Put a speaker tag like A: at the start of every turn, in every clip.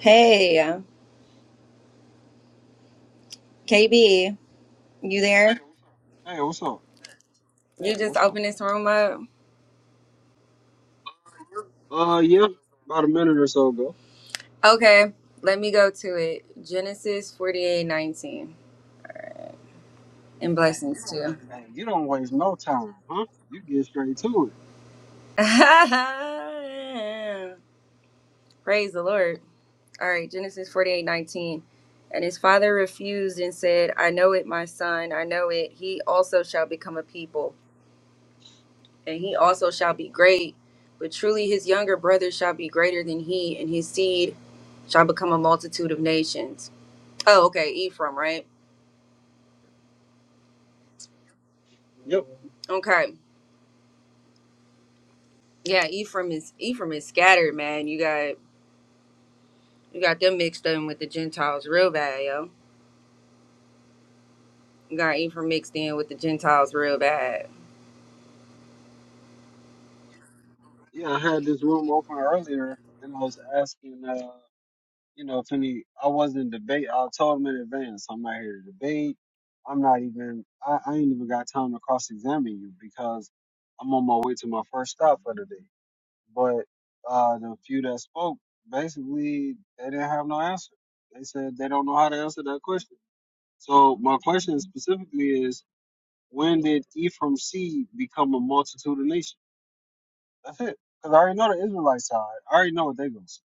A: Hey, uh, KB, you there?
B: Hey, what's up? Hey,
A: You just
B: what's up?
A: opened this room up.
B: Uh, yeah, about a minute or so ago.
A: Okay, let me go to it. Genesis forty-eight nineteen, and blessings too.
B: Hey, you don't waste no time, huh? You get straight to
A: Praise the Lord. All right, Genesis forty-eight nineteen, And his father refused and said, I know it, my son, I know it. He also shall become a people, and he also shall be great. But truly his younger brother shall be greater than he, and his seed shall become a multitude of nations. Oh, okay, Ephraim, right?
B: it. Yep.
A: Okay, yeah, Ephraim is Ephraim is scattered, man. You got you got them mixed in with the Gentiles real bad, yo. You got Ephraim mixed in with the Gentiles real bad.
B: Yeah, I had this room open earlier, and I was asking, uh, you know, if any, I wasn't debate. I told him in advance, I'm not here to debate. I'm not even. I, I ain't even got time to cross-examine you because I'm on my way to my first stop for the day. But uh, the few that spoke, basically, they didn't have no answer. They said they don't know how to answer that question. So my question specifically is, when did Ephraim seed become a multitude of nations? That's it. Because I already know the Israelite side. I already know what they going to say.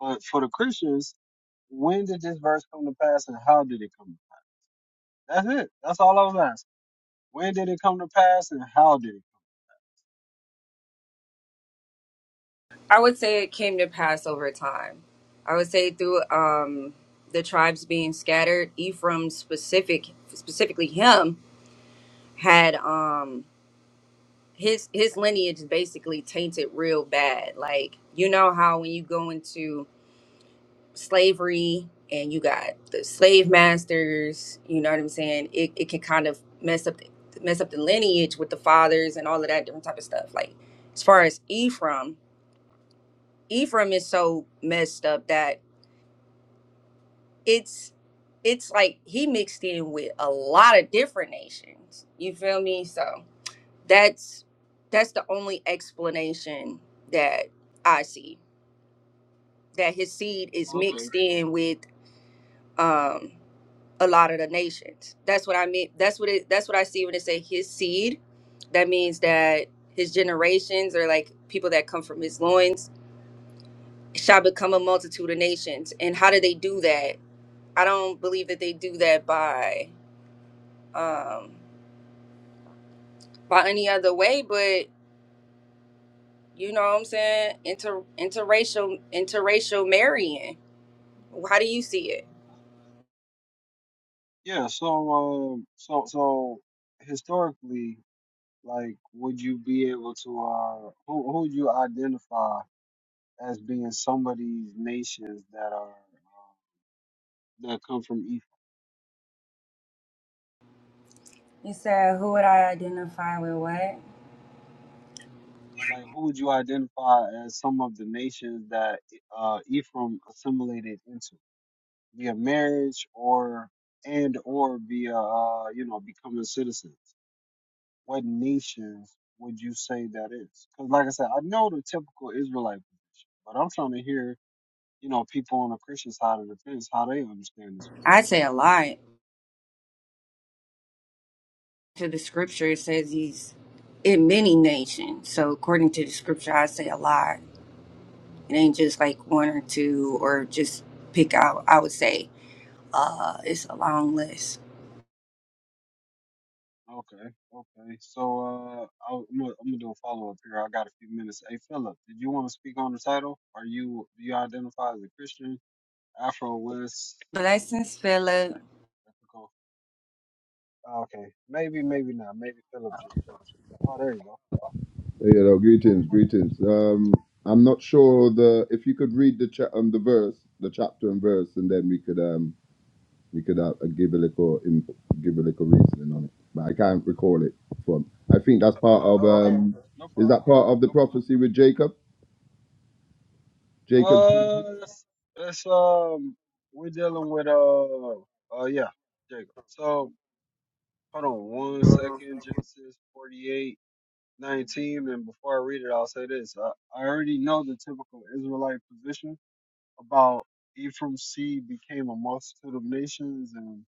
B: But for the Christians, when did this verse come to pass and how did it come to pass? That's it. That's all I was asking. When did it come to pass and how did it?
A: I would say it came to pass over time. I would say through um the tribes being scattered, Ephraim specific specifically him had um his his lineage basically tainted real bad. Like you know how when you go into slavery and you got the slave masters you know what i'm saying it, it can kind of mess up mess up the lineage with the fathers and all of that different type of stuff like as far as ephraim ephraim is so messed up that it's it's like he mixed in with a lot of different nations you feel me so that's that's the only explanation that i see that his seed is
B: come? Okay,
A: mixed
B: so
A: in with um a lot of the nations. That's what I mean. That's what it. That's what I see when they say his seed. That means that his generations or like people that come from his loins shall become a multitude of nations. And how do they do that? I don't believe that they do that by um by any other way, but you know what I'm saying? Inter interracial interracial marrying. How do you see it?
B: yeah, so um, so so historically, like, would you be able to uh, who who would you identify as being somebody's nations that are? um, that come from Ephraim?
A: You said, who would I identify with what?
B: Like, who would you identify as some of the nations that uh, Ephraim assimilated into via marriage or and or via uh, you know becoming citizens? What nations would you say that is? Because, like I said, I know the typical Israelite position, but I'm trying to hear you know people on the Christian side of the fence how they understand this.
A: I say a lot. to the scripture, it says he's in many nations. So according to the scripture, I say a lot. It ain't just like one or two or just pick out. I would say uh, it's a long list.
B: Okay, okay. So uh, I'll, I'm gonna, I'm gonna do a follow up here. I got a few minutes. Hey, Philip, did you want to speak on the title? Are you do you identify as a Christian, Afro West?
A: Blessings, Philip.
B: Like, ethical? Oh, Okay, maybe, maybe not. Maybe Philip just took. Oh, there you go.
C: You know, greetings, greetings. Um, I'm not sure the if you could read the cha- um, the verse, the chapter and verse, and then we could um we could uh, give a little in, give a little reasoning on it. But I can't recall it from. I think that's part of
B: Oh, okay.
C: um
B: No
C: is
B: problem.
C: that part of the
B: No
C: prophecy with Jacob? Jacob's
B: problem. Uh, it's, it's um, we're dealing with uh, uh, yeah, Jacob. So hold on one second. Genesis 48. 19. And before I read it, I'll say this. I, I already know the typical Israelite position about Ephraim's seed became a multitude of nations. And,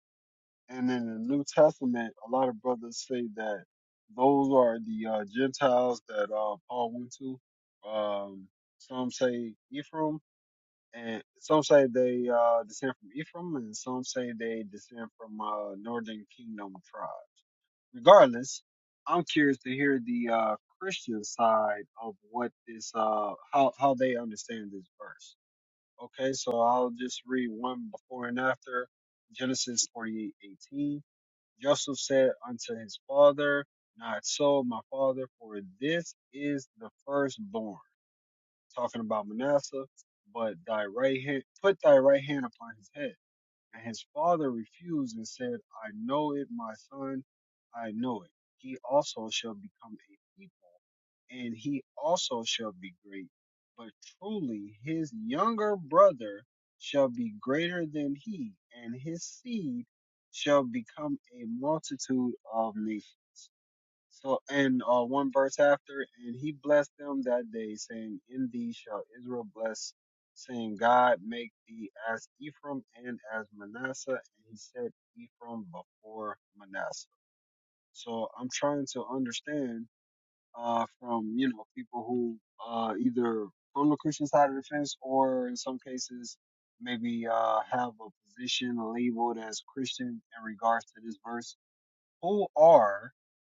B: and in the New Testament, a lot of brothers say that those are the uh, Gentiles that uh, Paul went to. Um, some say Ephraim, and some say they uh, descend from Ephraim, and some say they descend from uh, northern kingdom tribes regardless, I'm curious to hear the uh, Christian side of what this, uh, how how they understand this verse. Okay, so I'll just read one before and after Genesis 48:18. Joseph said unto his father, Not so, my father, for this is the firstborn. Talking about Manasseh, but thy right hand, put thy right hand upon his head. And his father refused and said, I know it, my son, I know it. He also shall become a people, and he also shall be great. But truly his younger brother shall be greater than he, and his seed shall become a multitude of nations. So, and uh, one verse after, and he blessed them that day, saying, In thee shall Israel bless, saying, God make thee as Ephraim and as Manasseh. And he said, Ephraim before Manasseh. So, I'm trying to understand uh, from, you know, people who uh, either from the Christian side of the fence or in some cases, maybe uh, have a position, labeled as Christian in regards to this verse who are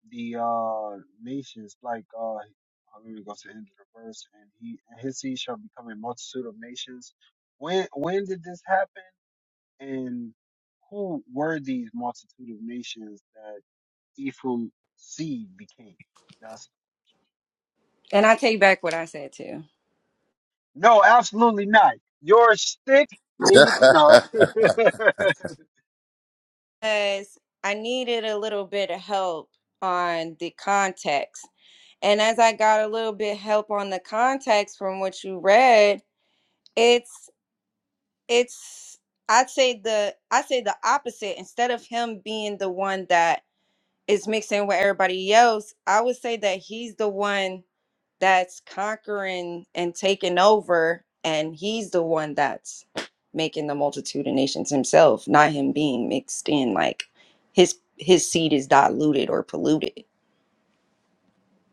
B: the uh nations like uh I'm gonna go to the end of the verse and he and his seed shall become a multitude of nations. When when did this happen and who were these multitude of nations that Ephraim seed became? That's
A: And I take back what I said too.
B: no, absolutely not. Your stick and you no
A: Because I needed a little bit of help on the context. And as I got a little bit help on the context from what you read, it's. it's I'd say the I say the opposite. Instead of him being the one that is mixing with everybody else, I would say that he's the one that's conquering and taking over, and he's the one that's making the multitude of nations himself, not him being mixed in. Like his his seed is diluted or polluted.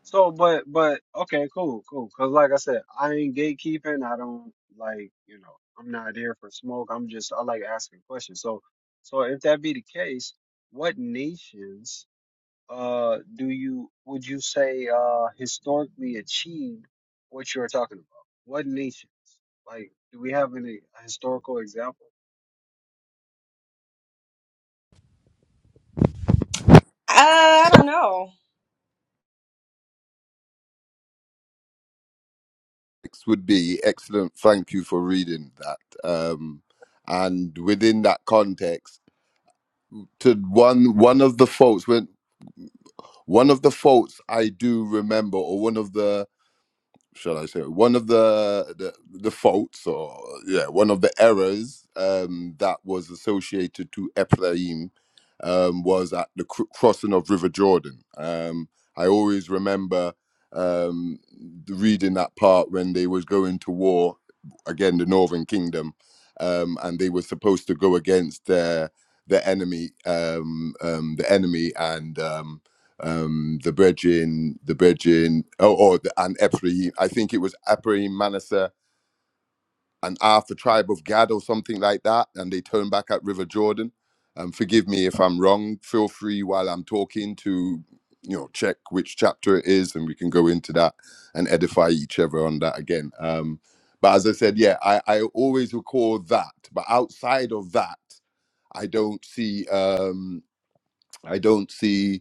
B: So, but, but, okay, cool, cool. Cause like I said, I ain't gatekeeping. I don't like, you know, I'm not here for smoke. I'm just, I like asking questions. So, so if that be the case, what nations, uh, do you, would you say, uh, historically achieved what you're talking about? What nations? Like, do we have any historical example?
A: Uh, I don't know.
C: Next would be excellent. Thank you for reading that. Um, and within that context, to one one of the faults when one of the faults I do remember, or one of the shall I say, one of the, the the faults or yeah, one of the errors um, that was associated to Ephraim um, was at the cr- crossing of River Jordan. Um, I always remember um, reading that part when they was going to war again, the Northern Kingdom, um, and they were supposed to go against their their enemy, um, um, the enemy, and um, um, the bridging, the bridging, oh, or the, and Ephraim. I think it was Ephraim, Manasseh, and half the tribe of Gad or something like that. And they turned back at River Jordan. Um, forgive me if I'm wrong. Feel free while I'm talking to, you know, check which chapter it is, and we can go into that and edify each other on that again. Um, but as I said, yeah, I, I always recall that. But outside of that, I don't see um, I don't see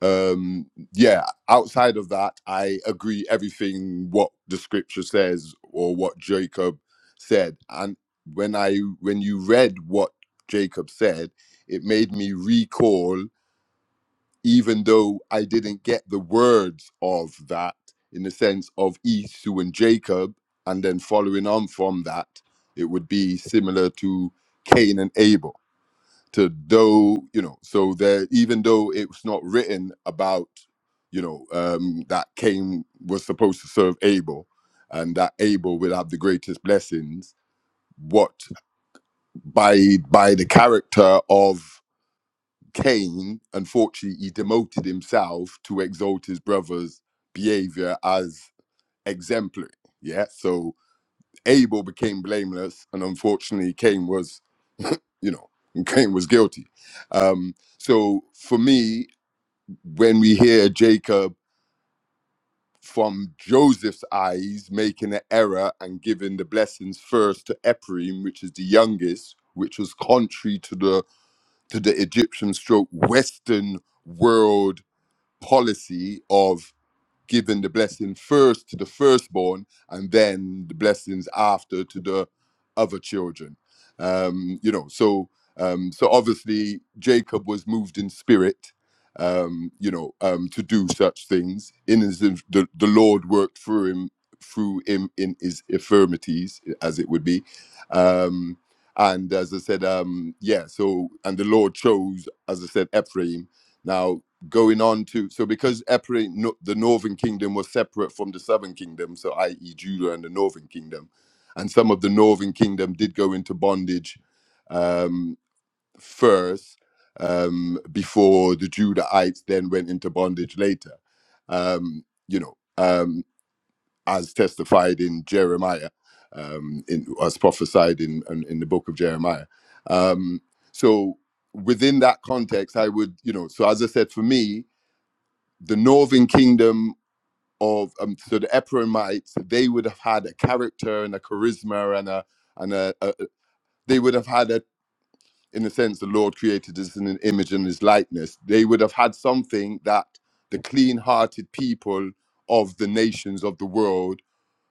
C: um yeah outside of that i agree everything what the scripture says or what jacob said and when i when you read what jacob said it made me recall even though i didn't get the words of that in the sense of esau and jacob and then following on from that it would be similar to cain and abel to though you know so that even though it's not written about you know um that cain was supposed to serve abel and that abel will have the greatest blessings what by by the character of cain unfortunately he demoted himself to exalt his brother's behavior as exemplary yeah so abel became blameless and unfortunately cain was you know cain was guilty um so for me when we hear Jacob from Joseph's eyes making an error and giving the blessings first to Ephraim, which is the youngest, which was contrary to the to the Egyptian stroke Western world policy of giving the blessing first to the firstborn and then the blessings after to the other children. Um, you know, so um, so obviously Jacob was moved in spirit, um, you know, um, to do such things. In his the, the Lord worked through him through him in his infirmities, as it would be. Um, and as I said, um, yeah, so and the Lord chose, as I said, Ephraim. Now going on to so because Epirate, no, the northern kingdom was separate from the southern kingdom so i.e judah and the northern kingdom and some of the northern kingdom did go into bondage um, first um, before the judahites then went into bondage later um, you know um, as testified in jeremiah um, in, as prophesied in, in in the book of jeremiah um, so within that context i would you know so as i said for me the northern kingdom of um, so the Ephraimites, they would have had a character and a charisma and a and a, a they would have had a in a sense the Lord created us in an image and his likeness. They would have had something that the clean-hearted people of the nations of the world,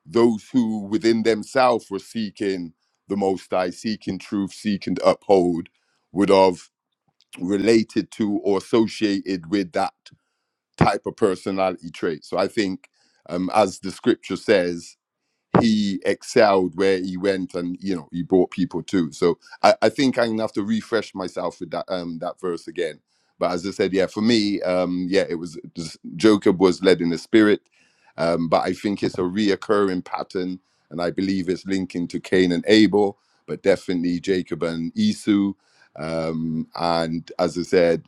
C: those who within themselves were seeking the Most High, seeking truth, seeking to uphold, would have related to or associated with that type of personality trait. So I think, um, as the scripture says, he excelled where he went and you know he brought people too so i, I think i'm gonna have to refresh myself with that um that verse again but as i said yeah for me um yeah it was just, jacob was led in the spirit um but i think it's a reoccurring pattern and i believe it's linking to cain and abel but definitely jacob and esau um and as i said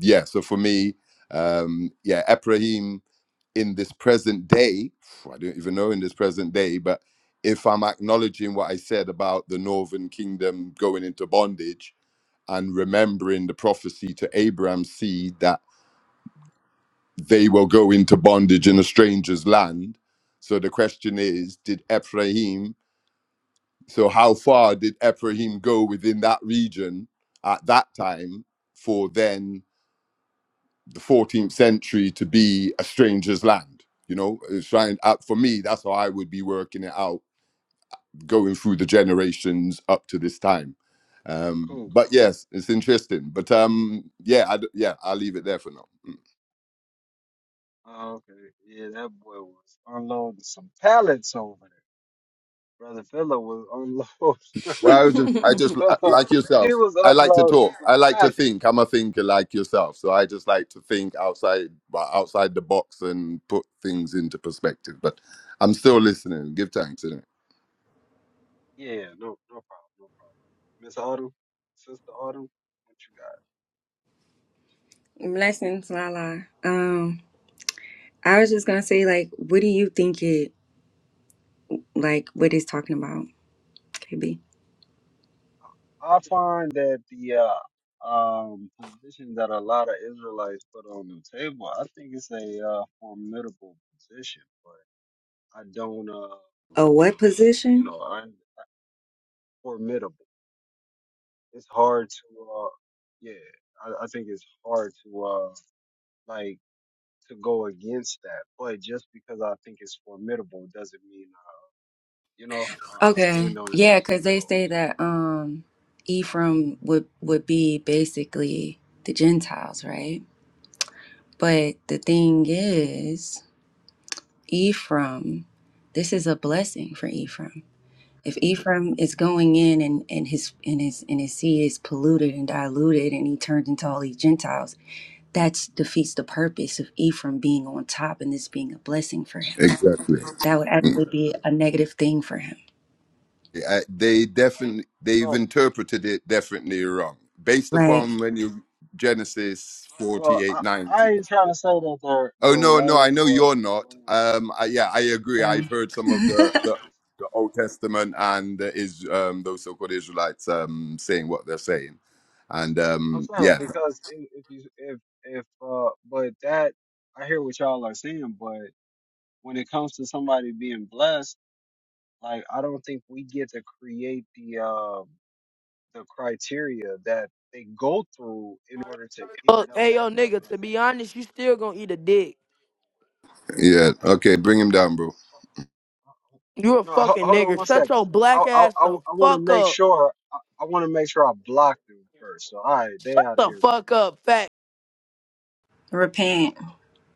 C: yeah so for me um yeah ephraim in this present day, I don't even know in this present day, but if I'm acknowledging what I said about the northern kingdom going into bondage and remembering the prophecy to Abraham's seed that they will go into bondage in a stranger's land. So the question is, did Ephraim, so how far did Ephraim go within that region at that time for then? the 14th century to be a stranger's land. You know, it's trying uh, for me. That's how I would be working it out, going through the generations up to this time. Um,
B: Cool.
C: but yes, it's interesting. But um, yeah, I d yeah, I'll leave it there for now.
B: Oh, okay. Yeah, that boy was unloading some pallets over there. Brother Philip was unloading.
C: Well, I was just, I just uh, like
B: he
C: yourself.
B: was
C: I like to talk.
B: unloading
C: I
B: some
C: like to
B: traffic.
C: think. I'm a thinker like yourself, so I just like to think outside well, outside the box and put things into perspective. But I'm still listening. Give thanks, innit?
B: Yeah, no, no problem, no problem. Miss Autumn, Sister Autumn, what you
A: Blessings, Lala. Um, I was just gonna say, like, what do you think it? like what he's talking about, KB.
B: got? I find that the uh, um position that a lot of Israelites put on the table, I think it's a uh, formidable position, but I don't, uh,
A: Oh, what
B: you
A: position?
B: know, I'm formidable. It's hard to, uh, yeah, I, I think it's hard to, uh, like, to go against that, but just because I think it's formidable doesn't mean You know, I, I
A: Okay,
B: stand on it
A: yeah,
B: with ten
A: because they say
B: toes.
A: that um Ephraim would would be basically the Gentiles, right? But the thing is, Ephraim, this is a blessing for Ephraim. If Ephraim is going in and, and his and his and his seed is polluted and diluted and he turns into all these Gentiles, that defeats the purpose of Ephraim being on top and this being a blessing for him.
C: Exactly.
A: that would actually be a negative thing for him.
C: I, they definitely they've
B: So,
C: interpreted it definitely wrong based
A: Right.
C: upon when you genesis
B: well,
C: 48
B: I, I
C: ninety.
B: ain't trying to say that they're they're
C: oh no no
B: right
C: i know
B: or, or
C: you're not
B: wrong,
C: um
B: but
C: I, yeah i agree i've
A: Um,
C: heard some of
B: I
C: the the,
B: think it's.
C: the old testament and the is um those so-called israelites um saying what they're saying and
B: I'm
C: um
B: saying
C: yeah
B: because if, if you if if uh, but that I hear what y'all are saying, but when it comes to somebody being blessed, like I don't think we get to create the um the criteria that they go through in order to
D: Fuck,
B: end up
D: hey
B: at
D: yo,
B: that
D: nigga.
B: blessing.
D: To be honest, you still gonna eat a dick.
C: yeah okay bring him down bro
D: You a
B: No, ho-
D: fucking
B: hold on
D: nigga.
B: one
D: Shut
B: second.
D: your
B: I
D: black
B: I
D: ass
B: I,
D: the
B: I want to
D: fuck
B: make
D: up.
B: sure I, I want to make sure I block them first. So all right, they
D: Shut
B: out of
D: the
B: here
D: fuck up, fat.
B: now.
A: repent.
B: Okay.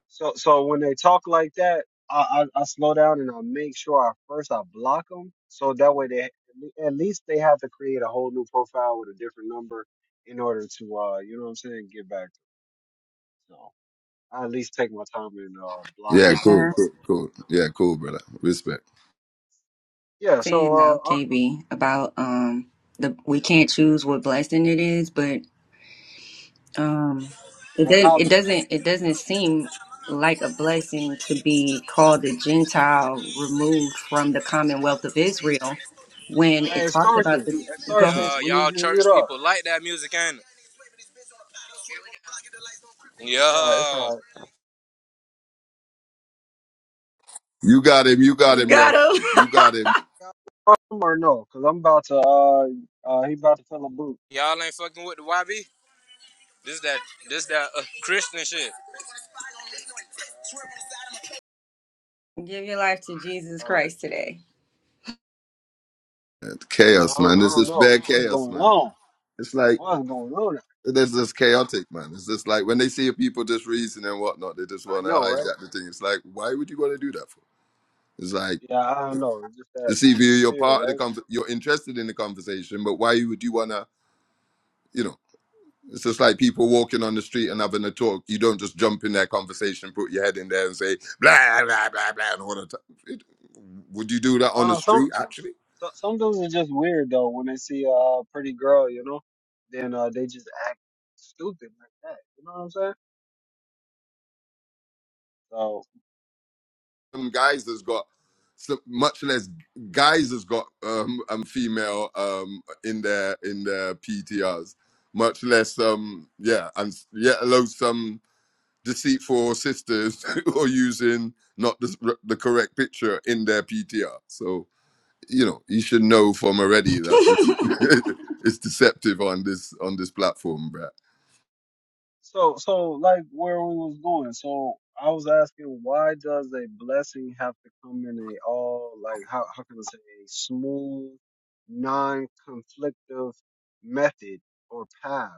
B: So so when they talk like that, I, I I slow down and I make sure I first I block them so that way they at least they have to create a whole new profile with a different number in order to uh you know what I'm saying get back to me. So I at least take my time and uh block
C: yeah
B: them
C: cool
A: Yeah.
B: before I
C: cool
B: throw
C: cool
B: them out.
C: yeah cool brother respect
B: Yeah. So
A: Saying though,
B: uh I,
A: KB, about um the we can't
B: yeah.
A: choose what blessing it is, but um it
B: Well,
A: doesn't
B: how
A: it
B: the
A: doesn't
B: blessing?
A: it doesn't seem like a blessing to be called a Gentile removed from the commonwealth of Israel when
B: Hey,
A: it talks
B: Starshin,
A: about the
B: hey,
A: go
B: Starshin,
A: ahead.
E: Yeah,
B: we need
E: y'all
B: you to mute
E: church
B: up.
E: people like that music, ain't it?
B: Uh, it's
E: Yeah,
B: all right.
C: you got him you got
A: You
C: him
A: got
C: ref
A: him.
C: you got him
B: Or no, because I'm about to, uh, uh, he about to fill a boot.
E: y'all ain't fucking with the YB. This that, this that uh, Christian shit.
A: Give your life to Jesus
B: All right.
A: Christ
B: Uh,
A: today.
B: Yeah,
C: chaos
B: I don't,
C: man
B: I
C: this
B: don't
C: is
B: know.
C: bad
B: What's
C: chaos
B: going
C: man
B: on?
C: it's like
B: What's going on?
C: It's just chaotic, man. It's just like when they see people just reason and whatnot, they just
B: I
C: want to
B: know, right?
C: hijack the thing. It's like, why would you want to do that for? It's like,
B: Yeah, I don't know. It's just that
C: it's either
B: in the
C: you're
B: spirit,
C: part of the
B: right?
C: con- you're interested in the conversation, but why would you want to, you know? It's just like people walking on the street and having a talk. You don't just jump in their conversation, put your head in there, and say blah blah blah blah and all the time. It- would you do that
B: I
C: on
B: don't
C: the
B: know. Some,
C: street? Actually,
B: some some dudes are just weird, though, when they see a pretty girl, you know? Then, uh, they just act stupid like that. You know what I'm saying? So,
C: some guys that's got so much less guys has got um, um female um in their in their PTRs, much less um yeah and s- yet alone some deceitful sisters who are using not the, s- the correct picture in their PTR. So you know you should know from already that this is, it's deceptive on this on this platform, Brad.
B: So, so like where we was going. So I was asking, why does a blessing have to come in a all like how how can I say a smooth, non-conflictive method or path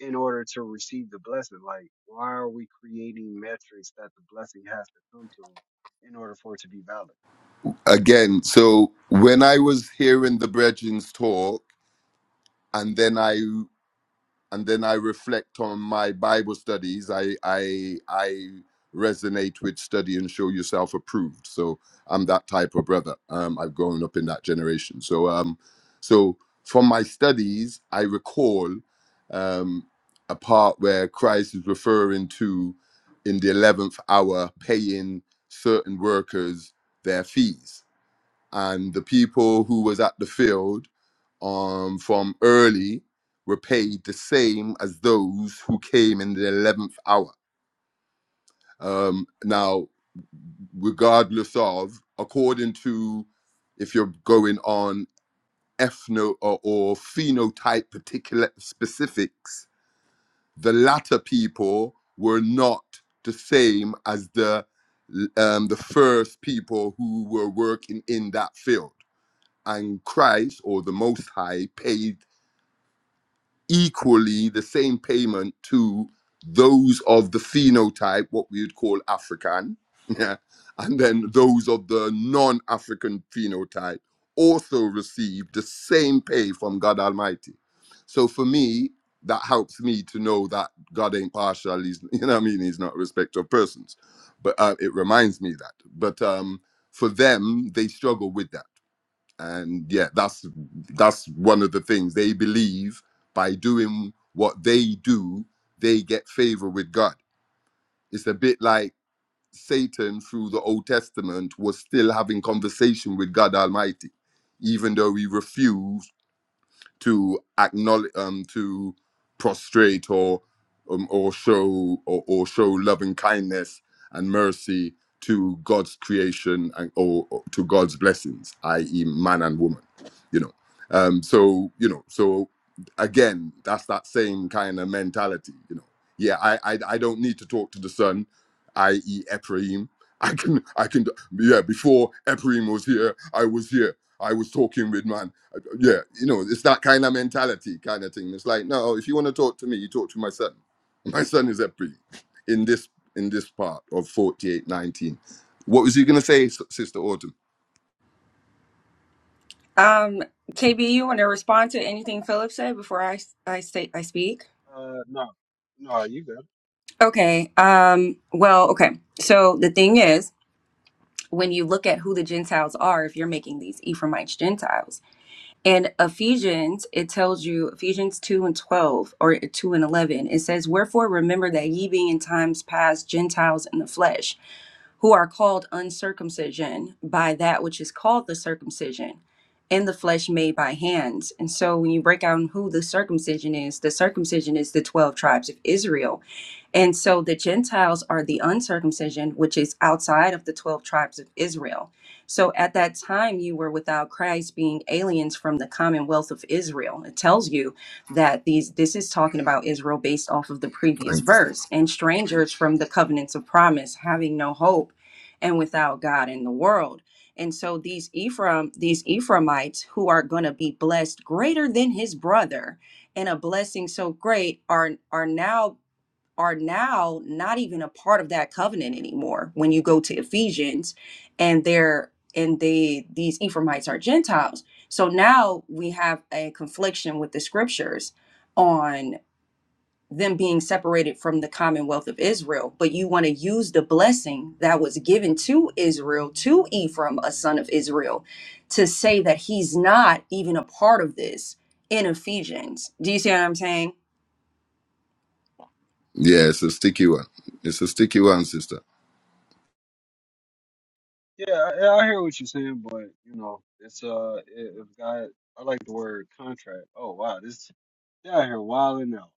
B: in order to receive the blessing? Like, why are we creating metrics that the blessing has to come to in order for it to be valid?
C: Again, so when I was hearing the Bredgins talk, and then I and then I reflect on my Bible studies. I I I resonate with study and show yourself approved. So I'm that type of brother. Um, I've grown up in that generation. So um, so from my studies, I recall um, a part where Christ is referring to in the eleventh hour paying certain workers their fees, and the people who was at the field um, from early were paid the same as those who came in the 11th hour. Um, now, regardless of, according to if you're going on ethno or, or phenotype particular specifics, the latter people were not the same as the um, the first people who were working in that field. And Christ or the Most High paid equally the same payment to those of the phenotype, what we would call African, yeah, and then those of the non African phenotype also receive the same pay from God Almighty. So for me, that helps me to know that God ain't partial. He's, you know what I mean? He's not a respecter of persons. But uh, it reminds me that. But um, for them, they struggle with that and yeah that's that's one of the things they believe by doing what they do they get favor with god it's a bit like satan through the old testament was still having conversation with god almighty even though he refused to acknowledge um to prostrate or um, or show or, or show loving kindness and mercy to God's creation and or, or to God's blessings, i.e., man and woman. You know, um, so you know, so again, that's that same kind of mentality. You know, yeah, I I, I don't need to talk to the son, i.e., Ephraim. I can I can yeah. Before Ephraim was here, I was here. I was talking with man yeah, you know, it's that kind of mentality kind of thing. It's like, no, if you want to talk to me, you talk to my son. My son is a pre, in this in this part of 4819. What was you gonna say, S- Sister Autumn?
A: Um, KB, you want to respond to anything Philip said before I I say I speak?
B: Uh, no, no, you good.
A: Okay. Um. Well. Okay. So the thing is, when you look at who the Gentiles are, if you're making these Ephraimites Gentiles, in Ephesians, it tells you Ephesians two and twelve or two and eleven. It says, "Wherefore remember that ye being in times past Gentiles in the flesh." who are called uncircumcision by that which is called the circumcision in the flesh made by hands. And so when you break down who the circumcision is, the circumcision is the 12 tribes of Israel and so the Gentiles are the uncircumcision, which is outside of the 12 tribes of Israel. So at that time, you were without Christ, being aliens from the commonwealth of Israel. It tells you that these this is talking about Israel based off of the previous
C: Thanks.
A: verse, and strangers from the covenants of promise, having no hope and without God in the world. And so these Ephraim, these Ephraimites who are going to be blessed greater than his brother, and a blessing so great are are now are now not even a part of that covenant anymore when you go to Ephesians and they're and they these Ephraimites are Gentiles. So now we have a confliction with the scriptures on them being separated from the commonwealth of Israel, but you want to use the blessing that was given to Israel, to Ephraim, a son of Israel, to say that he's not even a part of this in Ephesians. Do you see what I'm saying?
C: Yeah, it's a sticky one. It's a sticky one, sister.
B: Yeah, I, yeah, I hear what you're saying, but you know, it's uh, it, if God, I like the word contract. Oh wow, this they out here wilding out,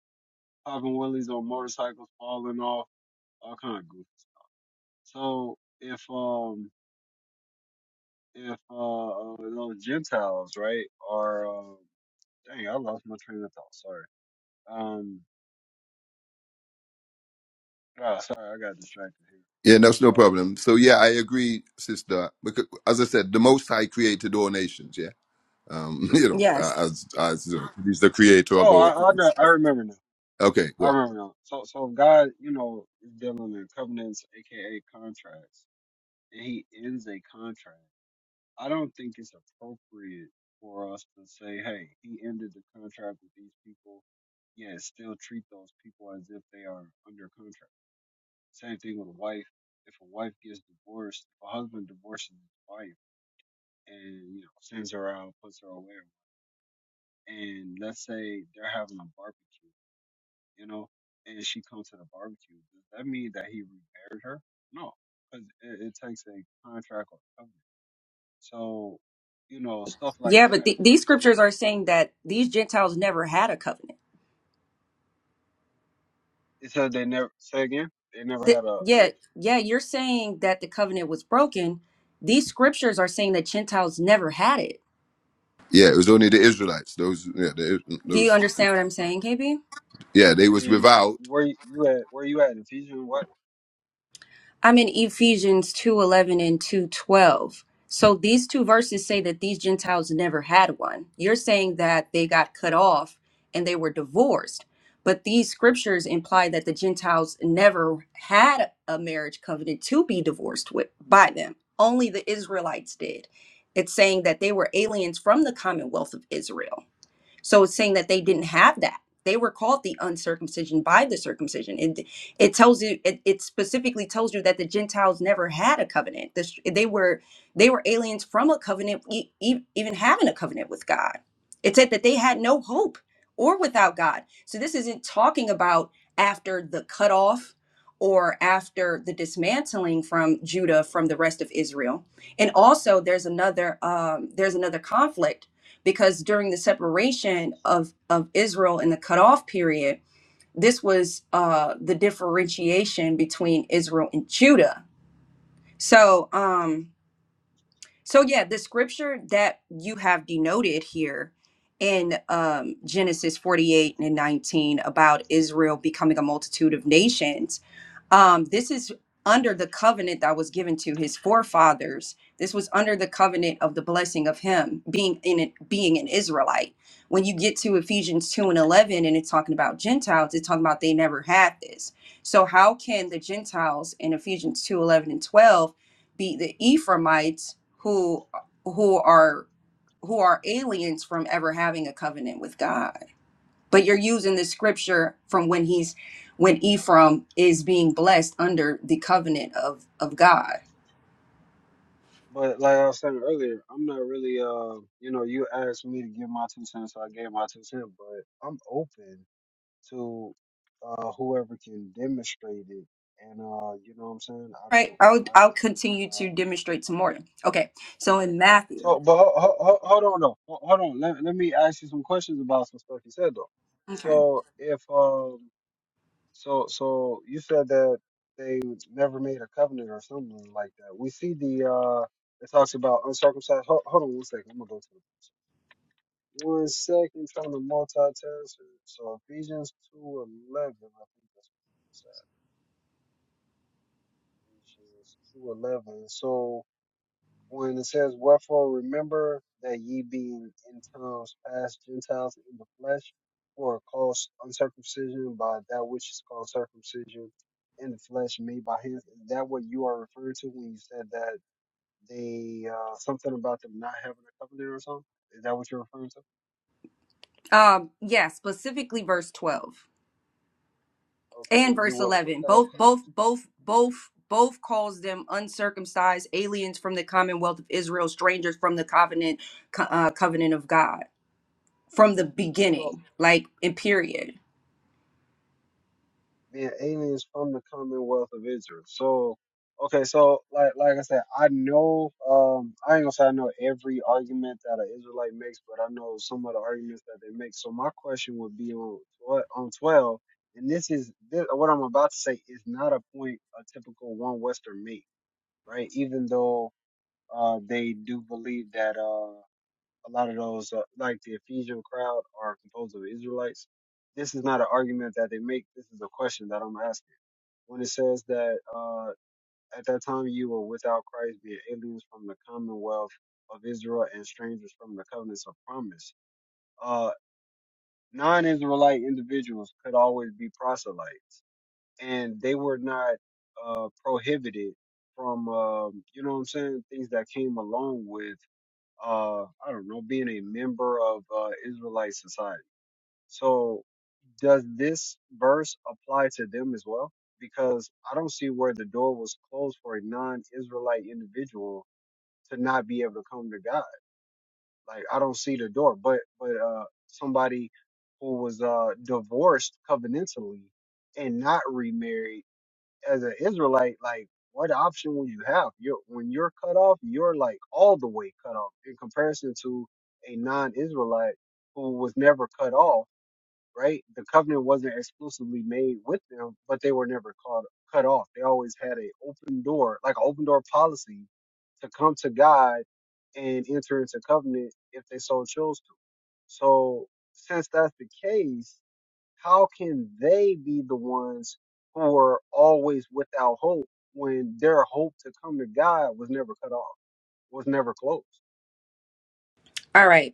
B: popping willies on motorcycles, falling off, all kind of goofy stuff. So if um, if uh, uh those Gentiles, right, are um, dang, I lost my train of thought. Sorry. Um, ah, sorry, I got distracted here.
C: Yeah, that's
B: I, I
C: no
B: lost my
C: problem.
B: train of
C: So
B: thought.
C: yeah, I agree, sister. Because as I said, the Most High created all nations. Yeah, um, you know,
A: Yes.
C: as as you know, he's the creator of
B: Oh,
C: all
B: I I,
C: things.
B: know- I remember now.
C: Okay, go.
B: I
C: On.
B: remember now. So, so if God, you know, is dealing in covenants, aka contracts, and He ends a contract. I don't think it's appropriate for us to say, "Hey, He ended the contract with these people." Yet still treat those people as if they are under contract. Same thing with a wife. If a wife gets divorced, if a husband divorces his wife and you know sends her out, puts her away, and let's say they're having a barbecue. you know, and she comes to the barbecue. Does that mean that he remarried her? No, because it, it takes a contract or covenant. So, you know, stuff like
A: Yeah,
B: that
A: but th- these
B: makes me.
A: scriptures are saying that these Gentiles never had a covenant.
B: It says they never say again. They never
A: Th-
B: had a, a
A: yeah, yeah, you're saying that the covenant was broken. These scriptures are saying that Gentiles never had it.
C: Yeah, it was only the Israelites. Those, yeah, the,
A: Do you
C: those,
A: understand what I'm saying, KB?
C: yeah, they was
B: and
C: without.
B: where you you at? Where you at? in Ephesians what?
A: I'm in Ephesians 2:11 and 2:12. So these two verses say that these Gentiles never had one. You're saying that they got cut off and they were divorced. But these scriptures imply that the Gentiles never had a marriage covenant to be divorced with by them. Only the Israelites did. It's saying that they were aliens from the commonwealth of Israel. So it's saying that they didn't have that. They were called the uncircumcision by the circumcision. It it tells you it, it specifically tells you that the Gentiles never had a covenant. This, they were they were aliens from a covenant, e- e- even having a covenant with God. It said that they had no hope or without God. So this isn't talking about after the cutoff or after the dismantling from Judah from the rest of Israel. And also, there's another um, there's another conflict because during the separation of of Israel in the cutoff period, this was uh, the differentiation between Israel and Judah. So. Um, so yeah, the scripture that you have denoted here in um, Genesis 48 and 19 about Israel becoming a multitude of nations, um, this is under the covenant that was given to his forefathers. This was under the covenant of the blessing of him being in it, being an Israelite. When you get to Ephesians 2 and 11 and it's talking about Gentiles, it's talking about they never had this. So how can the Gentiles in Ephesians 2 11 and 12 be the Ephraimites who who are who are aliens from ever having a covenant with God. But you're using the scripture from when he's when Ephraim is being blessed under the covenant of of God.
B: But like I was saying earlier, I'm not really uh you know you asked me to give my two cents, so I gave my two cents. But I'm open to uh, whoever can demonstrate it. And uh, you know what I'm saying? I
A: Right?
B: don't.
A: I'll
B: I,
A: I'll
B: I
A: continue
B: think. Uh,
A: to demonstrate some more. Okay. So in Matthew.
B: so, but ho- ho- ho- hold on though. Ho- Hold on. Let, let me ask you some questions about some stuff you said though.
A: Okay.
B: So if um, so so you said that they never made a covenant or something like that. We see the uh, it talks about uncircumcised. Hold, hold on one second. I'm gonna go to the one second trying to multitask. So Ephesians two eleven. I think that's what it says. Ephesians 2:11. So when it says, "Wherefore remember that ye being in times past Gentiles in the flesh, were called uncircumcision by that which is called circumcision in the flesh, made by hands." Is that what you are referring to when you said that they uh, something about them not having a covenant or something? Is that what you're referring to?
A: Um yeah, specifically verse 12.
B: Okay,
A: and
B: you
A: verse
B: were
A: 11
B: without
A: both
B: Christ.
A: both both both both calls them uncircumcised aliens from the commonwealth of israel strangers from the covenant co- uh, covenant of god from the
B: So
A: beginning like in period
B: being aliens from the Commonwealth of Israel. So, okay, so like like I said, I know um I ain't gonna say I know every argument that an Israelite makes, but I know some of the arguments that they make. So my question would be on what on twelve, and this is this, what I'm about to say is not a point a typical one Western make, right? Even though uh they do believe that uh a lot of those, uh, like the Ephesian crowd, are composed of Israelites. This is not an argument that they make. This is a question that I'm asking. When it says that uh, at that time you were without Christ, being aliens from the commonwealth of Israel and strangers from the covenants of promise, uh, non-Israelite individuals could always be proselytes, and they were not uh, prohibited from, um, you know what I'm saying, things that came along with uh, I don't know, being a member of uh, Israelite society. So does this verse apply to them as well? Because I don't see where the door was closed for a non-Israelite individual to not be able to come to God. Like I don't see the door, but but uh, somebody who was uh, divorced covenantally and not remarried as an Israelite, like what option will you have? You're when you're cut off, you're like all the way cut off in comparison to a non-Israelite who was never cut off. Right, the covenant wasn't exclusively made with them, but they were never cut cut off. They always had an open door, like an open door policy, to come to God and enter into covenant if they so chose to. So since that's the case, how can they be the ones who are always without hope when their hope to come to God was never cut off, was never closed?
A: all right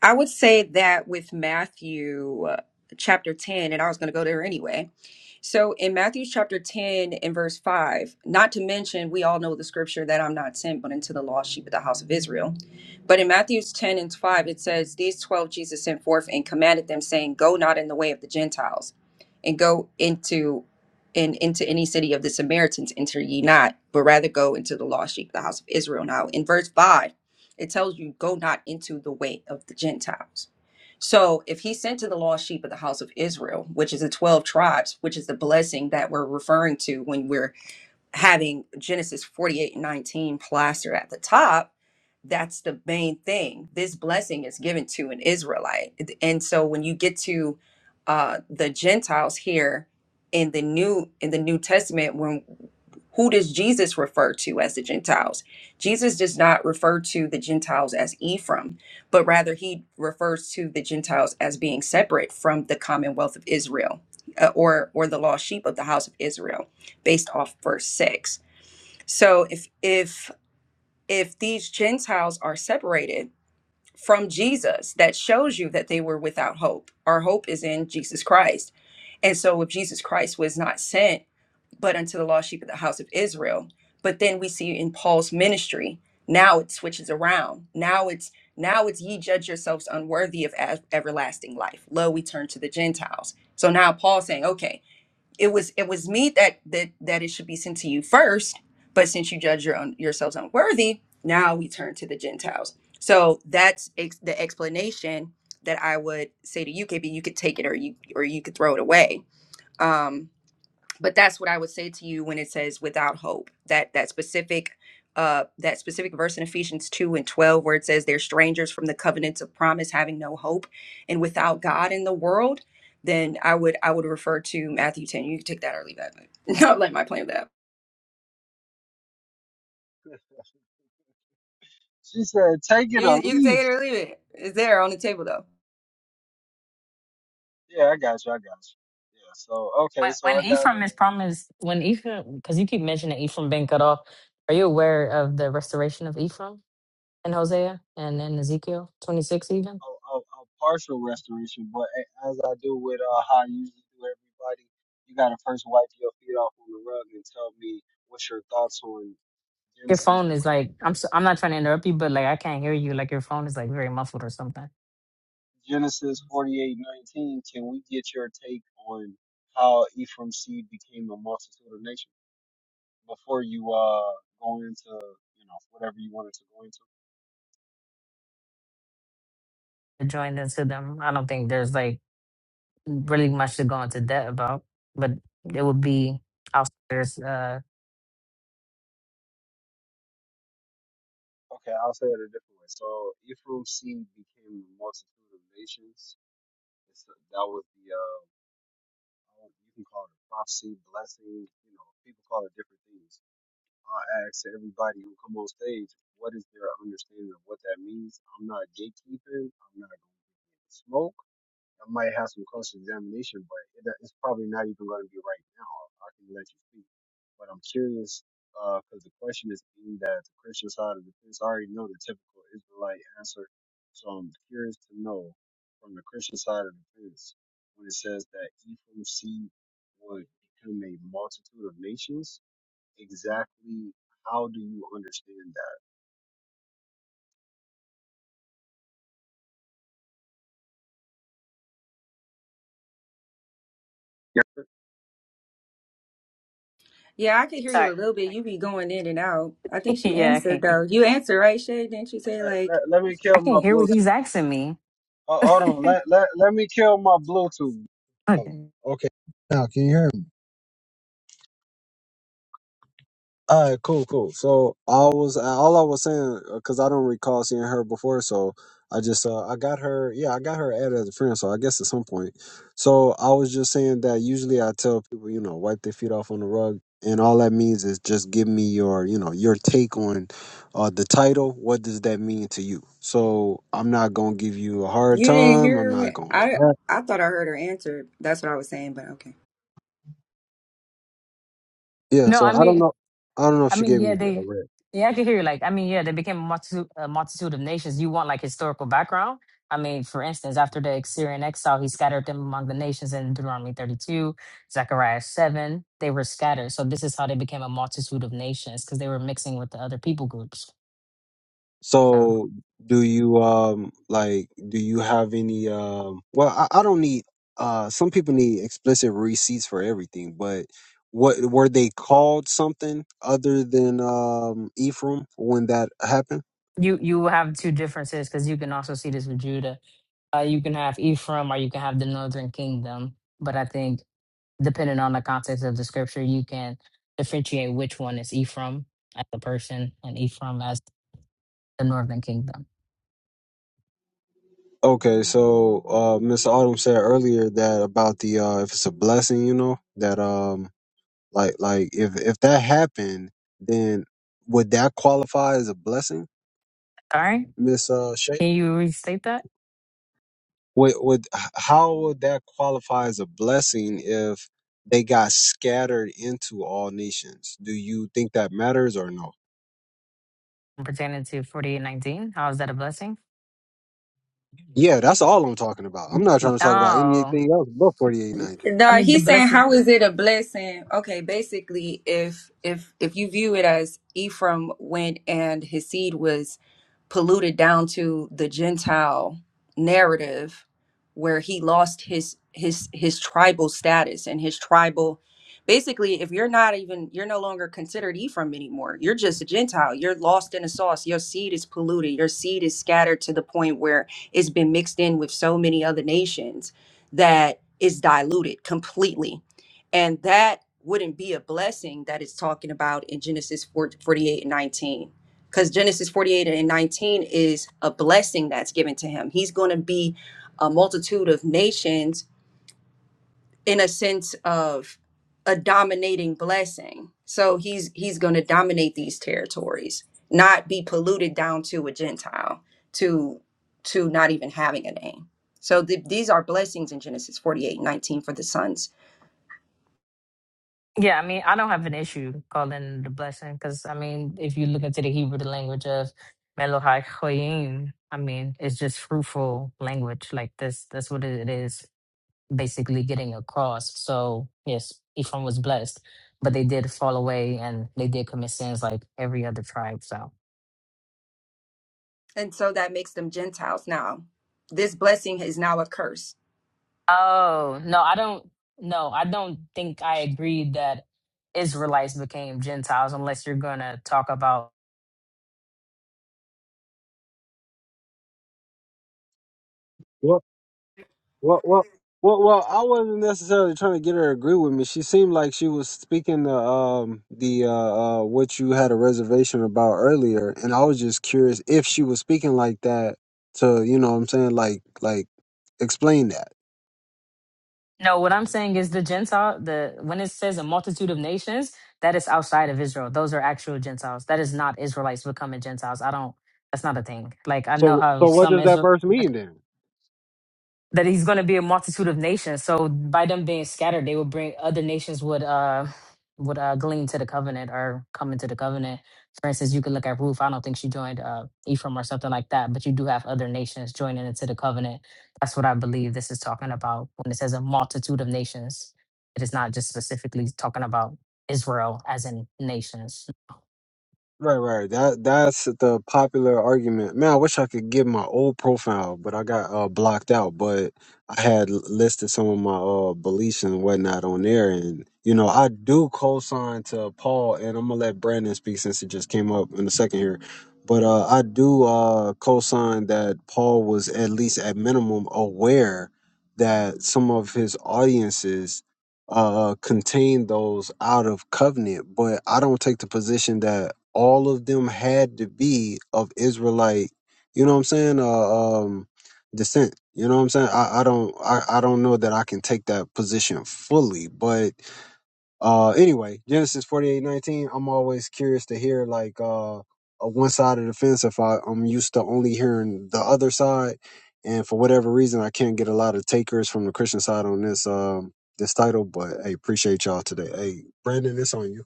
A: i would say that with matthew uh, chapter 10 and i was going to go there anyway So in Matthew chapter 10 and verse 5, not to mention, we all know the scripture that I'm not sent but into the lost sheep of the house of Israel. But in Matthew's 10 and 5, it says, These 12 Jesus sent forth and commanded them, saying, Go not in the way of the Gentiles, and go into and into any city of the Samaritans enter ye not, but rather go into the lost sheep of the house of Israel. Now in verse 5, it tells you, Go not into the way of the Gentiles. So if he sent to the lost sheep of the house of Israel, which is the 12 tribes, which is the blessing that we're referring to when we're having Genesis 48 19 plastered at the top, that's the main thing. This blessing is given to an Israelite. And so when you get to uh, the Gentiles here in the new in the New Testament, when who does Jesus refer to as the Gentiles? Jesus does not refer to the Gentiles as Ephraim, but rather he refers to the Gentiles as being separate from the commonwealth of Israel uh, or or the lost sheep of the house of Israel based off verse 6 so if if if these gentiles are separated from jesus that shows you that they were without hope our hope is in jesus christ and so if jesus christ was not sent but unto the lost sheep of the house of israel but then we see in paul's ministry now it switches around now it's now it's ye judge yourselves unworthy of ev- everlasting life lo we turn to the gentiles so now paul's saying okay it was it was me that that that it should be sent to you first but since you judge your own yourselves unworthy now we turn to the gentiles so that's ex- the explanation that i would say to you kb you could take it or you or you could throw it away Um, but that's what I would say to you when it says without hope. That that specific uh that specific verse in Ephesians 2 and 12 where it says they're strangers from the covenants of promise having no hope and without God in the world, then I would I would refer to Matthew 10. You can take that or leave that. Don't let my plan with that.
B: She said, "Take it
A: You
B: or
A: you can take
B: leave
A: it or
B: it."
A: leave it. It's there on the table though.
B: Yeah, I got you. I got you. Yeah. So okay,
F: When,
B: so I
F: when
B: got
F: Ephraim
B: a,
F: is promised, when Ephraim, because you keep mentioning Ephraim being cut off, are you aware of the restoration of Ephraim in Hosea and in Ezekiel 26 even?
B: a, a a partial restoration, but a- as I do with uh, how I usually do everybody, you got to first wipe your feet off on the rug and tell me what's your thoughts on
F: Your
B: Genesis
F: phone is like,
B: 48:19.
F: I'm so, I'm not trying to interrupt you, but like I can't hear you. Like your phone is like very muffled or something.
B: Genesis forty-eight nineteen. Can we get your take on how Ephraim's seed became a multitude of nations before you uh go into you know whatever you wanted to go into?
F: Joined into them. I don't think there's like really much to go into debt about, but it would be outsiders. Uh,
B: Okay, I'll say it a different way. So Ephraim's seed became a multitude of nations. It's, uh, that was the uh I don't- you can call it a prophecy, blessing. You know, people call it different things. I ask everybody who come on stage what is their understanding of what that means. I'm not gatekeeping. I'm not going to smoke. I might have some close examination, but it, it's probably not even going to be right now. I can let you speak, but I'm curious because the question is aimed at the Christian side of the fence. I already know the typical Israelite answer, so I'm curious to know from the Christian side of the fence when it says that Ephraim's seed would become a multitude of nations. Exactly how do you understand that? Yeah.
A: Yeah, I can hear you a
F: Sorry.
A: little bit. You be going in and out. I think she
F: yeah, I
A: answered
F: can't,
A: though. You answered, right, Shay? Didn't you
B: All
A: say
B: right,
A: like
B: let, let me
F: I
B: kill my
F: can't hear what he's
B: Bluetooth.
F: asking me.
B: Uh, hold on. Let, let let me kill my Bluetooth. Oh,
F: Okay.
B: Okay. Now can you hear me? All right. Cool. Cool. So I was all I was saying because I don't recall seeing her before. So I just uh I got her. Yeah, I got her added as a friend. So I guess at some point. So I was just saying that usually I tell people you know wipe their feet off on the rug. And all that means is just give me your, you know, your take on uh, the title. What does that mean to you? So I'm not gonna give you a hard
A: you didn't
B: time. I'm
A: hear what
B: not gonna
A: I
B: harass.
A: I thought I heard her answer. That's what I was saying, but okay.
B: Yeah,
F: No,
B: so
F: I
B: I don't
F: mean,
B: know. I don't know if
F: I
B: she
F: mean,
B: gave
F: yeah,
B: me a
F: they,
B: red.
F: yeah, I can hear you. Like, I mean, yeah, they became a multitude, a multitude of nations. You want like historical background? I mean, for instance, after the Assyrian exile, he scattered them among the nations in Deuteronomy 32, Zechariah 7. They were scattered. So this is how they became a multitude of nations because they were mixing with the other people groups. So
B: So do you um like do you have any um well I, I don't need uh some people need explicit receipts for everything, but what were they called something other than um Ephraim when that happened?
F: you you have two differences because you can also see this with Judah. Uh, you can have Ephraim or you can have the northern kingdom. But I think depending on the context of the scripture, you can differentiate which one is Ephraim as the person and Ephraim as the northern kingdom.
B: Okay, so uh Miss Autumn said earlier that about the uh if it's a blessing, you know, that um like like if if that happened, then would that qualify as a blessing?
F: All right.
B: Miss uh Shay?
F: Can you restate that?
B: would, would how would that qualify as a blessing if they got scattered into all nations? Do you think that matters or no?
F: Pertaining to 4819, how is that a blessing?
B: Yeah, that's all I'm talking about. I'm not trying to talk about
F: Oh,
B: anything else but 4819.
F: I
A: No,
F: mean, the
A: he's saying
F: blessing.
A: how is it a blessing? Okay, basically, if if if you view it as Ephraim went and his seed was polluted down to the Gentile narrative where he lost his his his tribal status and his tribal basically if you're not even you're no longer considered Ephraim anymore. You're just a Gentile. You're lost in a sauce. Your seed is polluted. Your seed is scattered to the point where it's been mixed in with so many other nations that it's diluted completely. And that wouldn't be a blessing that it's talking about in Genesis 4, forty-eight and 19 because Genesis 48 and 19 is a blessing that's given to him. He's going to be a multitude of nations in a sense of a dominating blessing. So he's he's going to dominate these territories, not be polluted down to a Gentile, to to not even having a name. So th- these are blessings in Genesis 48 19 for the sons.
F: Yeah, I mean, I don't have an issue calling it a blessing because, I mean, if you look into the Hebrew, the language of Melohai Choyim, I mean, it's just fruitful language. Like this, that's what it is basically getting across. So, yes, Ephraim was blessed, but they did fall away and they did commit sins like every other tribe. So,
A: And so that makes them Gentiles. Now, this blessing is now a curse
F: oh, no, I don't, no, I don't think I agree that Israelites became Gentiles unless you're going to talk about
B: Well, well, well, well, well, I wasn't necessarily trying to get her to agree with me. She seemed like she was speaking the um the uh, uh what you had a reservation about earlier, and I was just curious if she was speaking like that to you know what I'm saying like like explain that.
F: No, what I'm saying is the Gentile, the when it says a multitude of nations, that is outside of Israel. Those are actual Gentiles. That is not Israelites becoming Gentiles. I don't. That's not a thing. Like I know
B: So
F: how
B: so what
F: some
B: does that
F: Israel
B: verse mean then?
F: that he's going to be a multitude of nations. So by them being scattered, they would bring other nations would uh would uh glean to the covenant or come into the covenant. For instance, you could look at Ruth. I don't think she joined uh Ephraim or something like that, but you do have other nations joining into the covenant. That's what I believe this is talking about when it says a multitude of nations. It is not just specifically talking about Israel as in nations.
B: Right, right. That that's the popular argument. Man, I wish I could get my old profile, but I got uh, blocked out. But I had l- listed some of my uh, beliefs and whatnot on there, and you know I do co-sign to Paul, and I'm gonna let Brandon speak since it just came up in a second here. But uh, I do uh, co-sign that Paul was at least at minimum aware that some of his audiences uh, contain those out of covenant, but I don't take the position that all of them had to be of Israelite. You know what I'm saying? Uh, um, descent. You know what I'm saying? I, I don't. I, I don't know that I can take that position fully, but uh anyway genesis forty i i'm always curious to hear like uh a one side of the fence if i i'm used to only hearing the other side and for whatever reason i can't get a lot of takers from the christian side on this um this title but hey appreciate y'all today hey brandon it's on you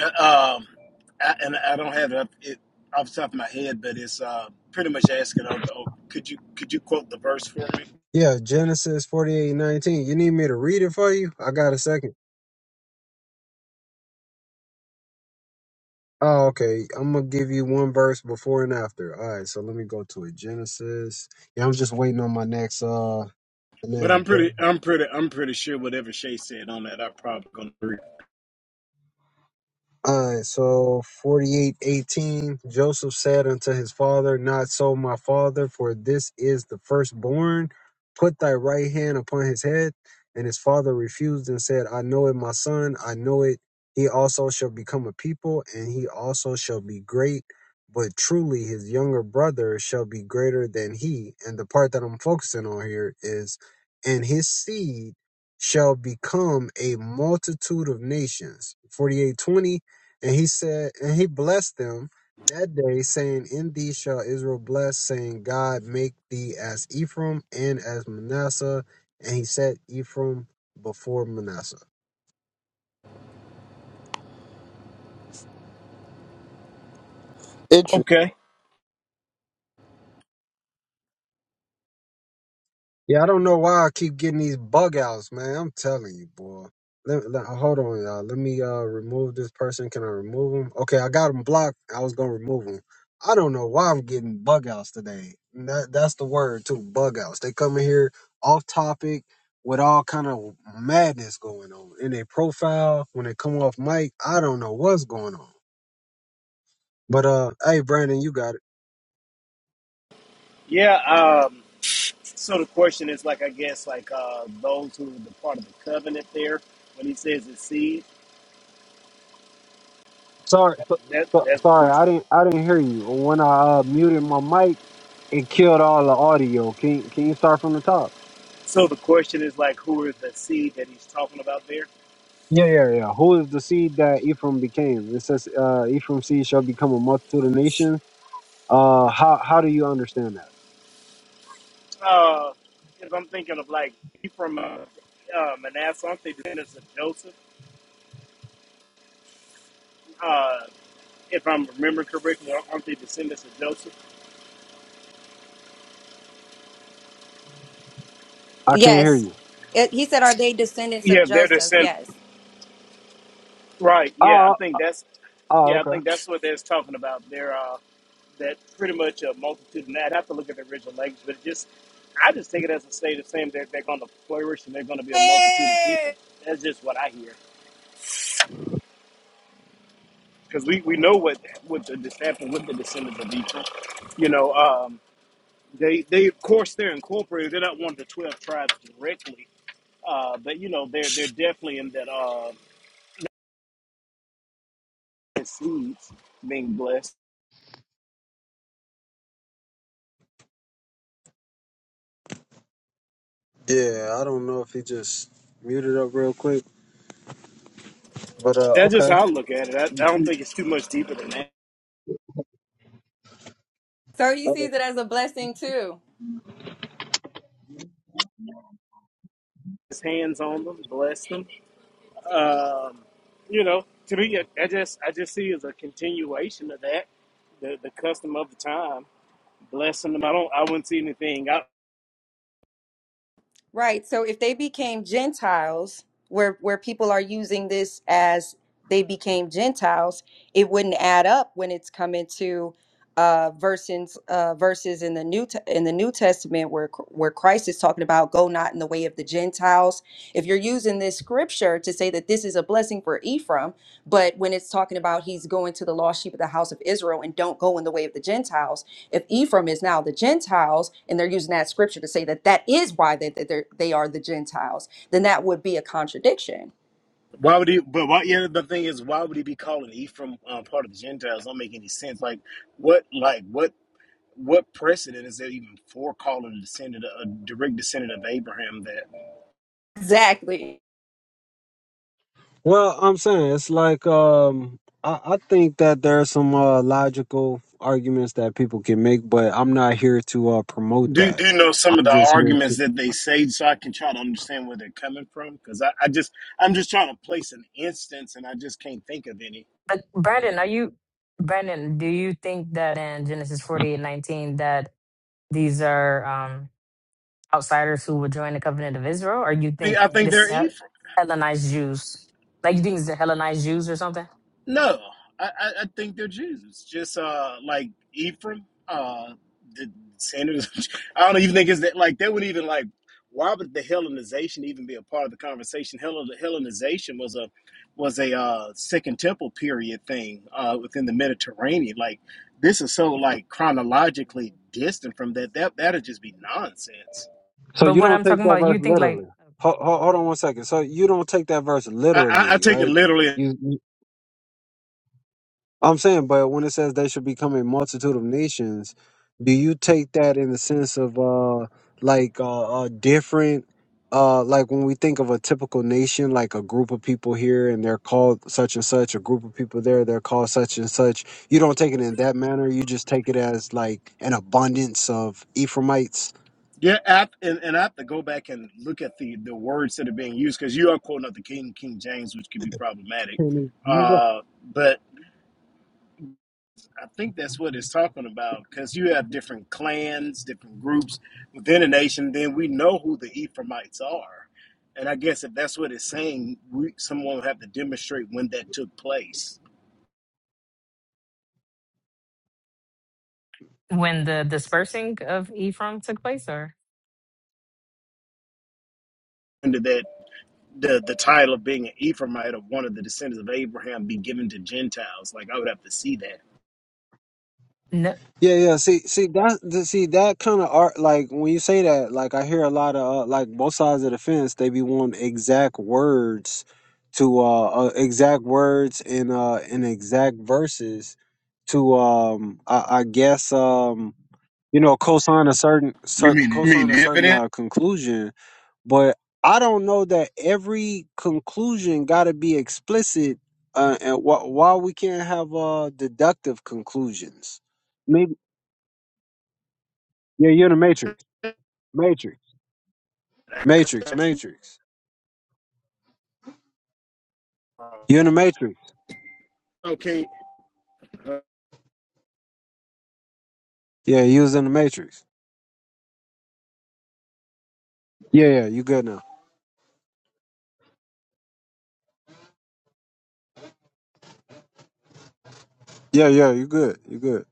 G: Um, I, and I don't have it, up, it off the top of my head, but it's uh, pretty much asking, oh, oh, could you could you quote the verse for me?
B: yeah genesis forty eight nineteen. you need me to read it for you i got a second Oh, okay. I'm gonna give you one verse before and after. All right, so let me go to it. Genesis. Yeah, I'm just waiting on my next uh the
G: But
B: next
G: I'm
B: job.
G: pretty I'm pretty I'm pretty sure whatever Shay said on that, I'm probably gonna agree.
B: All right, so 4818 Joseph said unto his father, Not so, my father, for this is the firstborn. Put thy right hand upon his head. And his father refused and said, I know it, my son, I know it. He also shall become a people, and he also shall be great. But truly, his younger brother shall be greater than he. And the part that I'm focusing on here is, and his seed shall become a multitude of nations. 4820 and he said, and he blessed them that day, saying, In thee shall Israel bless, saying, God make thee as Ephraim and as Manasseh. And he set Ephraim before Manasseh.
H: interesting
G: Okay.
B: Yeah, I don't know why I keep getting these bug outs, man. I'm telling you, boy. Let, let- hold on, y'all. Let me uh remove this person. Can I remove him? Okay, I got him blocked. I was gonna remove him. I don't know why I'm getting bug outs today. And That that's the word too, bug outs. They come in here off topic with all kind of madness going on in their profile when they come off mic. I don't know what's going on. But uh, hey, Brandon, you got it.
G: Yeah. Um, so the question is, like, I guess, like uh, those who are the part of the covenant there, when he says the seed,
B: Sorry, so,
G: that,
B: so-
G: that's the
B: sorry, I
G: question.
B: didn't I didn't hear you when I uh, muted my mic. it killed all the audio. Can can you start from the top?
G: So the question is, like, who is the seed that he's talking about there?
B: Yeah, yeah, yeah. Who is the seed that Ephraim became? It says uh, Ephraim seed shall become a multitude of nations. Uh, how how do you understand that?
G: because uh, I'm thinking of like he from uh, uh, Manasseh, aren't they descendants of Joseph? Uh, if I'm remembering correctly, aren't they descendants of Joseph?
B: I can't hear
A: Yes.
B: you.
A: It, he said, Are they descendants of
G: Yeah, they're
A: Joseph?
G: descend.
A: Yes.
G: Right. Yeah, I
B: Oh,
G: think that's
B: oh,
G: yeah, I
B: okay.
G: think that's what they're talking about. They're uh, that pretty much a multitude, and I'd have to look at the original language, but it just I just take it as a state of saying that they're going to flourish and they're going to be a multitude of
A: Hey!
G: people. That's just what I hear because we, we know what what the dis- happened with the descendants of Egypt, you know. Um, They, they of course, they're incorporated. They're not one of the twelve tribes directly, uh, but you know, they're they're definitely in that uh, that seeds being blessed.
B: Yeah, I don't know if he just muted up real quick, but uh,
G: That's just
B: okay.
G: how I look at it. I, I don't think it's too much deeper than that.
A: So he
B: Uh,
A: sees it as a blessing too.
G: His hands on them, bless them. Um, you know, to me, I I just I just see it as a continuation of that, the the custom of the time, blessing them. I don't, I wouldn't see anything out
A: Right. So if they became Gentiles, where where people are using this as they became Gentiles, it wouldn't add up when it's coming to uh, verses uh, verses in the new T- in the New Testament where Chr- where Christ is talking about go not in the way of the Gentiles. If you're using this scripture to say that this is a blessing for Ephraim, but when it's talking about he's going to the lost sheep of the house of Israel and don't go in the way of the Gentiles, if Ephraim is now the Gentiles, and they're using that scripture to say that that is why they, that they're, they are the Gentiles, then that would be a contradiction.
G: Why would he? But why? Yeah, the thing is, why would he be calling Ephraim um, part of the Gentiles? Don't make any sense. Like what? Like what? what precedent is there even for calling a descendant, a direct descendant of Abraham? That
A: Exactly.
B: Well, I'm saying it's like um, I, I think that there are some uh, logical arguments that people can make, but I'm not here to uh, promote
G: do do
B: that.
G: you know some of
B: I'm
G: the
B: just here to
G: arguments that they say, so I can try to understand where they're coming from? Because I, I just I'm just trying to place an instance, and I just can't think of any.
F: But Brandon, are you Brandon, do you think that in Genesis forty eight nineteen that these are um outsiders who would join the covenant of Israel, or you
G: I think
F: think
G: I think
F: this
G: there
F: is
G: is.
F: Hel- Hellenized Jews? Like you think it's the Hellenized Jews or something?
G: No, I, I, I think they're Jews. Just uh, like Ephraim, uh, the Sanders. I don't even think it's that. Like they wouldn't even like. Why would the Hellenization even be a part of the conversation? Hellen, Hellenization was a was a uh, Second Temple period thing uh, within the Mediterranean. Like this is so like chronologically distant from that. That that'd just be nonsense.
B: So
F: But
B: you
F: when
B: don't
F: I'm
B: take
F: talking
B: that
F: about,
B: verse
F: you think like
B: literally. Hold, hold on one second. So you don't take that verse
G: I, I, I
B: literally,
G: take it
B: right?
G: literally
B: You, you- I'm saying, but when it says they should become a multitude of nations, do you take that in the sense of uh like uh, uh different uh like when we think of a typical nation, like a group of people here and they're called such and such, a group of people there, they're called such and such. You don't take it in that manner. You just take it as like an abundance of Ephraimites.
G: Yeah, I, and, and I have to go back and look at the, the words that are being used because you are quoting up the King King James, which could be problematic.
B: Can you do that?
G: Uh, but I think that's what it's talking about because you have different clans, different groups within a nation. Then we know who the Ephraimites are, and I guess if that's what it's saying, we, someone will have to demonstrate when that took place.
F: when the dispersing of Ephraim took place, or
G: Under that, the the title of being an Ephraimite of one of the descendants of Abraham be given to Gentiles. Like I would have to see that.
F: no?
B: Yeah, yeah. See, see that, th- see that kind of art. Like when you say that, like I hear a lot of uh, like both sides of the fence. They be wanting exact words to uh, uh exact words in uh in exact verses to um I, I guess um you know cosign a certain
G: You
B: cer-
G: mean you
B: cosign
G: mean
B: a certain
G: evidence?
B: uh, conclusion. But I don't know that every conclusion got to be explicit. Uh, and wh- why we can't have uh deductive conclusions. Yeah, you're in the Matrix. Matrix. Matrix. Matrix. You're in the Matrix.
G: okay, uh,
B: Yeah, you was in the Matrix. Yeah, yeah, you good now. Yeah, yeah, you good. You good.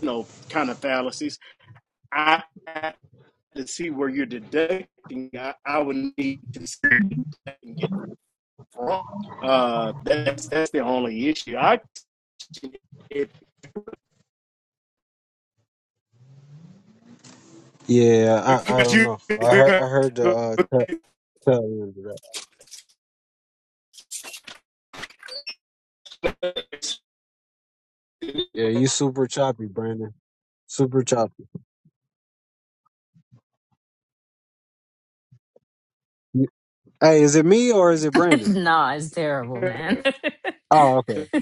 G: you know, kind of fallacies. I have to see where you're deducting. I, I would need to see where you can get from. Uh, that's that's the only issue. I it,
B: Yeah, I, I
G: because
B: don't
G: you
B: know. I heard I heard the uh t- tail end of that. Yeah, you super choppy, Brandon. Super choppy. You- Hey, is it me or is it Brandon?
F: nah, it's terrible, man. but
B: Oh, okay.
F: you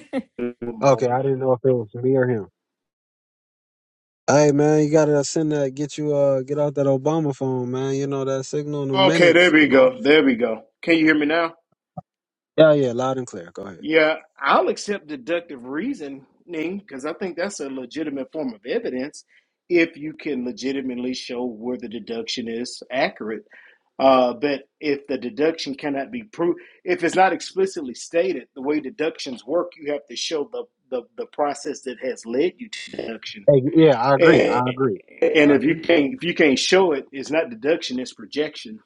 B: Okay,
G: moment.
B: I didn't know if it was me or him. Hey man, you gotta send that get you uh get out that Obama phone, man. You know that signal in the
G: Okay, there
B: minutes, you
G: we
B: know.
G: go. There we go. Can you hear me now?
B: Yeah, yeah, loud and clear. Go ahead.
G: Yeah, I'll accept deductive reasoning because I think that's a legitimate form of evidence if you can legitimately show where the deduction is accurate. Uh, but if the deduction cannot be proved, if it's not explicitly stated, the way deductions work, you have to show the, the, the process that has led you to deduction.
B: Hey, yeah, I agree.
G: And,
B: I agree.
G: and
B: I
G: if
B: agree.
G: you can't if you can't show it, it's not deduction, it's projection.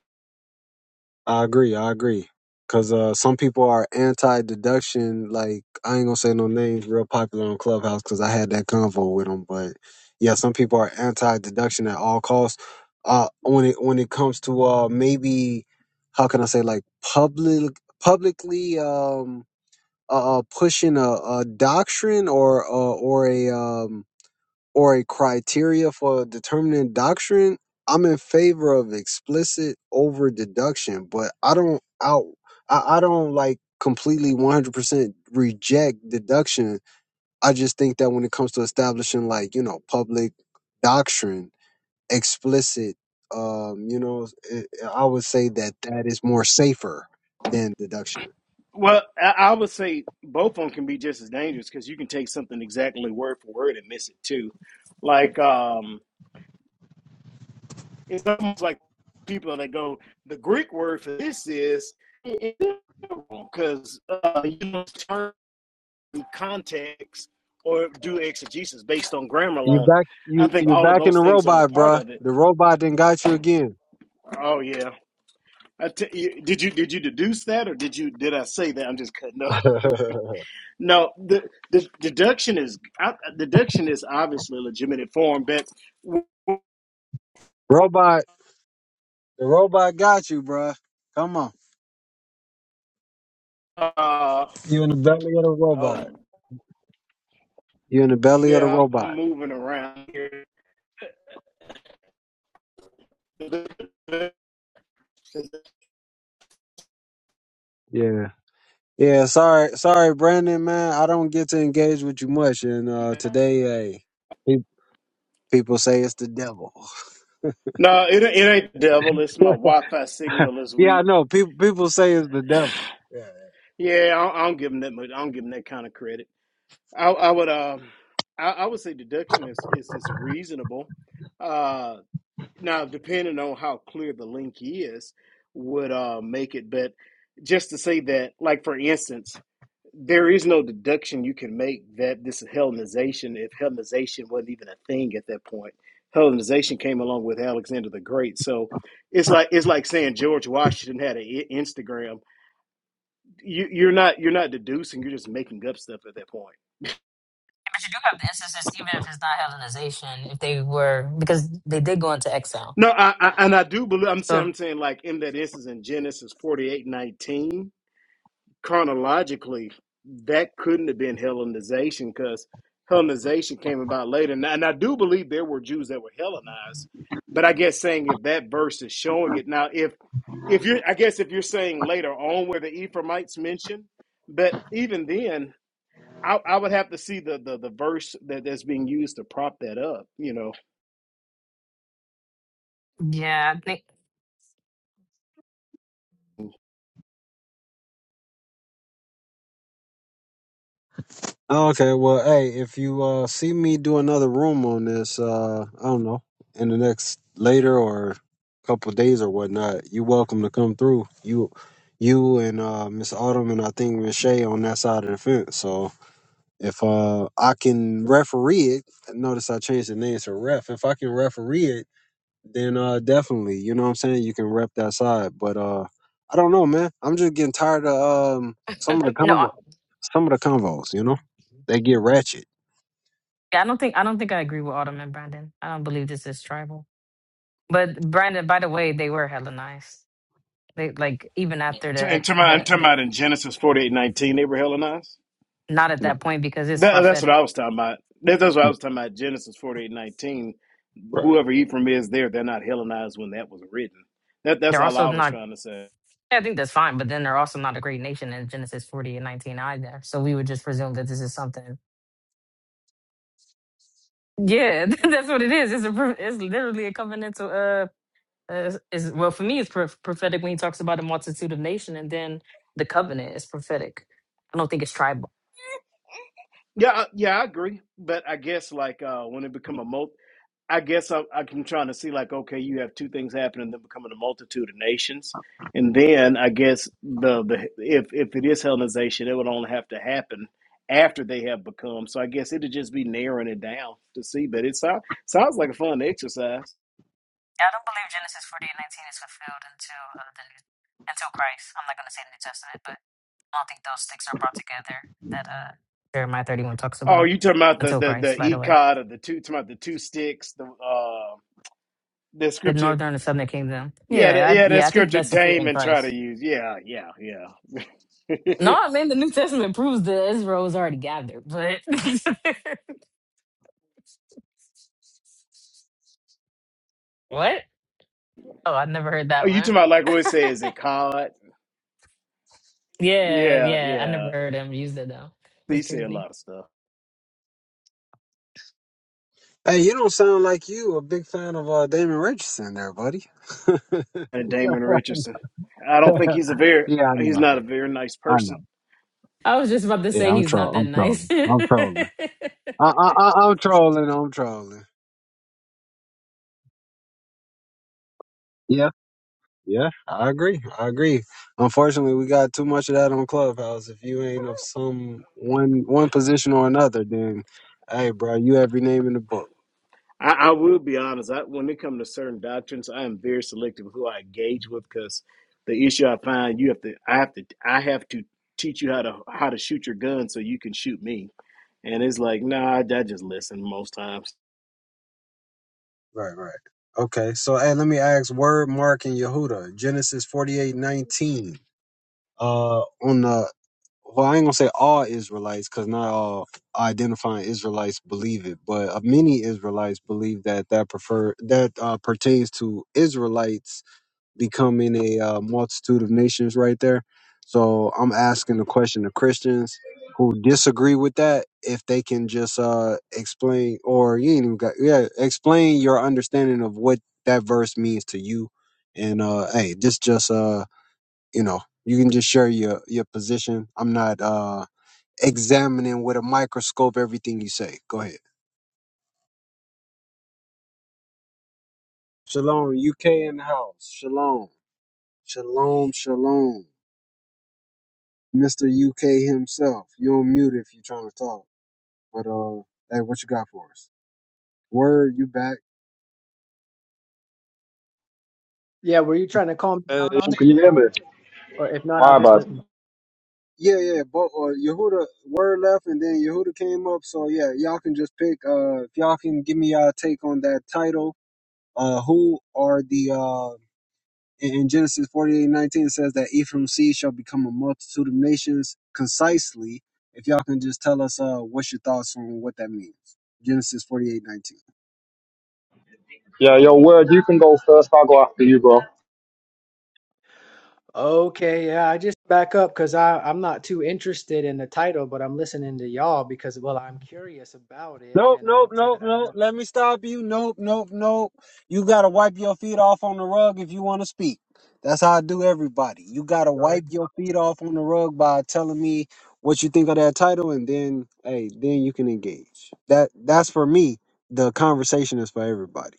B: I agree. I agree. Cause uh, some people are anti-deduction. Like I ain't gonna say no names. Real popular on Clubhouse because I had that convo with them. But yeah, some people are anti-deduction at all costs. Uh, when it when it comes to uh, maybe how can I say like public publicly um uh uh, pushing a, a doctrine or uh, or a um or a criteria for determining doctrine, I'm in favor of explicit over deduction, but I don't out I, I don't like completely 100% reject deduction. I just think that when it comes to establishing like, you know, public doctrine, explicit um, you know, it, I would say that that is more safer than deduction.
G: Well, I, I would say both of them can be just as dangerous because you can take something exactly word for word and miss it too. Like um, it's almost like people that go, the Greek word for this is because uh, you not turn context or do exegesis based on grammar
B: You
G: alone.
B: back
G: I
B: you
G: think
B: you
G: all of
B: back in
G: those
B: the
G: things are a
B: robot,
G: part
B: bruh.
G: of it.
B: The robot then got you again.
G: Oh yeah. I t- you- did you did you deduce that or did you did I say that? I'm just cutting up. No, the, the deduction is I, deduction is obviously a legitimate form, but
B: robot The robot got you, bruh. Come on.
G: uh,
B: You in the belly of the robot.
G: oh
B: You in the belly of the
G: yeah, I'm I'm
B: robot.
G: moving around here. No,
B: Yeah. Yeah, sorry, sorry, Brandon, man. I don't get to engage with you much, and uh, today, hey, pe- people say it's the devil.
G: it it ain't the devil. It's my Wi-Fi signal this
B: yeah, I
G: week.
B: know. People, people say it's the devil.
G: Yeah, I, I don't give him that much. I don't give him that kind of credit. I, I would um, I, I would say deduction is is is reasonable. Uh, now depending on how clear the link is, would uh make it. But just to say that, like for instance. There is no deduction you can make that this is Hellenization, if Hellenization wasn't even a thing at that point. Hellenization came along with Alexander the Great. So it's like it's like saying George Washington had an I- Instagram. You, you're not you're not deducing. You're just making up stuff at that point.
F: do have the instances, even if it's not Hellenization, if they were because they did go into exile.
G: No, I, I and I do believe I'm saying
F: So
G: I'm saying like in that instance in Genesis forty eight nineteen. chronologically, that couldn't have been Hellenization because Hellenization came about later. And I, and I do believe there were Jews that were Hellenized, but I guess saying if that verse is showing it now, if if you're, I guess if you're saying later on where the Ephraimites mentioned, but even then, I, I would have to see the, the the verse that that's being used to prop that up. You know,
F: yeah, I think
B: Oh, Okay, well, hey, if you uh see me do another room on this, uh, I don't know, in the next later or couple days or whatnot, you're welcome to come through. You, you and uh Miss Autumn and I think Miss Shay on that side of the fence. So if uh I can referee it, notice I changed the name to ref. If I can referee it then uh definitely, you know what I'm saying? You can rep that side. But uh I don't know, man. I'm just getting tired of um some of the
F: no. I-
B: convo some of the convos, you know? They get ratchet.
F: Yeah, I don't think I don't think I agree with Autumn and Brandon. I don't believe this is tribal. But Brandon, by the way, they were hella nice. They like even after
G: to, in
F: the
G: Talmud in
F: the, the
G: Talmud in Genesis forty eight nineteen, they were Hellenized.
F: not at that point because it's
G: That, that's what I
F: prophetic.
G: was talking about. That, that's what I
B: Yeah.
G: was talking about. Genesis forty eight nineteen.
B: Right.
G: Whoever Ephraim is, there they're not Hellenized when that was written. That that's
F: They're
G: all
F: also
G: I was
F: not.
G: trying to say.
F: I think that's fine, but then they're also not a great nation in Genesis forty and nineteen either. So we would just presume that this is something. Yeah, that's what it is. It's a pro- it's literally a covenantal. Uh, uh is well for me it's pro- prophetic when he talks about a multitude of nation, and then the covenant is prophetic. I don't think it's tribal.
G: Yeah, I- yeah, I agree. But I guess like uh, when it become a mult, I guess I, I'm trying to see like okay, you have two things happening, then becoming a multitude of nations, and then I guess the the if if it is Hellenization, it would only have to happen after they have become. So I guess it'd just be narrowing it down to see. But it sounds sounds like a fun exercise.
F: I don't believe Genesis forty eight nineteen is fulfilled until uh, the new, until Christ. I'm not going to say the New Testament, but I don't think those sticks are brought together that uh, Jeremiah 31 talks
G: Oh,
F: about
G: you talking about the
F: until
G: the
F: Christ. By
G: the
F: the way,
G: ecod of the two? Talking about the two sticks? The uh, the
F: the
G: scripture?
F: northern and southern kingdom.
G: Yeah, the,
F: Yeah, I,
G: yeah,
F: yeah,
G: that
F: I think
G: scripture
F: that's fulfilled in
G: Damon try
F: Christ.
G: to use. Yeah, yeah, yeah.
F: No, I mean the New Testament proves that Israel was already gathered. But what? Oh, I never heard
G: oh,
F: that
G: you talking
F: one.
G: about like what it says ecod?
F: yeah,
G: Yeah,
F: yeah, I never
G: yeah.
F: heard him use it though. That's
G: He said a
F: crazy.
G: lot of stuff.
B: Hey, you don't sound like you a big fan of uh Damon Richardson there, buddy.
G: And Damon Richardson. I don't think he's a very
B: yeah, I
G: he's
B: know.
G: not a very nice
B: I
G: person.
B: know.
F: I was just about to say
B: Yeah, I'm
F: he's not
B: trolling.
F: that
B: I'm
F: nice.
B: trolling. I'm trolling. I I I I'm trolling, I'm trolling. Yeah. Yeah, I agree. I agree. Unfortunately, we got too much of that on Clubhouse. If you ain't of some one one position or another, then hey, bro, you have your name in the book.
G: I, I will be honest. I, when it comes to certain doctrines, I am very selective who I engage with because the issue I find you have to, I have to, I have to teach you how to how to shoot your gun so you can shoot me. And it's like, nah, I, I just listen most times.
B: Right, right. Okay, so hey, let me ask Word, Mark, and Yehuda, Genesis forty-eight nineteen. Uh, on the well, I ain't gonna say all Israelites because not all identifying Israelites believe it, but uh, many Israelites believe that that prefer that uh, pertains to Israelites becoming a uh, multitude of nations right there. So I'm asking the question to Christians who disagree with that if they can just uh, explain or you ain't even got yeah explain your understanding of what that verse means to you. And uh, hey, this just uh you know you can just share your your position. I'm not uh examining with a microscope everything you say. Go ahead. Shalom, UK in the house. Shalom, shalom, shalom. Mr. UK himself. You on mute if you're trying to talk. But uh, hey, what you got for us? Word, you back?
I: Yeah, were you trying to call me
J: Uh,
I: out
J: Oh,
I: on it?
J: Can you hear me?
I: Or if not, I'll
J: My
I: just
J: bad.
I: listen.
B: Yeah, yeah. But uh, Yehuda, word left, and then Yehuda came up. So yeah, y'all can just pick. Uh, if y'all can give me y'all take on that title. Uh, who are the uh? In in Genesis forty-eight nineteen it says that Ephraim's seed shall become a multitude of nations. Concisely, if y'all can just tell us uh, what's your thoughts on what that means. Genesis forty-eight nineteen.
J: Yeah, yo, word, you can go first. I'll go after you, bro.
I: Okay, yeah, I just back up because I I'm not too interested in the title, but I'm listening to y'all because well, I'm curious about it,
B: Nope,
I: and I
B: nope,
I: won't say
B: nope,
I: that I
B: nope.
I: know.
B: Let me stop you. Nope, nope, nope. You gotta wipe your feet off on the rug if you wanna speak. That's how I do everybody. You gotta
I: Sorry.
B: wipe your feet off on the rug by telling me what you think of that title and then hey, then you can engage. That that's for me. The conversation is for everybody.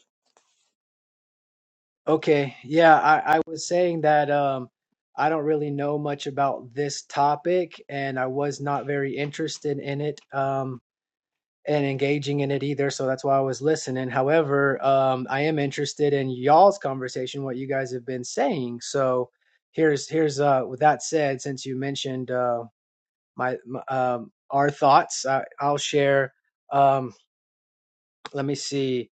I: Okay, yeah, I I was saying that um I don't really know much about this topic, and I was not very interested in it. Um, and engaging in it either. So that's why I was listening. However, um, I am interested in y'all's conversation, what you guys have been saying. So here's here's uh, with that said, since you mentioned uh, my, my um, our thoughts, I, I'll share. Um, let me see.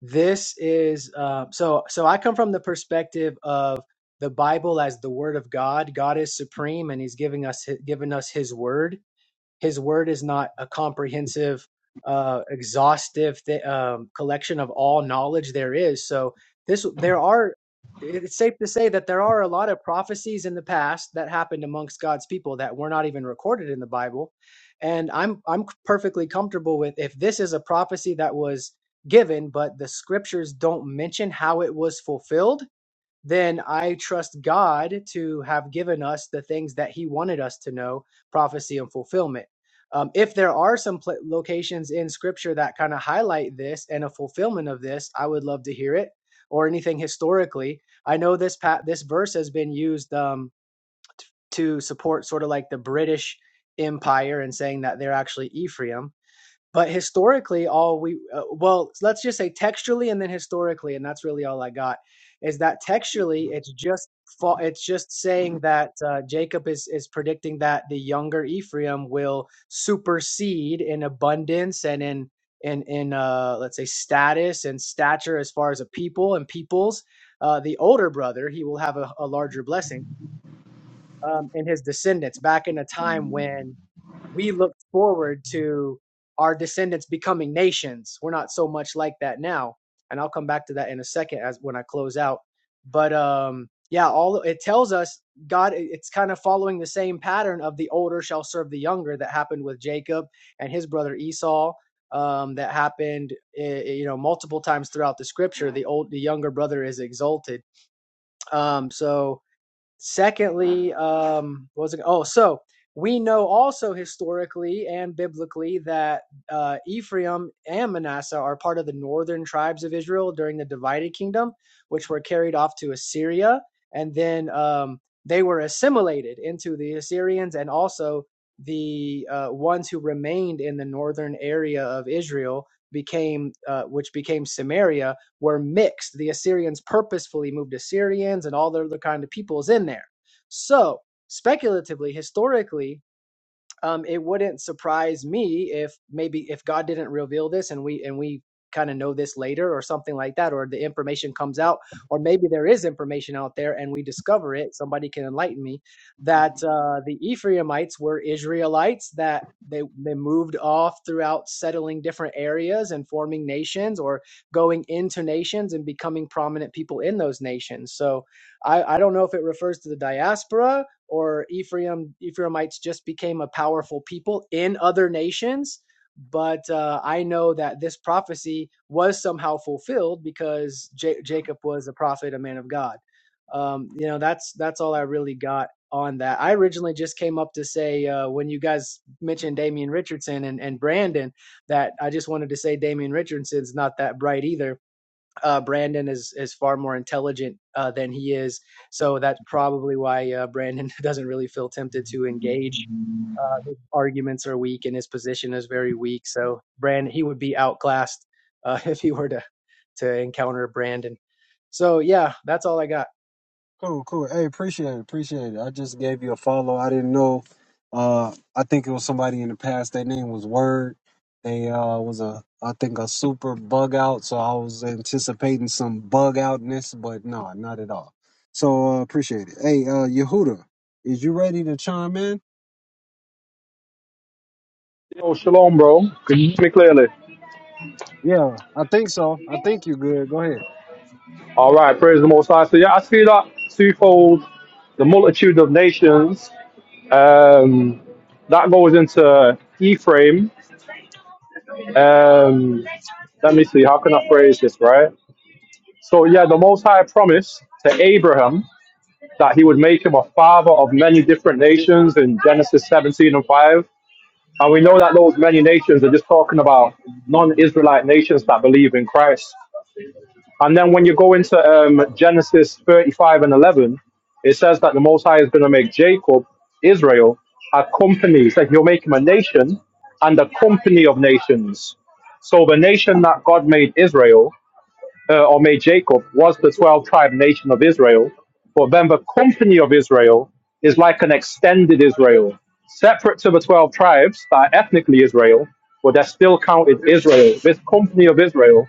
I: This is uh, so so. I come from the perspective of the Bible as the Word of God. God is supreme, and He's giving us given us His Word his word is not a comprehensive, uh, exhaustive th- um, collection of all knowledge there is. So this, there are. It's safe to say that there are a lot of prophecies in the past that happened amongst God's people that were not even recorded in the Bible, and I'm I'm perfectly comfortable with if this is a prophecy that was given, but the scriptures don't mention how it was fulfilled then I trust God to have given us the things that He wanted us to know prophecy and fulfillment. Um, if there are some pla locations in Scripture that kind of highlight this and a fulfillment of this, I would love to hear it or anything historically. I know this pat this verse has been used um, to support sort of like the British Empire and saying that they're actually Ephraim but historically, all we, uh, well, let's just say textually and then historically, and that's really all I got, is that textually, it's just fa- it's just saying that uh, Jacob is is predicting that the younger Ephraim will supersede in abundance and in in in uh, let's say status and stature as far as a people and peoples. Uh, the older brother, he will have a, a larger blessing um, and his descendants back in a time when we looked forward to our descendants becoming nations. We're not so much like that now, and I'll come back to that in a second as when I close out. But um, yeah, all it tells us God. It's kind of following the same pattern of the older shall serve the younger that happened with Jacob and his brother Esau. Um, that happened, eh, eh, you know, multiple times throughout the scripture. The old, the younger brother is exalted. Um, so Secondly, um, what was it? Oh, so we know also historically and biblically that uh, Ephraim and Manasseh are part of the northern tribes of Israel during the divided kingdom, which were carried off to Assyria, and then um, they were assimilated into the Assyrians and also the uh, ones who remained in the northern area of Israel became uh, which became Samaria were mixed. The Assyrians purposefully moved Assyrians and all the other kind of peoples in there. So, speculatively, historically, um, it wouldn't surprise me if maybe if God didn't reveal this and we and we kind of know this later or something like that, or the information comes out, or maybe there is information out there and we discover it. Somebody can enlighten me that uh, the Ephraimites were Israelites that. They, they moved off throughout settling different areas and forming nations or going into nations and becoming prominent people in those nations. So I, I don't know if it refers to the diaspora or Ephraim Ephraimites just became a powerful people in other nations. But uh, I know that this prophecy was somehow fulfilled because J- Jacob was a prophet, a man of God. Um, you know, that's that's all I really got on that. I originally just came up to say uh, when you guys mentioned Damian Richardson and, and Brandon that I just wanted to say Damian Richardson's not that bright either uh, Brandon is is far more intelligent uh, than he is, so that's probably why uh, Brandon doesn't really feel tempted to engage. Uh, his arguments are weak, and his position is very weak. So Brandon, he would be outclassed uh, if he were to to encounter Brandon. So yeah, that's all I got.
B: Cool, cool. Hey, appreciate it, appreciate it. I just gave you a follow. I didn't know. Uh, I think it was somebody in the past. Their name was Word. They uh was a I think a super bug out. So I was anticipating some bug outness, but no, not at all. So uh, appreciate it. Hey, uh, Yehuda, is you ready to chime in?
J: Yo, shalom, bro. Can you hear me clearly?
B: Yeah, I think so. I think you good. Go ahead.
J: All right, praise the Most High. So, yeah, I see that twofold, the multitude of nations. Um, that goes into Ephraim. Um, let me see, how can I phrase this, right? So, yeah, the Most High promised to Abraham that he would make him a father of many different nations in Genesis 17 and 5. And we know that those many nations are just talking about non-Israelite nations that believe in Christ. And then when you go into um, Genesis 35 and 11, it says that the Most High is going to make Jacob, Israel, a company. It's like he'll make him a nation and a company of nations. So the nation that God made Israel uh, or made Jacob was the 12 tribe nation of Israel. For then the company of Israel is like an extended Israel, separate to the 12 tribes that are ethnically Israel, but they're still counted Israel. This company of Israel,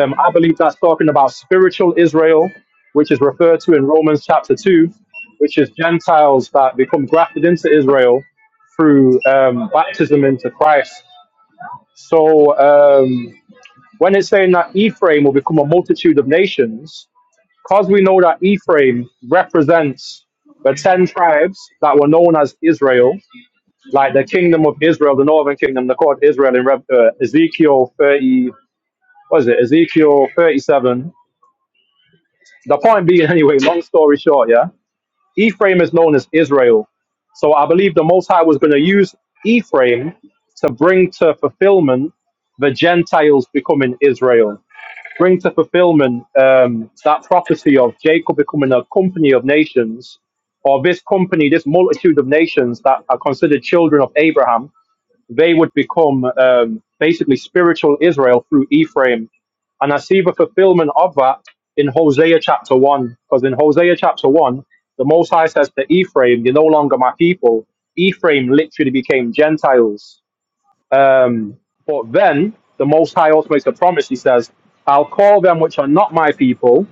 J: um, I believe that's talking about spiritual Israel, which is referred to in Romans chapter 2, which is Gentiles that become grafted into Israel through um, baptism into Christ. So, um, when it's saying that Ephraim will become a multitude of nations, because we know that Ephraim represents the 10 tribes that were known as Israel, like the kingdom of Israel, the northern kingdom, they're called Israel in Rev- uh, Ezekiel 30, what is it, Ezekiel 37. The point being, anyway, long story short, yeah, Ephraim is known as Israel. So I believe the Most High was going to use Ephraim to bring to fulfillment the Gentiles becoming Israel. bring to fulfillment um, that prophecy of Jacob becoming a company of nations, or this company, this multitude of nations that are considered children of Abraham, they would become um, basically spiritual Israel through Ephraim. And I see the fulfillment of that in Hosea chapter 1, because in Hosea chapter 1, the Most High says to Ephraim, You're no longer my people. Ephraim literally became Gentiles um, but then the Most High also makes a promise. He says, "I'll call them which are not my people,"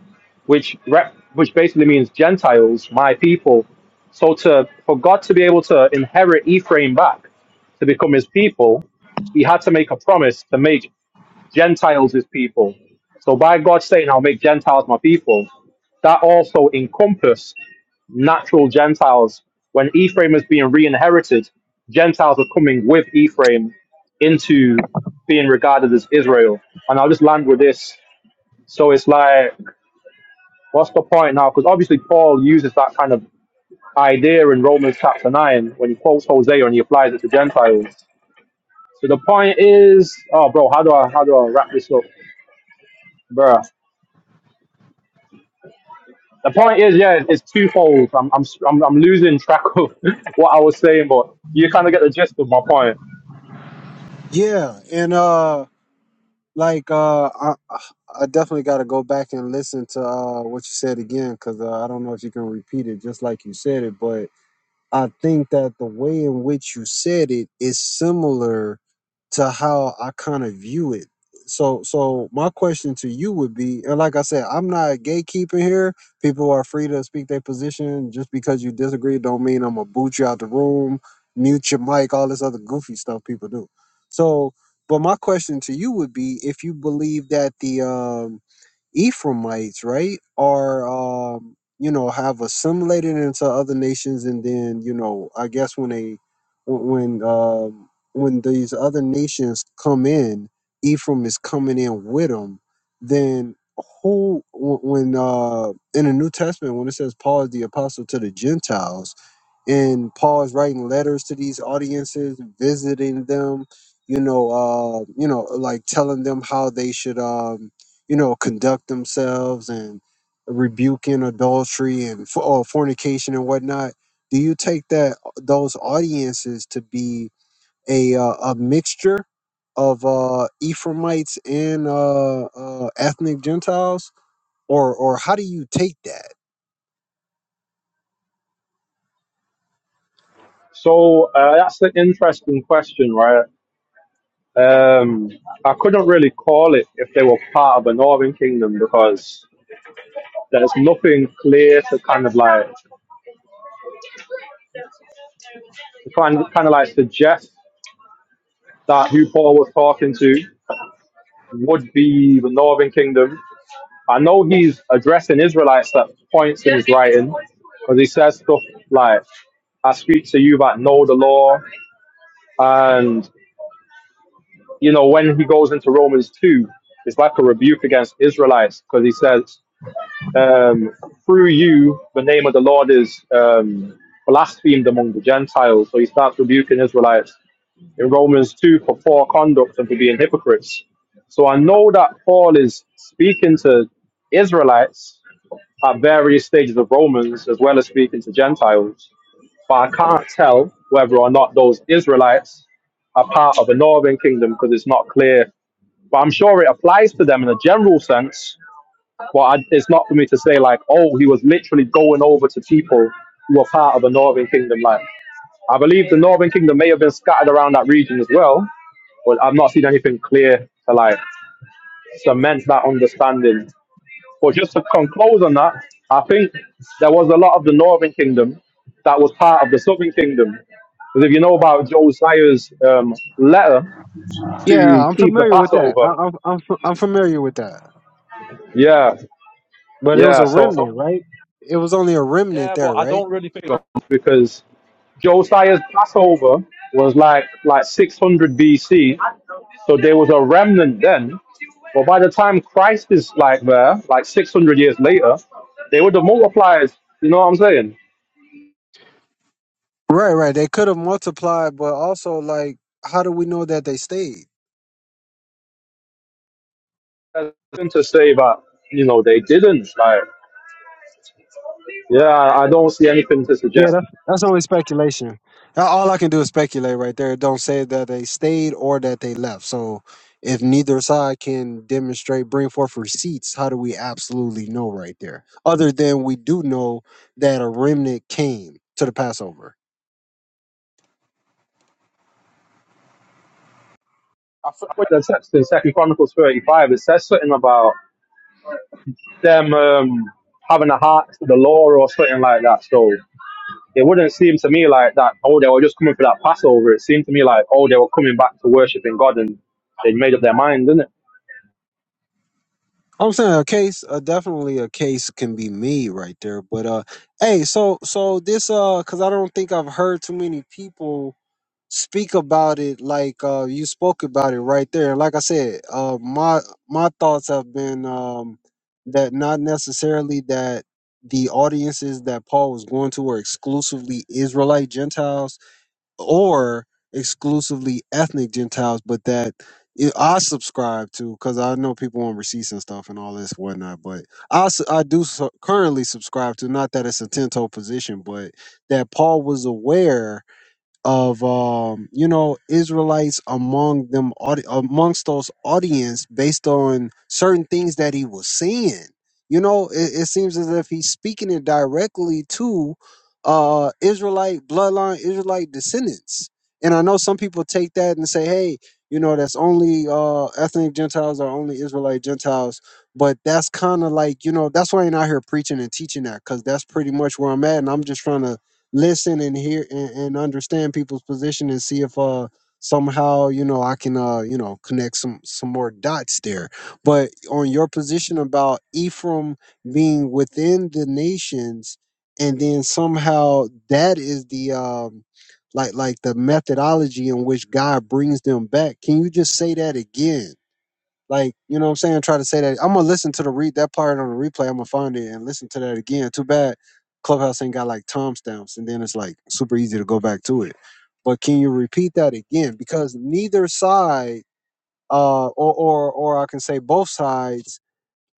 J: which rep, which basically means Gentiles, my people. So to for God to be able to inherit Ephraim back to become His people, He had to make a promise to make Gentiles His people. So by God saying, "I'll make Gentiles my people," that also encompassed natural Gentiles, when Ephraim was being re inherited, Gentiles were coming with Ephraim into being regarded as Israel. And I'll just land with this. So it's like, what's the point now? Because obviously, Paul uses that kind of idea in Romans chapter 9 when he quotes Hosea and he applies it to Gentiles. So the point is, oh, bro, how do I how do I wrap this up, bruh? The point is, yeah, it's twofold. I'm I'm I'm, I'm losing track of what I was saying, but you kind of get the gist of my point.
B: Yeah, and uh. like uh I, I definitely got to go back and listen to uh what you said again cuz uh, I don't know if you can repeat it just like you said it but I think that the way in which you said it is similar to how I kind of view it. So, so my question to you would be, and like I said, I'm not gatekeeping here. People are free to speak their position. Just because you disagree, don't mean I'm gonna boot you out the room, mute your mic, all this other goofy stuff people do. So, but my question to you would be, if you believe that the um, Ephraimites, right, are um, you know have assimilated into other nations, and then you know I guess when they when when, um, when these other nations come in, Ephraim is coming in with them. Then who wh- when uh in the New Testament when it says Paul is the apostle to the Gentiles and Paul is writing letters to these audiences, visiting them, you know, uh, you know, like telling them how they should, um, you know, conduct themselves and rebuking adultery and for, or fornication and whatnot. Do you take that those audiences to be a uh, a mixture of uh, Ephraimites and uh, uh, ethnic Gentiles, or or how do you take that?
J: So uh, that's the interesting question, right? Um, I couldn't really call it if they were part of a northern kingdom because there's nothing clear to kind of like kind of, kind of like suggest that who Paul was talking to would be the northern kingdom. I know he's addressing Israelites at points in his writing because he says stuff like, "I speak to you that know the law," and you know, when he goes into Romans 2, it's like a rebuke against Israelites because he says, um, through you, the name of the Lord is um, blasphemed among the Gentiles. So he starts rebuking Israelites in Romans 2 for poor conduct and for being hypocrites. So I know that Paul is speaking to Israelites at various stages of Romans as well as speaking to Gentiles. But I can't tell whether or not those Israelites are part of a northern kingdom because it's not clear but I'm sure it applies to them in a general sense. But I, it's not for me to say like, oh, he was literally going over to people who were part of the Northern Kingdom. Like, I believe the Northern Kingdom may have been scattered around that region as well, but I've not seen anything clear to like cement that understanding. But just to conclude on that, I think there was a lot of the Northern Kingdom that was part of the Southern Kingdom. Because if you know about Josiah's um, letter
B: Yeah,
J: to
B: I'm
J: keep the
B: familiar with that. I,
J: Passover,
B: I'm I'm f- I'm familiar with that.
J: yeah,
B: But it was
J: yeah.
B: a
J: So, so
B: remnant, right? It was only a remnant
J: Yeah, but
B: there,
J: I
B: right?
J: don't really think of it because Josiah's Passover was like like 600 BC, so there was a remnant then. But by the time Christ is like there, like 600 years later, they would have multiplied. You know what I'm saying?
B: Right, right. They could have multiplied, but also like, how do we know that they stayed?
J: There's nothing to say that you know they didn't. Like, yeah, I don't see anything to
B: Yeah,
J: suggest.
B: that's that's only speculation. A- All I can do is speculate right there. It Don't say that they stayed or that they left. So if neither side can demonstrate, bring forth receipts, how do we absolutely know right there? Other than we do know that a remnant came to the Passover.
J: I f- I read the text in Second Chronicles 35. It says something about them um, having a heart to the law or something like that. So it wouldn't seem to me like that, oh, they were just coming for that Passover. It seemed to me like, oh, they were coming back to worshiping God and they'd made up their mind, didn't it?
B: I'm saying a case, uh, definitely a case can be made right there. But uh, hey, so so this uh, cause I don't think I've heard too many people speak about it like uh you spoke about it right there. And like I said, uh, my my thoughts have been um that not necessarily that the audiences that Paul was going to were exclusively Israelite Gentiles or exclusively ethnic Gentiles, but that it, I subscribe to because I know people on receipts and stuff and all this whatnot. But I, s- I do su- currently subscribe to not that it's a tento position, but that Paul was aware of um, you know Israelites among them audi- amongst those audience based on certain things that he was seeing. You know, it, it seems as if he's speaking it directly to uh, Israelite bloodline, Israelite descendants. And I know some people take that and say, "Hey, you know, that's only uh, ethnic Gentiles or only Israelite Gentiles." But that's kind of like you know that's why I'm out here preaching and teaching that because that's pretty much where I'm at, and I'm just trying to listen and hear and, and understand people's position and see if uh somehow you know i can uh you know connect some some more dots there but on your position about ephraim being within the nations and then somehow that is the um like like the methodology in which god brings them back can you just say that again like, you know what I'm saying? Try to say that. I'm gonna listen to the read that part on the replay. I'm gonna find it and listen to that again. Too bad Clubhouse ain't got like timestamps, and then it's like super easy to go back to it. But can you repeat that again? Because neither side, uh, or or or I can say both sides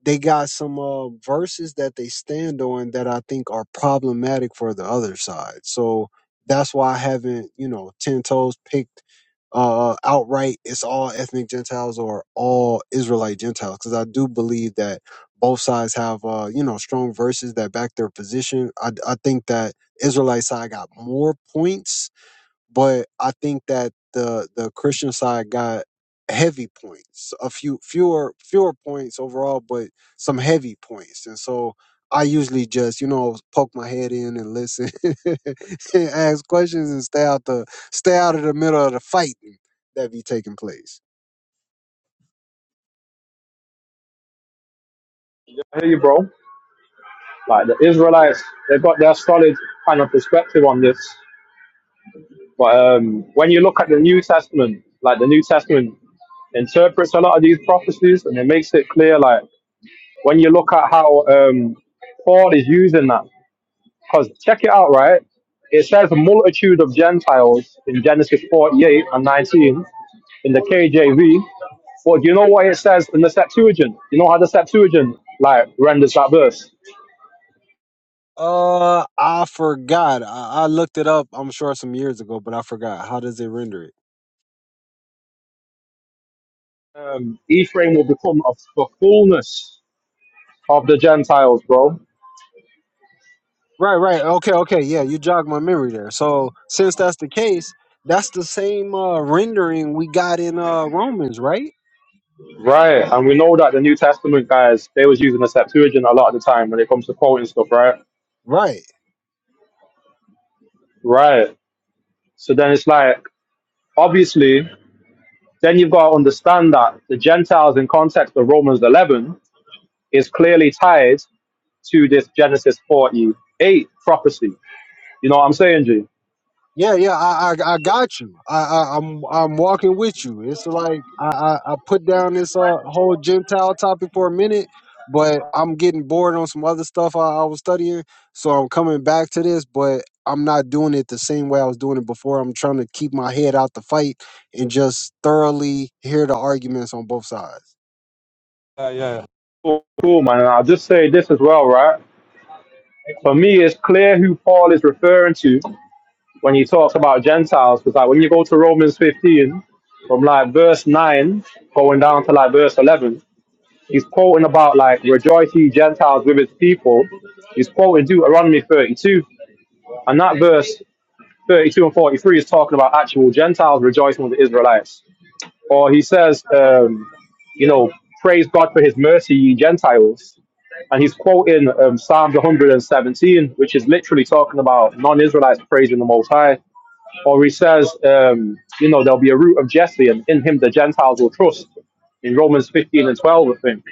B: they got some uh, verses that they stand on that I think are problematic for the other side. So that's why I haven't, you know, ten toes picked uh, outright. It's all ethnic Gentiles or all Israelite Gentiles because I do believe that both sides have, uh, you know, strong verses that back their position. I, I think that Israelite side got more points but I think that the the Christian side got heavy points, a few fewer fewer points overall, but some heavy points. And so I usually just you know poke my head in and listen, and ask questions, and stay out the stay out of the middle of the fighting that be taking place.
J: I hear you, bro. Like the Israelites, they've got their solid kind of perspective on this. But um, when you look at the New Testament, like the New Testament interprets a lot of these prophecies and it makes it clear, like, when you look at how um, Paul is using that, because check it out, right? It says a multitude of Gentiles in Genesis 48 and 19 in the KJV. Well, do you know what it says in the Septuagint? You know how the Septuagint like renders that verse?
B: Uh, I forgot. I, I looked it up. I'm sure some years ago, but I forgot. How does it render it?
J: Um, Ephraim will become of the fullness of the Gentiles, bro.
B: Right, right. Okay, okay. Yeah, you jogged my memory there. So since that's the case, that's the same uh, rendering we got in uh, Romans, right?
J: Right, and we know that the New Testament guys they was using the Septuagint a lot of the time when it comes to quoting stuff, right?
B: Right.
J: Right. So then it's like obviously then you've got to understand that the Gentiles in context of Romans 11 is clearly tied to this Genesis 48 prophecy. You know what I'm saying, G?
B: Yeah, yeah. I, I, I got you. I, I, I'm, I'm walking with you. It's like I, I, I put down this uh, whole Gentile topic for a minute, but I'm getting bored on some other stuff I, I was studying, so I'm coming back to this, but. I'm not doing it the same way I was doing it before. I'm trying to keep my head out the fight and just thoroughly hear the arguments on both sides.
J: Cool, man. And I'll just say this as well, right? For me, it's clear who Paul is referring to when he talks about Gentiles, because like when you go to Romans 15, from like verse 9 going down to like verse 11, he's quoting about like rejoice ye Gentiles with his people. He's quoting Deuteronomy 32, and that verse 32 and 43 is talking about actual Gentiles rejoicing with the Israelites. or he says, um, you know, praise God for his mercy, ye Gentiles. And he's quoting um, Psalms 117, which is literally talking about non Israelites praising the Most High. Or he says, um, you know, there'll be a root of Jesse, and in him the Gentiles will trust, in Romans 15 and 12, I think.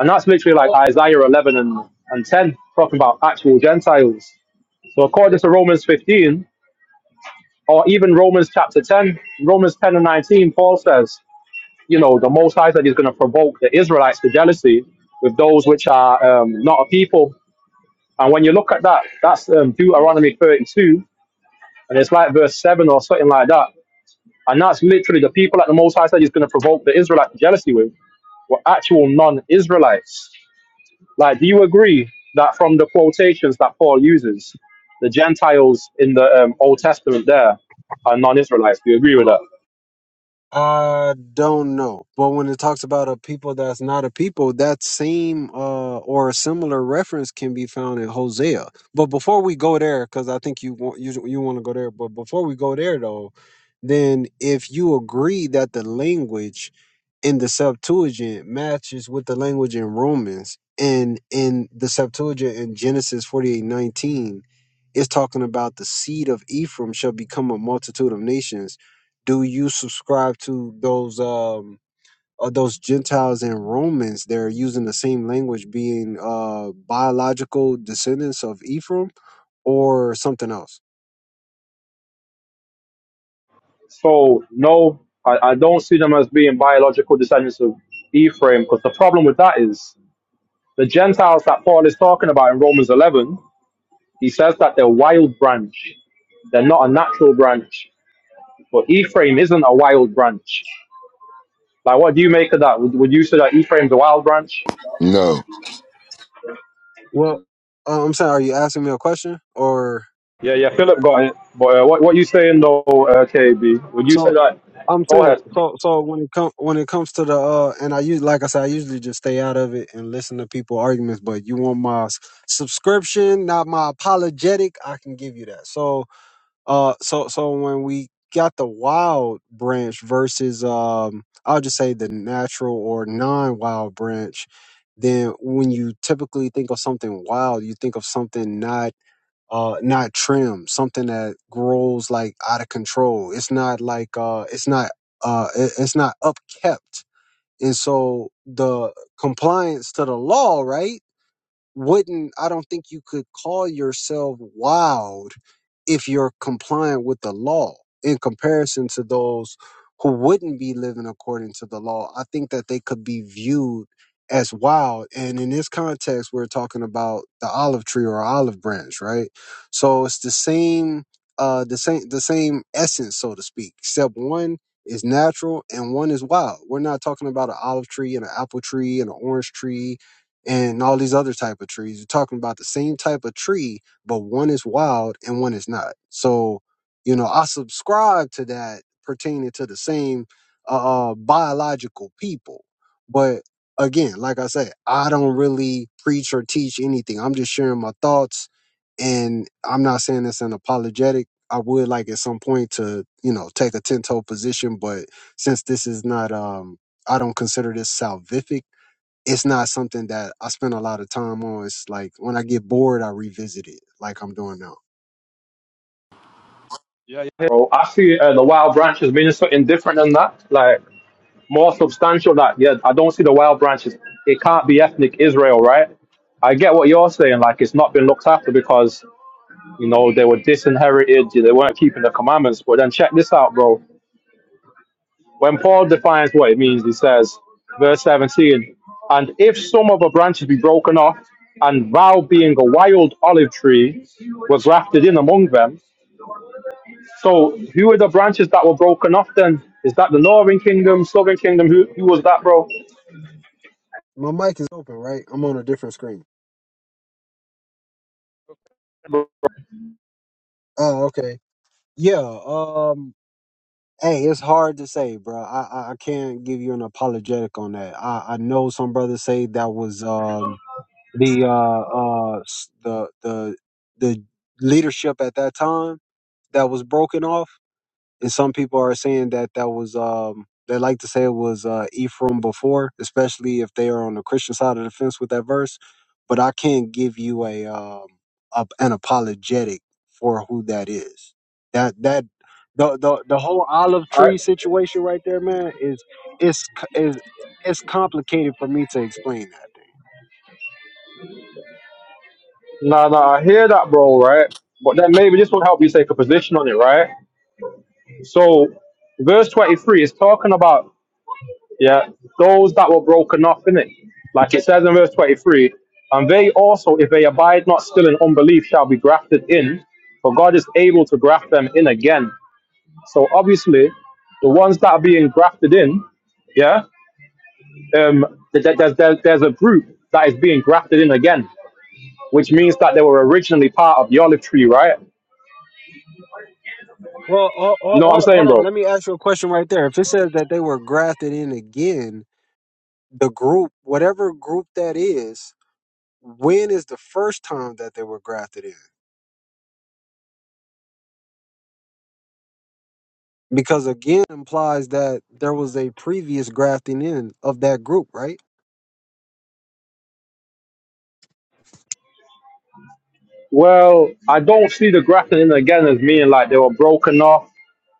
J: And that's literally like Isaiah 11 and, and 10, talking about actual Gentiles. So according to Romans 15, or even Romans chapter 10, Romans 10 and 19, Paul says, you know, the Most High said he's going to provoke the Israelites to jealousy with those which are um, not a people. And when you look at that, that's um, Deuteronomy 32, and it's like verse 7 or something like that. And that's literally the people that the Most High said he's going to provoke the Israelites to jealousy with were actual non Israelites. Like, do you agree that from the quotations that Paul uses, the Gentiles in the um, Old Testament there are non Israelites? Do you agree with that?
B: I don't know. But when it talks about a people that's not a people, that same uh, or a similar reference can be found in Hosea. But before we go there, because I think you want you, you want to go there. But before we go there, though, then if you agree that the language in the Septuagint matches with the language in Romans. And in the Septuagint in Genesis forty eight nineteen, it's talking about the seed of Ephraim shall become a multitude of nations. Do you subscribe to those um or those Gentiles and Romans they are using the same language being uh biological descendants of Ephraim or something else?
J: So no, I, I don't see them as being biological descendants of Ephraim because the problem with that is the Gentiles that Paul is talking about in Romans 11, he says that they're wild branch. They're not a natural branch. But Ephraim isn't a wild branch. Like, what do you make of that? Would, would you say that Ephraim's a wild branch?
C: No.
B: Well, uh, I'm sorry, are you asking me a question or
J: Yeah, yeah, Philip got it. But uh, what, what you saying though, uh, KB? Would you say that?
B: I'm
J: Go
B: saying
J: ahead.
B: so. So when it comes when it comes to the uh, and I use like I said, I usually just stay out of it and listen to people arguments. But you want my s- subscription, not my apologetic. I can give you that. So uh, so so when we got the wild branch versus um, I'll just say the natural or non-wild branch. Then when you typically think of something wild, you think of something not uh not trimmed. something that grows like out of control it's not like uh it's not uh it- it's not upkept and so the compliance to the law right wouldn't I don't think you could call yourself wild if you're compliant with the law in comparison to those who wouldn't be living according to the law. I think that they could be viewed as wild. And in this context, we're talking about the olive tree or olive branch, right? So it's the same uh the same the same essence, so to speak, except one is natural and one is wild. We're not talking about an olive tree and an apple tree and an orange tree and all these other type of trees. You're talking about the same type of tree, but one is wild and one is not. So, you know, I subscribe to that pertaining to the same uh, uh, biological people. But again, like I said, I don't really preach or teach anything. I'm just sharing my thoughts, and I'm not saying this an apologetic. I would like at some point to, you know, take a ten toe position, but since this is not, um, I don't consider this salvific it's not something that I spend a lot of time on. It's like when I get bored, I revisit it, like I'm doing now.
J: Bro, I see uh, the wild branch as meaning something different than that. Like, more substantial that yeah i don't see the wild branches it can't be ethnic israel right i get what you're saying like it's not been looked after because you know they were disinherited they weren't keeping the commandments but then check this out bro when paul defines what it means he says verse 17 and if some of the branches be broken off and thou being a wild olive tree was grafted in among them so who are the branches that were broken off then is that the northern kingdom southern kingdom who, who was that bro
B: My mic is open, right? I'm on a different screen.
J: All
B: Oh, okay. Yeah. Um. Hey, it's hard to say, bro. I I I can't give you an apologetic on that. I I know some brothers say that was um the uh uh s- the the the leadership at that time that was broken off and some people are saying that that was um they like to say it was uh Ephraim before, especially if they are on the Christian side of the fence with that verse. But I can't give you a um a, an apologetic for who that is. That that the, the the whole olive
J: right.
B: tree situation right there, man, is is is it's complicated for me to explain that.
J: Nah, nah, I hear that, bro, right? But then maybe this will help you take a position on it, right? So, verse 23 is talking about, yeah, those that were broken off, in it. Like it says in verse 23, and they also, if they abide not still in unbelief, shall be grafted in, for God is able to graft them in again. So, obviously, the ones that are being grafted in, yeah, um, th- th- there's, there's, there's a group that is being grafted in again, which means that they were originally part of the olive tree, right?
B: Well, hold,
J: You know what I'm
B: hold,
J: saying,
B: hold on.
J: bro?
B: Let me ask you a question right there. If it says that they were grafted in again, the group, whatever group that is, when is the first time that they were grafted in? Because again, implies that there was a previous grafting in of that group, right?
J: Well, I don't see the grafted in again as meaning like they were broken off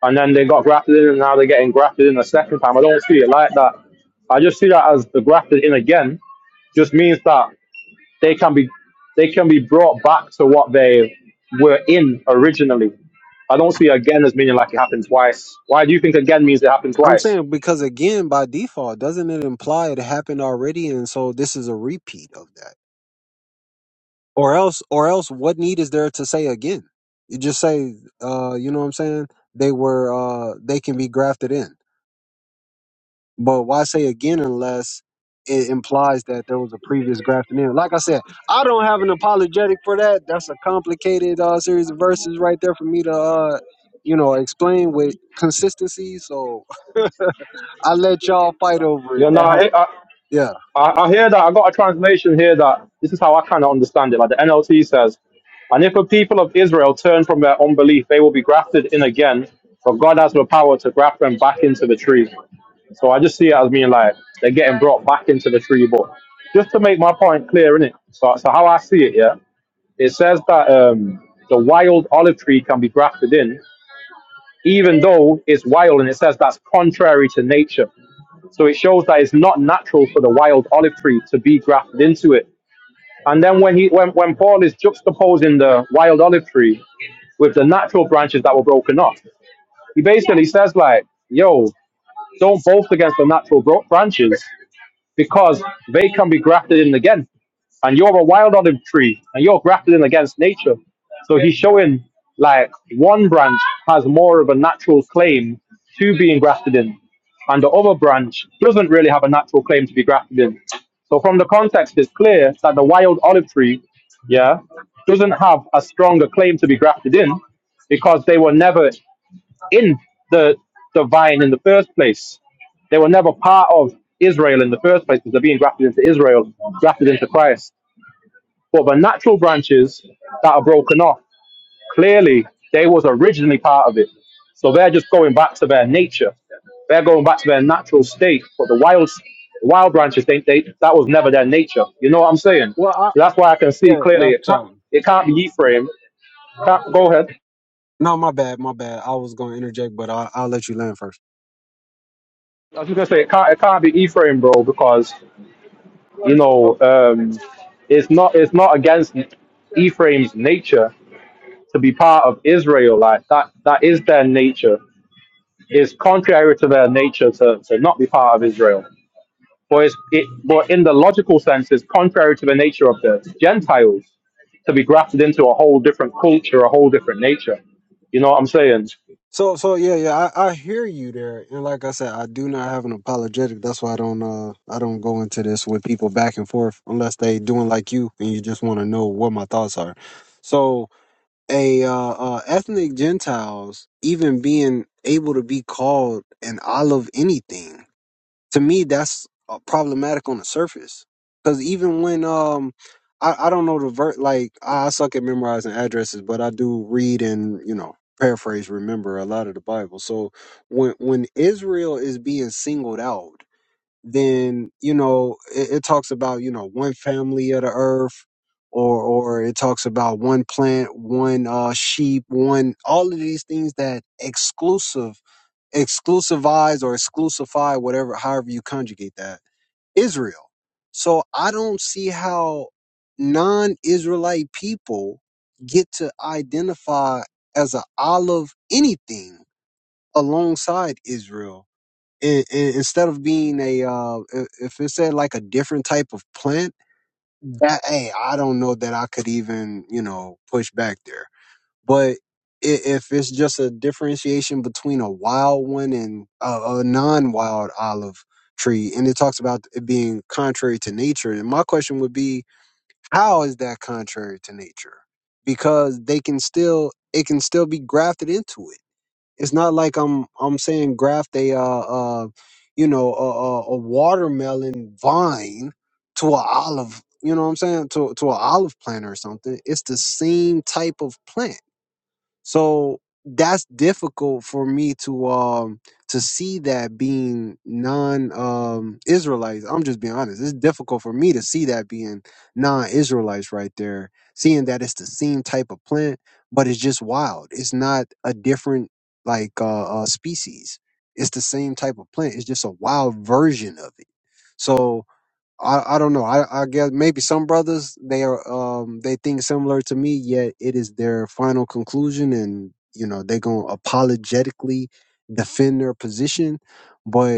J: and then they got grafted in and now they're getting grafted in a second time. I don't see it like that. I just see that as the grafted in again just means that they can be they can be brought back to what they were in originally. I don't see again as meaning like it happened twice. Why do you think again means it happened
B: I'm
J: twice?
B: saying because again, by default, doesn't it imply it happened already, and so this is a repeat of that? Or else, or else, what need is there to say again? You just say, uh, you know what I'm saying? They were, uh, they can be grafted in. But why say again unless it implies that there was a previous grafting in? Like I said, I don't have an apologetic for that. That's a complicated uh, series of verses right there for me to, uh, you know, explain with consistency. So I let y'all fight over
J: You
B: it.
J: know, no,
B: That have,
J: I,
B: yeah.
J: I, I hear that. I got a translation here that this is how I kind of understand it. Like the NLT says, and if the people of Israel turn from their unbelief, they will be grafted in again, for God has the power to graft them back into the tree. So I just see it as being like they're getting brought back into the tree. But just to make my point clear, innit? So, so how I see it, yeah, it says that um, the wild olive tree can be grafted in, even though it's wild, and it says that's contrary to nature. So it shows that it's not natural for the wild olive tree to be grafted into it. And then when he when, when Paul is juxtaposing the wild olive tree with the natural branches that were broken off, he basically says like, yo, don't boast against the natural bro- branches because they can be grafted in again. And you're a wild olive tree and you're grafted in against nature. So he's showing like one branch has more of a natural claim to being grafted in, and the other branch doesn't really have a natural claim to be grafted in. So from the context, it's clear that the wild olive tree, yeah, doesn't have a stronger claim to be grafted in because they were never in the the vine in the first place. They were never part of Israel in the first place because they're being grafted into Israel, grafted into Christ. But the natural branches that are broken off, clearly they was originally part of it. So they're just going back to their nature. They're going back to their natural state. But the wild wild branches, they, they that was never their nature. You know what I'm saying?
B: Well, I,
J: So that's why I can see
B: yeah,
J: clearly it
B: that's
J: can't
B: um.
J: it can't be Ephraim. Can't, go ahead.
B: No, my bad, my bad. I was gonna interject, but I, I'll let you land first.
J: I was just gonna say it can't it can't be Ephraim, bro, because You know, um, it's not it's not against Ephraim's nature to be part of Israel. Like that that is their nature. It's contrary to their nature to, to not be part of Israel. But it's, it but in the logical sense, it's contrary to the nature of the Gentiles to be grafted into a whole different culture, a whole different nature. You know what I'm saying?
B: So so yeah yeah I, I hear you there and like I said I do not have an apologetic that's why I don't uh I don't go into this with people back and forth unless they doing like you and you just want to know what my thoughts are. So a uh, uh ethnic Gentiles even being able to be called an olive anything to me that's uh, problematic on the surface because even when um I, I don't know the ver like I I suck at memorizing addresses but i do read and you know paraphrase remember a lot of the bible so when when israel is being singled out then you know it, it talks about you know one family of the earth or or it talks about one plant one uh sheep one all of these things that exclusive exclusivize or exclusify whatever however you conjugate that israel so i don't see how non-israelite people get to identify as an olive anything alongside israel and, and instead of being a uh i- if it said like a different type of plant that hey i don't know that i could even you know push back there but i- if it's just a differentiation between a wild one and a, a non-wild olive tree, and it talks about it being contrary to nature, and my question would be, how is that contrary to nature? Because they can still, it can still be grafted into it. It's not like I'm, I'm saying graft a, uh, uh, you know, a, a, a watermelon vine to an olive. You know what I'm saying? To to an olive plant or something. It's the same type of plant so that's difficult for me to um to see that being non um Israelites. I'm just being honest. It's difficult for me to see that being non Israelites right there. Seeing that it's the same type of plant, but it's just wild. It's not a different like uh, uh species. It's the same type of plant. It's just a wild version of it. So I, I don't know. I, I guess maybe some brothers they are um they think similar to me, yet it is their final conclusion, and you know they're gonna apologetically defend their position. But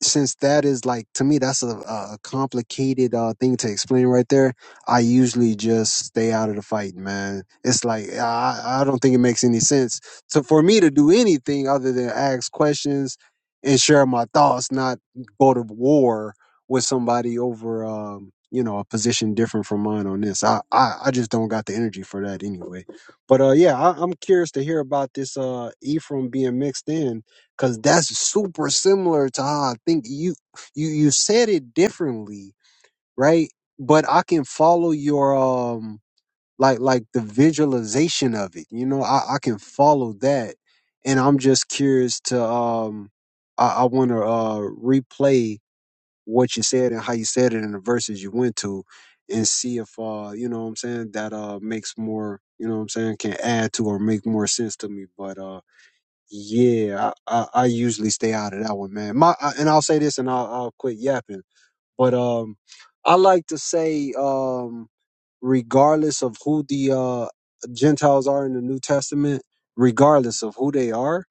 B: since that is like to me that's a, a complicated uh thing to explain right there i usually just stay out of the fight man it's like i i don't think it makes any sense to for me to do anything other than ask questions and share my thoughts not go to war with somebody over um you know a position different from mine on this i i, I just don't got the energy for that anyway but uh yeah I, i'm curious to hear about this uh ephraim being mixed in Cause that's super similar to how I think you you you said it differently, right? But I can follow your um like like the visualization of it. You know, I, I can follow that. And I'm just curious to um I, I wanna uh replay what you said and how you said it and the verses you went to and see if uh you know what I'm saying that uh makes more you know what I'm saying can add to or make more sense to me. But uh. Yeah, I, I, I usually stay out of that one, man. My I, and I'll say this, and I'll, I'll quit yapping. But um, I like to say um, regardless of who the uh, Gentiles are in the New Testament, regardless of who they are,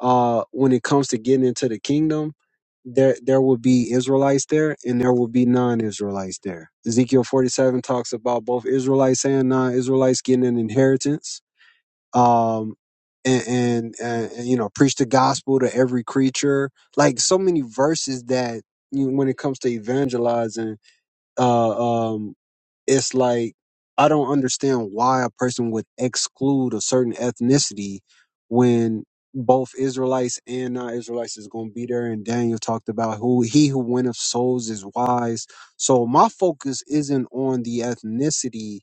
B: uh, when it comes to getting into the kingdom, there there will be Israelites there and there will be non-Israelites there. Ezekiel 47 talks about both Israelites and non-Israelites getting an inheritance um and, and and and, you know preach the gospel to every creature like so many verses that you know, when it comes to evangelizing uh um it's like i don't understand why a person would exclude a certain ethnicity when both israelites and non-israelites is going to be there and daniel talked about who he who winneth souls is wise so my focus isn't on the ethnicity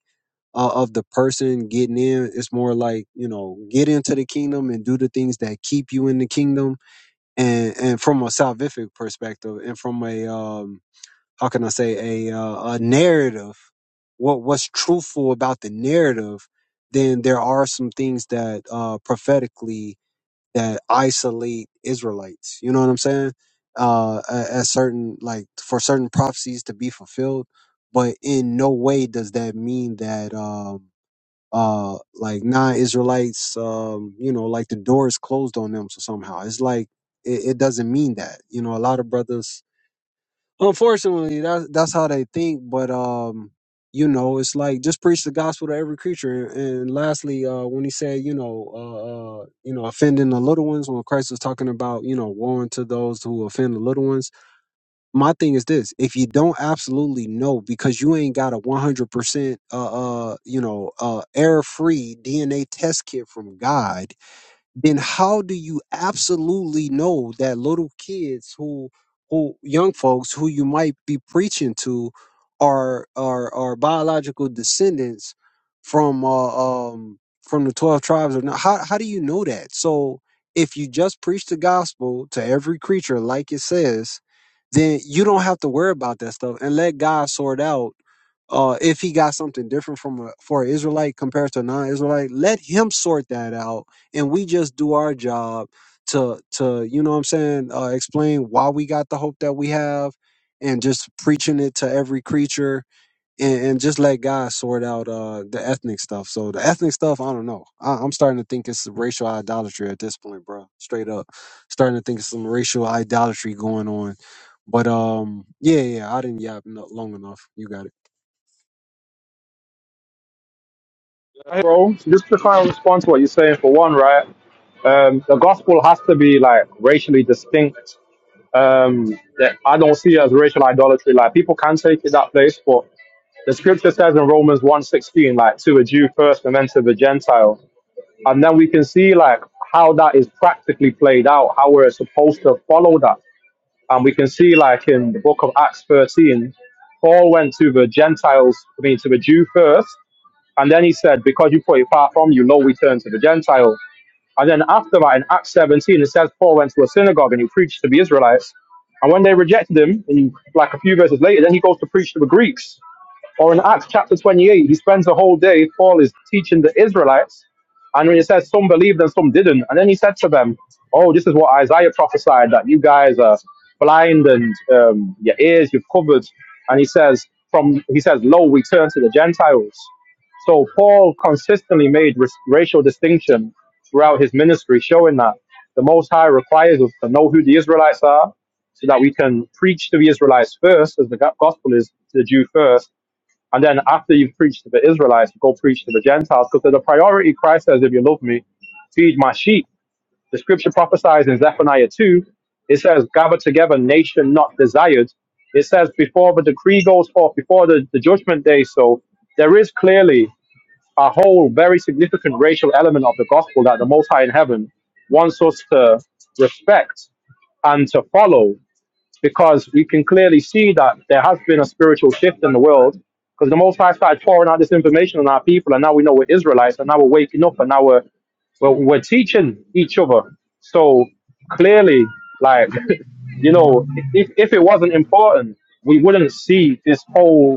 B: uh, of the person getting in. It's more like you know, get into the kingdom and do the things that keep you in the kingdom, and and from a salvific perspective, and from a um, how can I say a uh, a narrative, what what's truthful about the narrative, then there are some things that uh, prophetically that isolate Israelites. You know what I'm saying? Uh, a- as certain like for certain prophecies to be fulfilled, but in no way does that mean that um, uh like non-israelites um you know like the door is closed on them so somehow it's like it, it doesn't mean that you know a lot of brothers unfortunately that's that's how they think but um you know it's like just preach the gospel to every creature and, and lastly uh when he said you know uh, uh you know offending the little ones when christ was talking about you know warning to those who offend the little ones my thing is this if you don't absolutely know because you ain't got a 100% uh, uh you know uh error free dna test kit from god then how do you absolutely know that little kids who who young folks who you might be preaching to are are are biological descendants from uh, um from the 12 tribes or not how how do you know that so if you just preach the gospel to every creature like it says then you don't have to worry about that stuff and let God sort out uh if he got something different from a for an Israelite compared to a non-Israelite let him sort that out and we just do our job to to you know what i'm saying uh, explain why we got the hope that we have and just preaching it to every creature and, and just let god sort out uh the ethnic stuff so the ethnic stuff i don't know I, i'm starting to think it's racial idolatry at this point bro straight up starting to think it's some racial idolatry going on but um yeah yeah i didn't yap no- long enough you got it
J: Bro, just to kind of respond to what you're saying for one, right? Um, the gospel has to be like racially distinct um, that I don't see as racial idolatry. Like people can take it that place, but the scripture says in Romans one sixteen, like to a Jew first and then to the Gentile. And then we can see like how that is practically played out, how we're supposed to follow that. And we can see like in the book of Acts 13, Paul went to the Gentiles, I mean to the Jew first, and then he said, Because you put it far from you, lo, we turn to the Gentile. And then after that, in Acts 17, it says Paul went to a synagogue and he preached to the Israelites. And when they rejected him, in like a few verses later, then he goes to preach to the Greeks. Or in Acts chapter 28, he spends the whole day, Paul is teaching the Israelites. And when he says some believed and some didn't, and then he said to them, Oh, this is what Isaiah prophesied that you guys are blind and um, your ears you've covered. And he says, from he says, Lo, we turn to the Gentiles. So Paul consistently made ris- racial distinction throughout his ministry, showing that the Most High requires us to know who the Israelites are, so that we can preach to the Israelites first, as the go- gospel is to the Jew first, and then after you've preached to the Israelites, you go preach to the Gentiles because there's a priority. Christ says, if you love me, feed my sheep. The scripture prophesies in Zephaniah 2, it says, gather together nation not desired. It says, before the decree goes forth, before the, the judgment day. So there is clearly a whole very significant racial element of the gospel that the Most High in heaven wants us to respect and to follow because we can clearly see that there has been a spiritual shift in the world because the Most High started pouring out this information on our people, and now we know we're Israelites, and now we're waking up, and now we're we're, we're teaching each other. So clearly, like you know, if if it wasn't important, we wouldn't see this whole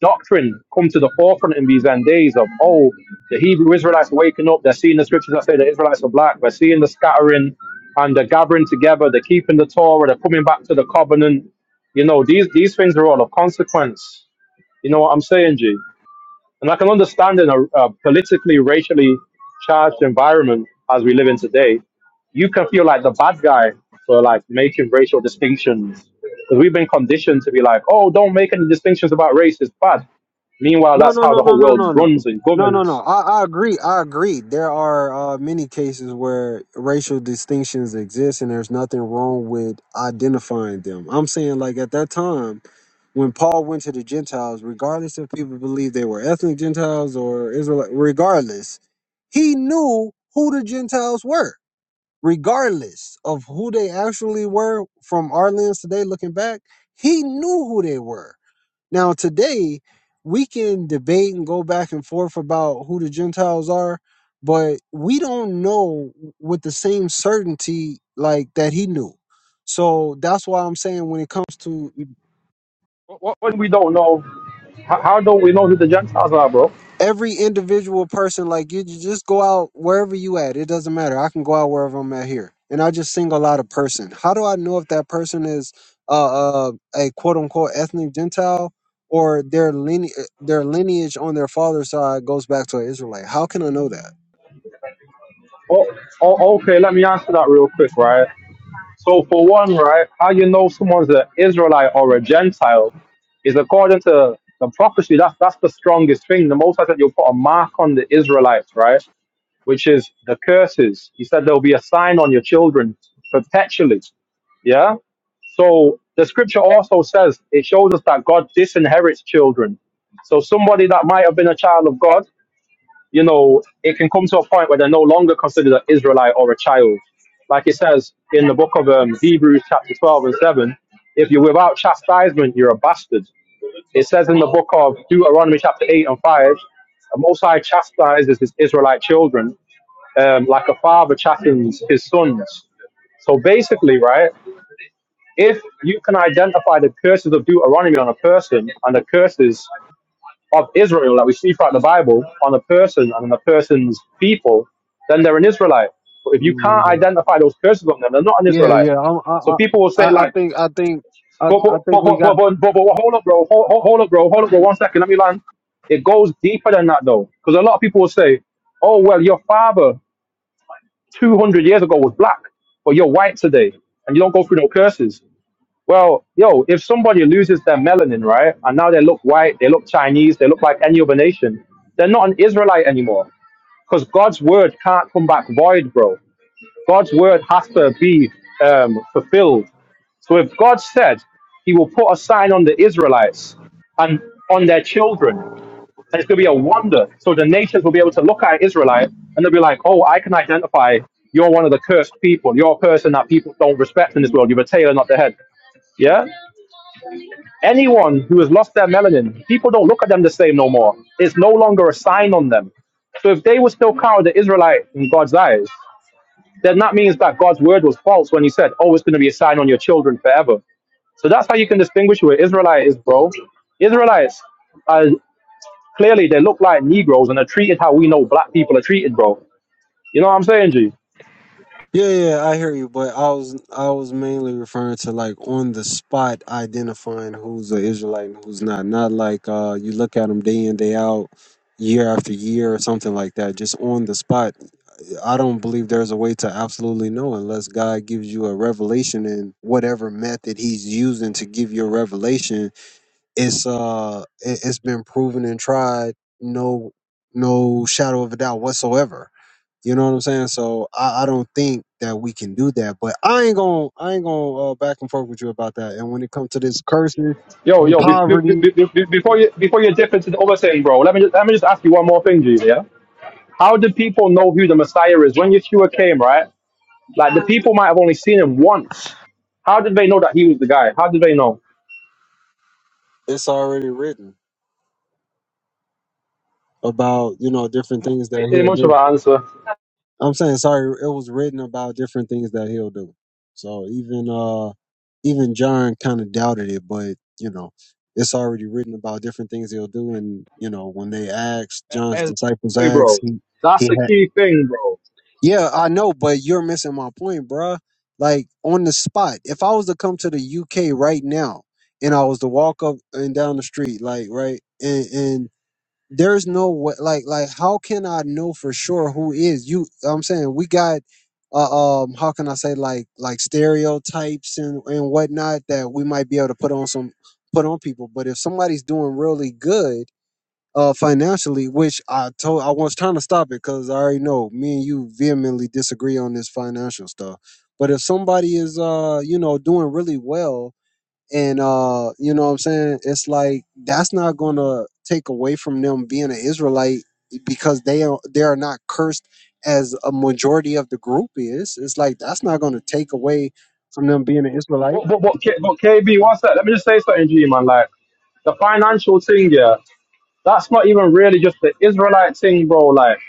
J: doctrine come to the forefront in these end days of oh the Hebrew Israelites are waking up they're seeing the scriptures that say the Israelites are black they're seeing the scattering and they're gathering together they're keeping the Torah they're coming back to the covenant you know these these things are all of consequence you know what I'm saying G and I can understand in a, a politically racially charged environment as we live in today you can feel like the bad guy for like making racial distinctions because we've been conditioned to be like, oh, don't make any distinctions about race. It's bad. Meanwhile,
B: No,
J: that's
B: no,
J: how
B: no,
J: the
B: no,
J: whole
B: no,
J: world
B: no, no.
J: runs and
B: No, no, no.
J: governs.
B: I, I agree. I agree. There are uh, many cases where racial distinctions exist, and there's nothing wrong with identifying them. I'm saying, like, at that time, when Paul went to the Gentiles, regardless if people believe they were ethnic Gentiles or Israel, regardless, he knew who the Gentiles were, regardless of who they actually were from our lens today, looking back, he knew who they were. Now, today, we can debate and go back and forth about who the Gentiles are, but we don't know with the same certainty like that he knew. So that's why I'm saying when it comes to
J: What, when we don't know, how, how don't we know who the Gentiles are, bro?
B: every individual person like you, you just go out wherever you at it doesn't matter i can go out wherever i'm at here and i just single out a person how do i know if that person is uh, uh a quote unquote ethnic gentile or their line- their lineage on their father's side goes back to an israelite how can i know that
J: Oh, oh, okay, let me answer that real quick, right? So, for one, right, how you know someone's an Israelite or a Gentile is according to the prophecy. That's that's the strongest thing. The Most High said you'll put a mark on the Israelites, right? which is the curses. He said there'll be a sign on your children perpetually. Yeah. So the scripture also says it shows us that God disinherits children. So somebody that might have been a child of God, you know, it can come to a point where they're no longer considered an Israelite or a child. Like it says in the book of um, Hebrews, chapter 12 and 7, if you're without chastisement, you're a bastard. It says in the book of Deuteronomy, chapter 8 and 5, the Most High chastises his Israelite children um, like a father chattens his sons. So basically, right, if you can identify the curses of Deuteronomy on a person and the curses of Israel that we see throughout the Bible on a person and on a person's people, then they're an Israelite. But if you can't
B: Mm,
J: identify those curses on them, they're not an
B: yeah
J: Israelite.
B: yeah I'm- i
J: So
B: i
J: people will say
B: i I
J: like,
B: think i think I,
J: but
B: I
J: but
B: think
J: but
B: we
J: but
B: got
J: but but, but, but hold up, bro, hold, hold hold up, bro, hold up, bro, one second, let me land. It goes deeper than that though, because a lot of people will say, oh well, your father. 200 years ago was black, but you're white today and you don't go through no curses. Well, yo, if somebody loses their melanin, right, and now they look white, they look Chinese, they look like any other nation, they're not an Israelite anymore because God's word can't come back void, bro. God's word has to be um, fulfilled. So if God said he will put a sign on the Israelites and on their children, and it's going to be a wonder. So the nations will be able to look at Israelite and they'll be like, oh, I can identify you're one of the cursed people. You're a person that people don't respect in this world. You're a tail, not the head. Yeah? Anyone who has lost their melanin, people don't look at them the same no more. It's no longer a sign on them. So if they were still counted the Israelite in God's eyes, then that means that God's word was false when he said, oh, it's going to be a sign on your children forever. So that's how you can distinguish who an Israelite is, bro. Israelites are. Clearly, they look like Negroes and are treated how we know black people are treated, bro. You know what I'm saying, G?
B: Yeah, yeah, yeah, I hear you, but I was I was mainly referring to like on the spot identifying who's an Israelite and who's not. Not like uh you look at them day in day out, year after year or something like that. Just on the spot. I don't believe there's a way to absolutely know unless God gives you a revelation and whatever method He's using to give you a revelation. It's uh it, it's been proven and tried. No, no shadow of a doubt whatsoever you know what I'm saying? So I, I don't think that we can do that. But I ain't gonna I ain't gonna uh, back and forth with you about that. And when it comes to this curses
J: Yo,
B: and
J: yo, be, be, be,
B: poverty,
J: be- before you before you dip into the other thing, bro, let me just, let me just ask you one more thing, G. Yeah. How do people know who the Messiah is when Yeshua came, right? Like the people might have only seen him once. How did they know that he was the guy? How did they know?
B: it's already written about you know different things that
J: Ain't
B: he'll
J: much of
B: do.
J: an answer,
B: I'm saying sorry, it was written about different things that he'll do. So even uh even John kind of doubted it, but you know it's already written about different things he'll do. And you know when they asked John's disciples
J: hey, bro.
B: asked he
J: That's
B: he
J: the
B: had
J: key thing, bro.
B: Yeah, I know, but you're missing my point, bruh. Like on the spot, if I was to come to the UK right now and I was to walk up and down the street, like right, and and there's no way, like like how can I know for sure who is you? I'm saying we got, uh, um, how can I say like like stereotypes and and whatnot that we might be able to put on some put on people, but if somebody's doing really good uh, financially, which I told I was trying to stop it because I already know me and you vehemently disagree on this financial stuff. But if somebody is uh, you know, doing really well and uh, you know what I'm saying, it's like that's not gonna take away from them being an Israelite because they are they are not cursed as a majority of the group is. It's like that's not gonna take away from them being an Israelite.
J: But, but, but, K- but KB, what's that? Let me just say something, G, man. Like the financial thing, yeah. That's not even really just the Israelite thing, bro. Like,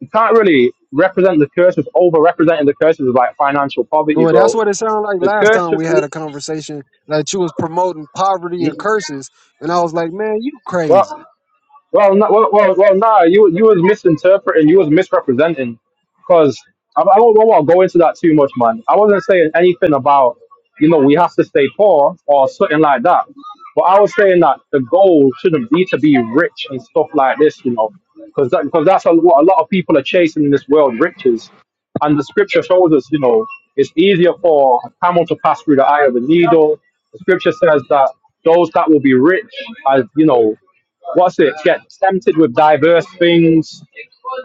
J: you can't really represent the curse with over representing the curses of like financial poverty,
B: Well, that's
J: bro.
B: what it sounded like
J: The
B: last
J: curse
B: time
J: should
B: we had a conversation that you was promoting poverty and
J: be
B: curses, and I was like, "Man, you
J: what?
B: crazy."
J: Well, no, well, well, well, nah. You you was misinterpreting. You was misrepresenting. Cause I, I don't, want to go into that too much, man. I wasn't saying anything about you know we have to stay poor or something like that. But I was saying that the goal shouldn't be to be rich and stuff like this, you know, because that, because that's a, what a lot of people are chasing in this world, riches. And the scripture shows us, you know, it's easier for a camel to pass through the eye of a needle. The scripture says that those that will be rich, as you know, what's it? Get tempted with diverse things,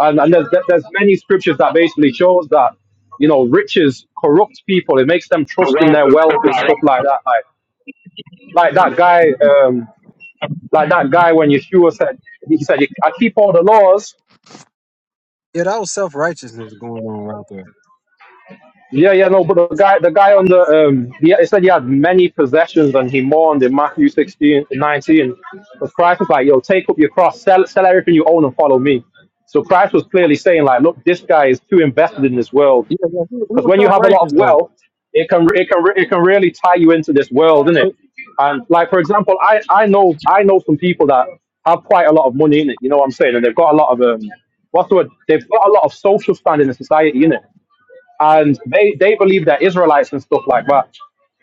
J: and and there's there's many scriptures that basically shows that you know riches corrupt people. It makes them
B: The
J: trust in
B: wealth
J: their
B: of
J: wealth
B: stuff
J: and
B: like that.
J: stuff like that. Like like that guy, um, like that guy when Yeshua said he said I keep all the laws,
B: Yeah, that was self righteousness going on right there.
J: Yeah, yeah, no, but the guy, the guy on the, um, he, he said he had many possessions and he mourned in Matthew sixteen nineteen. 19. But Christ was like, yo, take up your cross, sell, sell everything you own and follow me. So Christ was clearly saying like, look, this guy is too invested in this world.
B: Yeah, yeah, he, he
J: Because
B: was
J: when you
B: self
J: have a lot of
B: righteous though.
J: wealth, it can, it can, it can really tie you into this world, innit? And like, for example, I, I know, I know some people that have quite a lot of money in it. You know what I'm saying? And they've got a lot of, um, what's the word? They've got a lot of social standing in society, innit? and they they believe they're Israelites and stuff like that.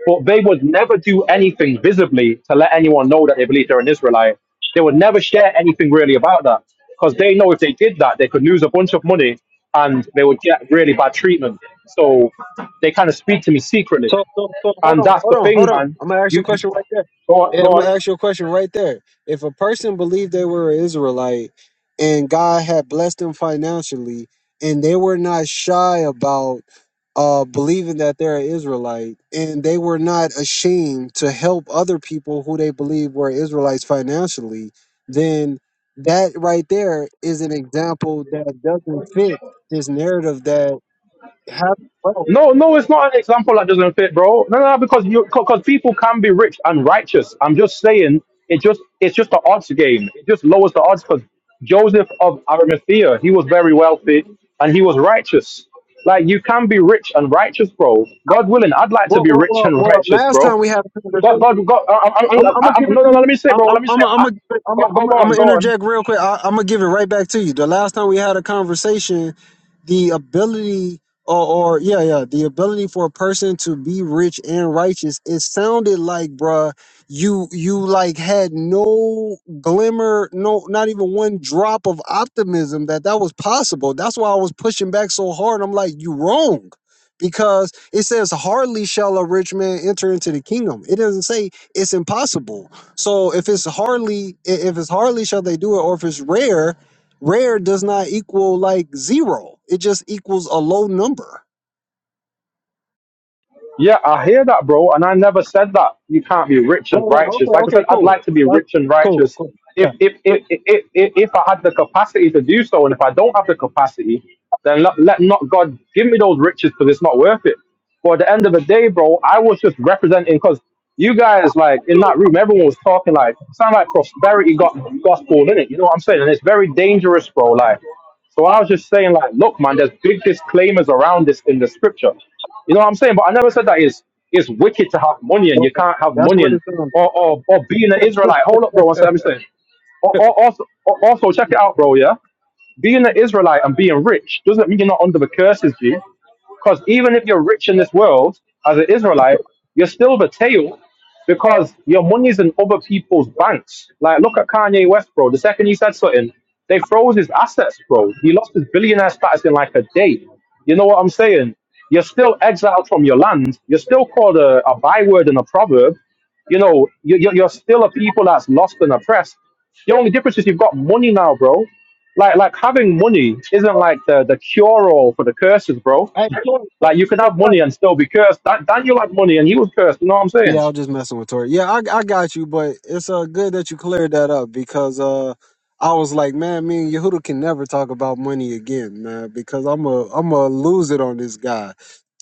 J: But they would never do anything visibly to let anyone know that they believe they're an Israelite. They would never share anything really about that because they know if they did that, they could lose a bunch of money and they would get really bad treatment. So they kind of speak to me secretly,
B: So, so, so hold
J: and
B: on,
J: that's
B: hold
J: the
B: on,
J: thing,
B: hold on.
J: man.
B: I'm gonna ask you
J: You
B: a question right there.
J: go on,
B: Yeah,
J: go
B: I'm gonna
J: on.
B: ask you a question right there. If a person believed they were an Israelite and God had blessed them financially, and they were not shy about uh, believing that they're an Israelite, and they were not ashamed to help other people who they believe were Israelites financially, then that right there is an example that doesn't fit this narrative that happened.
J: No, no, it's not an example that doesn't fit, bro. No, no, no, because you because people can be rich and righteous. I'm just saying it just it's just the odds game. It just lowers the odds because Joseph of Arimathea, he was very wealthy and he was righteous. Like you can be rich and righteous, bro. God willing, I'd like to
B: Well,
J: be
B: well,
J: rich
B: well,
J: and
B: well,
J: righteous,
B: last time
J: bro.
B: we had a
J: God,
B: conversation,
J: God, God. I, I, I,
B: I'm,
J: I,
B: I'm gonna
J: I-
B: give it
J: no, no,
B: to
J: no. Let
B: you.
J: me say,
B: I'm,
J: bro.
B: I'm,
J: Let me
B: I'm, I'm,
J: say.
B: gonna- I'm,
J: I,
B: gonna-
J: go,
B: I'm,
J: go,
B: gonna-
J: go
B: I'm
J: on,
B: gonna
J: go on.
B: interject real quick. I, I'm gonna give it right back to you. The last time we had a conversation, the ability, or, or yeah, yeah, the ability for a person to be rich and righteous. It sounded like, bruh, you, you like had no glimmer, no, not even one drop of optimism that that was possible. That's why I was pushing back so hard. I'm like, you wrong, because it says, "Hardly shall a rich man enter into the kingdom." It doesn't say it's impossible. So if it's hardly i- if it's hardly shall they do it, or if it's rare, rare does not equal like zero. It just equals a low number.
J: Yeah, I hear that, bro. And I never said that you can't be rich and righteous. Like I said, I'd like to be rich and righteous if if if if, if, if I had the capacity to do so. And if I don't have the capacity, then let, let not God give me those riches because it's not worth it. But at the end of the day, bro, I was just representing because you guys, like in that room, everyone was talking like sound like prosperity got gospel in it. You know what I'm saying? And it's very dangerous, bro. Like. So I was just saying, like, look, man, there's big disclaimers around this in the scripture. You know what I'm saying? But I never said that is it's it's wicked to have money and
B: Well,
J: you can't have
B: that's
J: money
B: what
J: and
B: it sounds.
J: or or, or being an Israelite. Hold up, bro. One second. I'm saying. Also, also, check it out, bro. Yeah. Being an Israelite and being rich doesn't mean you're not under the curses, G. Because even if you're rich in this world as an Israelite, you're still the tail because your money's in other people's banks. Like, look at Kanye West, bro. The second he said something, they froze his assets, bro. He lost his billionaire status in like a day. You know what I'm saying? You're still exiled from your land. You're still called a, a byword and a proverb. You know, you- you're, you're still a people that's lost and oppressed. The only difference is you've got money now, bro. Like like having money isn't like the, the cure all for the curses, bro.
B: Hey,
J: Like you can have
B: Tori,
J: money and still be cursed. Dan, Daniel had money and he was cursed. You know what I'm saying?
B: Yeah, I was just messing with Tori. Yeah, I I got you, but it's uh good that you cleared that up because uh I was like, man, me and Yehuda can never talk about money again, man, because I'm a I'm a lose it on this guy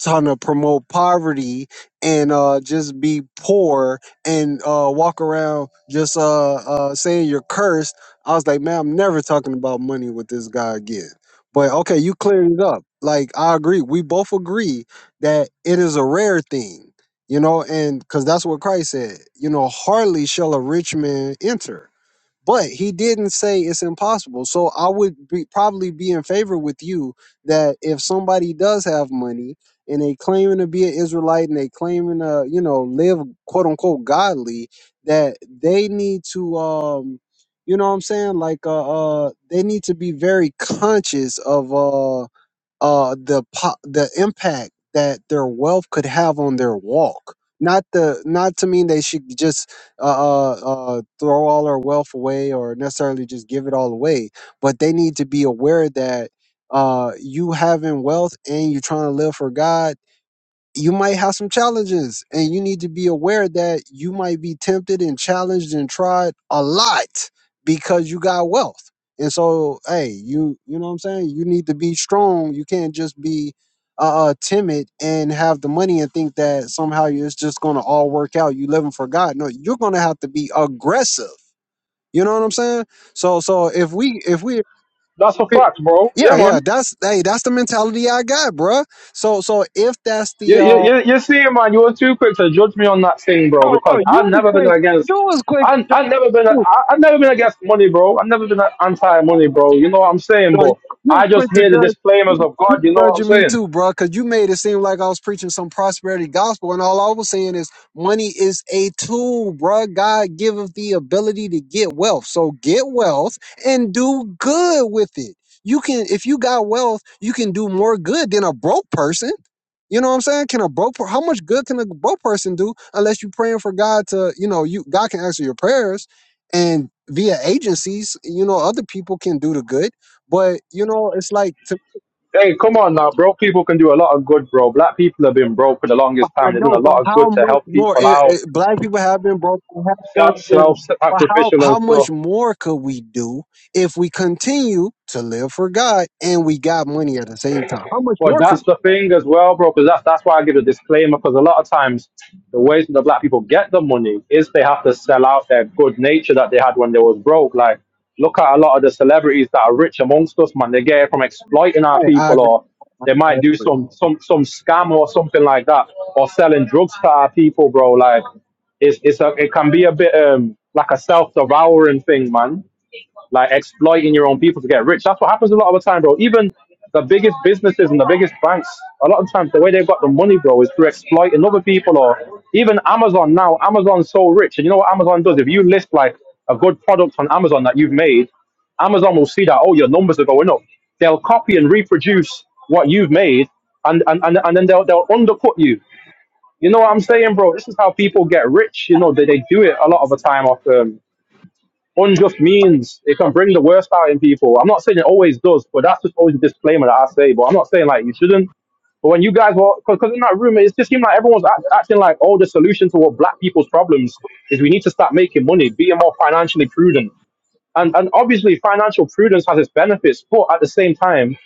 B: trying to promote poverty and uh just be poor and uh walk around just uh uh saying you're cursed. I was like, man, I'm never talking about money with this guy again. But okay, you cleared it up. Like I agree. We both agree that it is a rare thing you know, and because that's what Christ said, you know, hardly shall a rich man enter. But he didn't say it's impossible. So I would be, probably be in favor with you that if somebody does have money and they claiming to be an Israelite and they claiming to, you know, live quote unquote godly, that they need to, um, you know what I'm saying? Like, uh, uh, they need to be very conscious of, uh, uh, the po- the impact that their wealth could have on their walk. Not the not to mean they should just uh, uh, uh, throw all their wealth away or necessarily just give it all away, but they need to be aware that uh, you having wealth and you trying to live for God you might have some challenges and you need to be aware that you might be tempted and challenged and tried a lot because you got wealth. And so, hey, you you know what I'm saying? You need to be strong. You can't just be uh, uh timid and have the money and think that somehow it's just going to all work out. You living for God. No, you're going to have to be aggressive. You know what I'm saying? So so if we if we
J: That's a fact, bro. Yeah,
B: yeah, yeah,
J: man.
B: that's hey, that's the mentality I got, bruh. So so if that's
J: You
B: the
J: you
B: uh
J: you, you see, man. You were too quick to judge me on that thing, bro.
B: No, no,
J: Because I've
B: you was
J: never been
B: quick.
J: against.
B: You was
J: I
B: quick.
J: I never been I I, I've never been against money, bro. I've never been anti money, bro. You know what I'm saying,
B: No, you
J: but
B: you
J: I just
B: quick to
J: hear the
B: judge.
J: disclaimers
B: You
J: of
B: you
J: God. You know what I'm
B: judging me
J: saying?
B: too, bro, because you made it seem like I was preaching some prosperity gospel, and all I was saying is money is a tool, bro. God giveth the ability to get wealth, so get wealth and do good with it. You can, if you got wealth, you can do more good than a broke person. You know what I'm saying? Can a broke, per- how much good can a broke person do unless you're praying for God to, you know, you God can answer your prayers, and via agencies, you know, other people can do the good but you know, it's like to,
J: Hey, come on now, bro. People can do a lot of good, bro. Black people have been broke for the longest
B: I
J: time. They've done a
B: know, but
J: lot of
B: how
J: good to
B: much
J: help
B: more?
J: people
B: It,
J: out
B: it, black people have been broken, have done good,
J: self
B: but how
J: sacrificial and
B: how
J: stuff.
B: much more could we do if we continue to live for God and we got money at the same time? How much
J: But
B: more could
J: that's the thing as well, bro. Because that's that's why I give a disclaimer. Because a lot of times, the ways that the black people get the money is they have to sell out their good nature that they had when they was broke. Like, look at a lot of the celebrities that are rich amongst us, man. They get it from exploiting our
B: we? I, I
J: people,
B: agree.
J: or they
B: I
J: might do
B: agree.
J: some some some scam or something like that, or selling drugs to our people, bro. Like, it's it's a it can be a bit um like a self devouring thing, man like exploiting your own people to get rich. That's what happens a lot of the time, bro. Even the biggest businesses and the biggest banks, a lot of times the way they've got the money, bro, is through exploiting other people or even Amazon now. Amazon's so rich. And you know what Amazon does? If you list like a good product on Amazon that you've made, Amazon will see that, oh, your numbers are going up. They'll copy and reproduce what you've made and, and, and, and then they'll, they'll undercut you. You know what I'm saying, bro? This is how people get rich. You know, they, they do it a lot of the time off. Um, unjust means it can bring the worst out in people. I'm not saying it always does, but that's just always a disclaimer that I say. But I'm not saying like you shouldn't. But when you guys were, because in that room, it just seemed like everyone's act, acting like all the solution to what black people's problems is we need to start making money, being more financially prudent. And, and obviously, financial prudence has its benefits, but at the same time,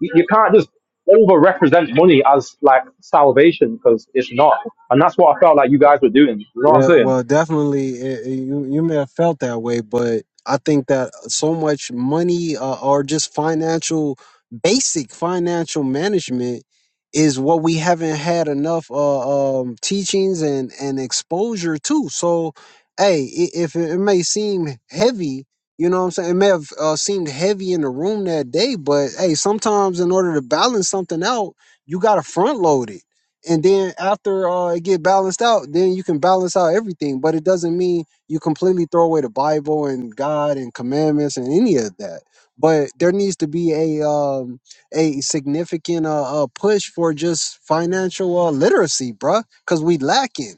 J: you, you can't just over represent money as like salvation because it's not. And that's what I felt like you guys were doing. You know what I'm
B: Yeah,
J: saying?
B: well, definitely, it, it- you you may have felt that way, but I think that so much money uh, or just financial, basic financial management is what we haven't had enough uh, um, teachings and and exposure to. So, hey, i- if it, it may seem heavy, you know what I'm saying? It may have uh, seemed heavy in the room that day, but hey, sometimes in order to balance something out, you got to front load it and then after uh, it get balanced out, then you can balance out everything. But it doesn't mean you completely throw away the Bible and God and commandments and any of that. But there needs to be a um, a significant uh, uh, push for just financial uh, literacy, bruh, because we lacking.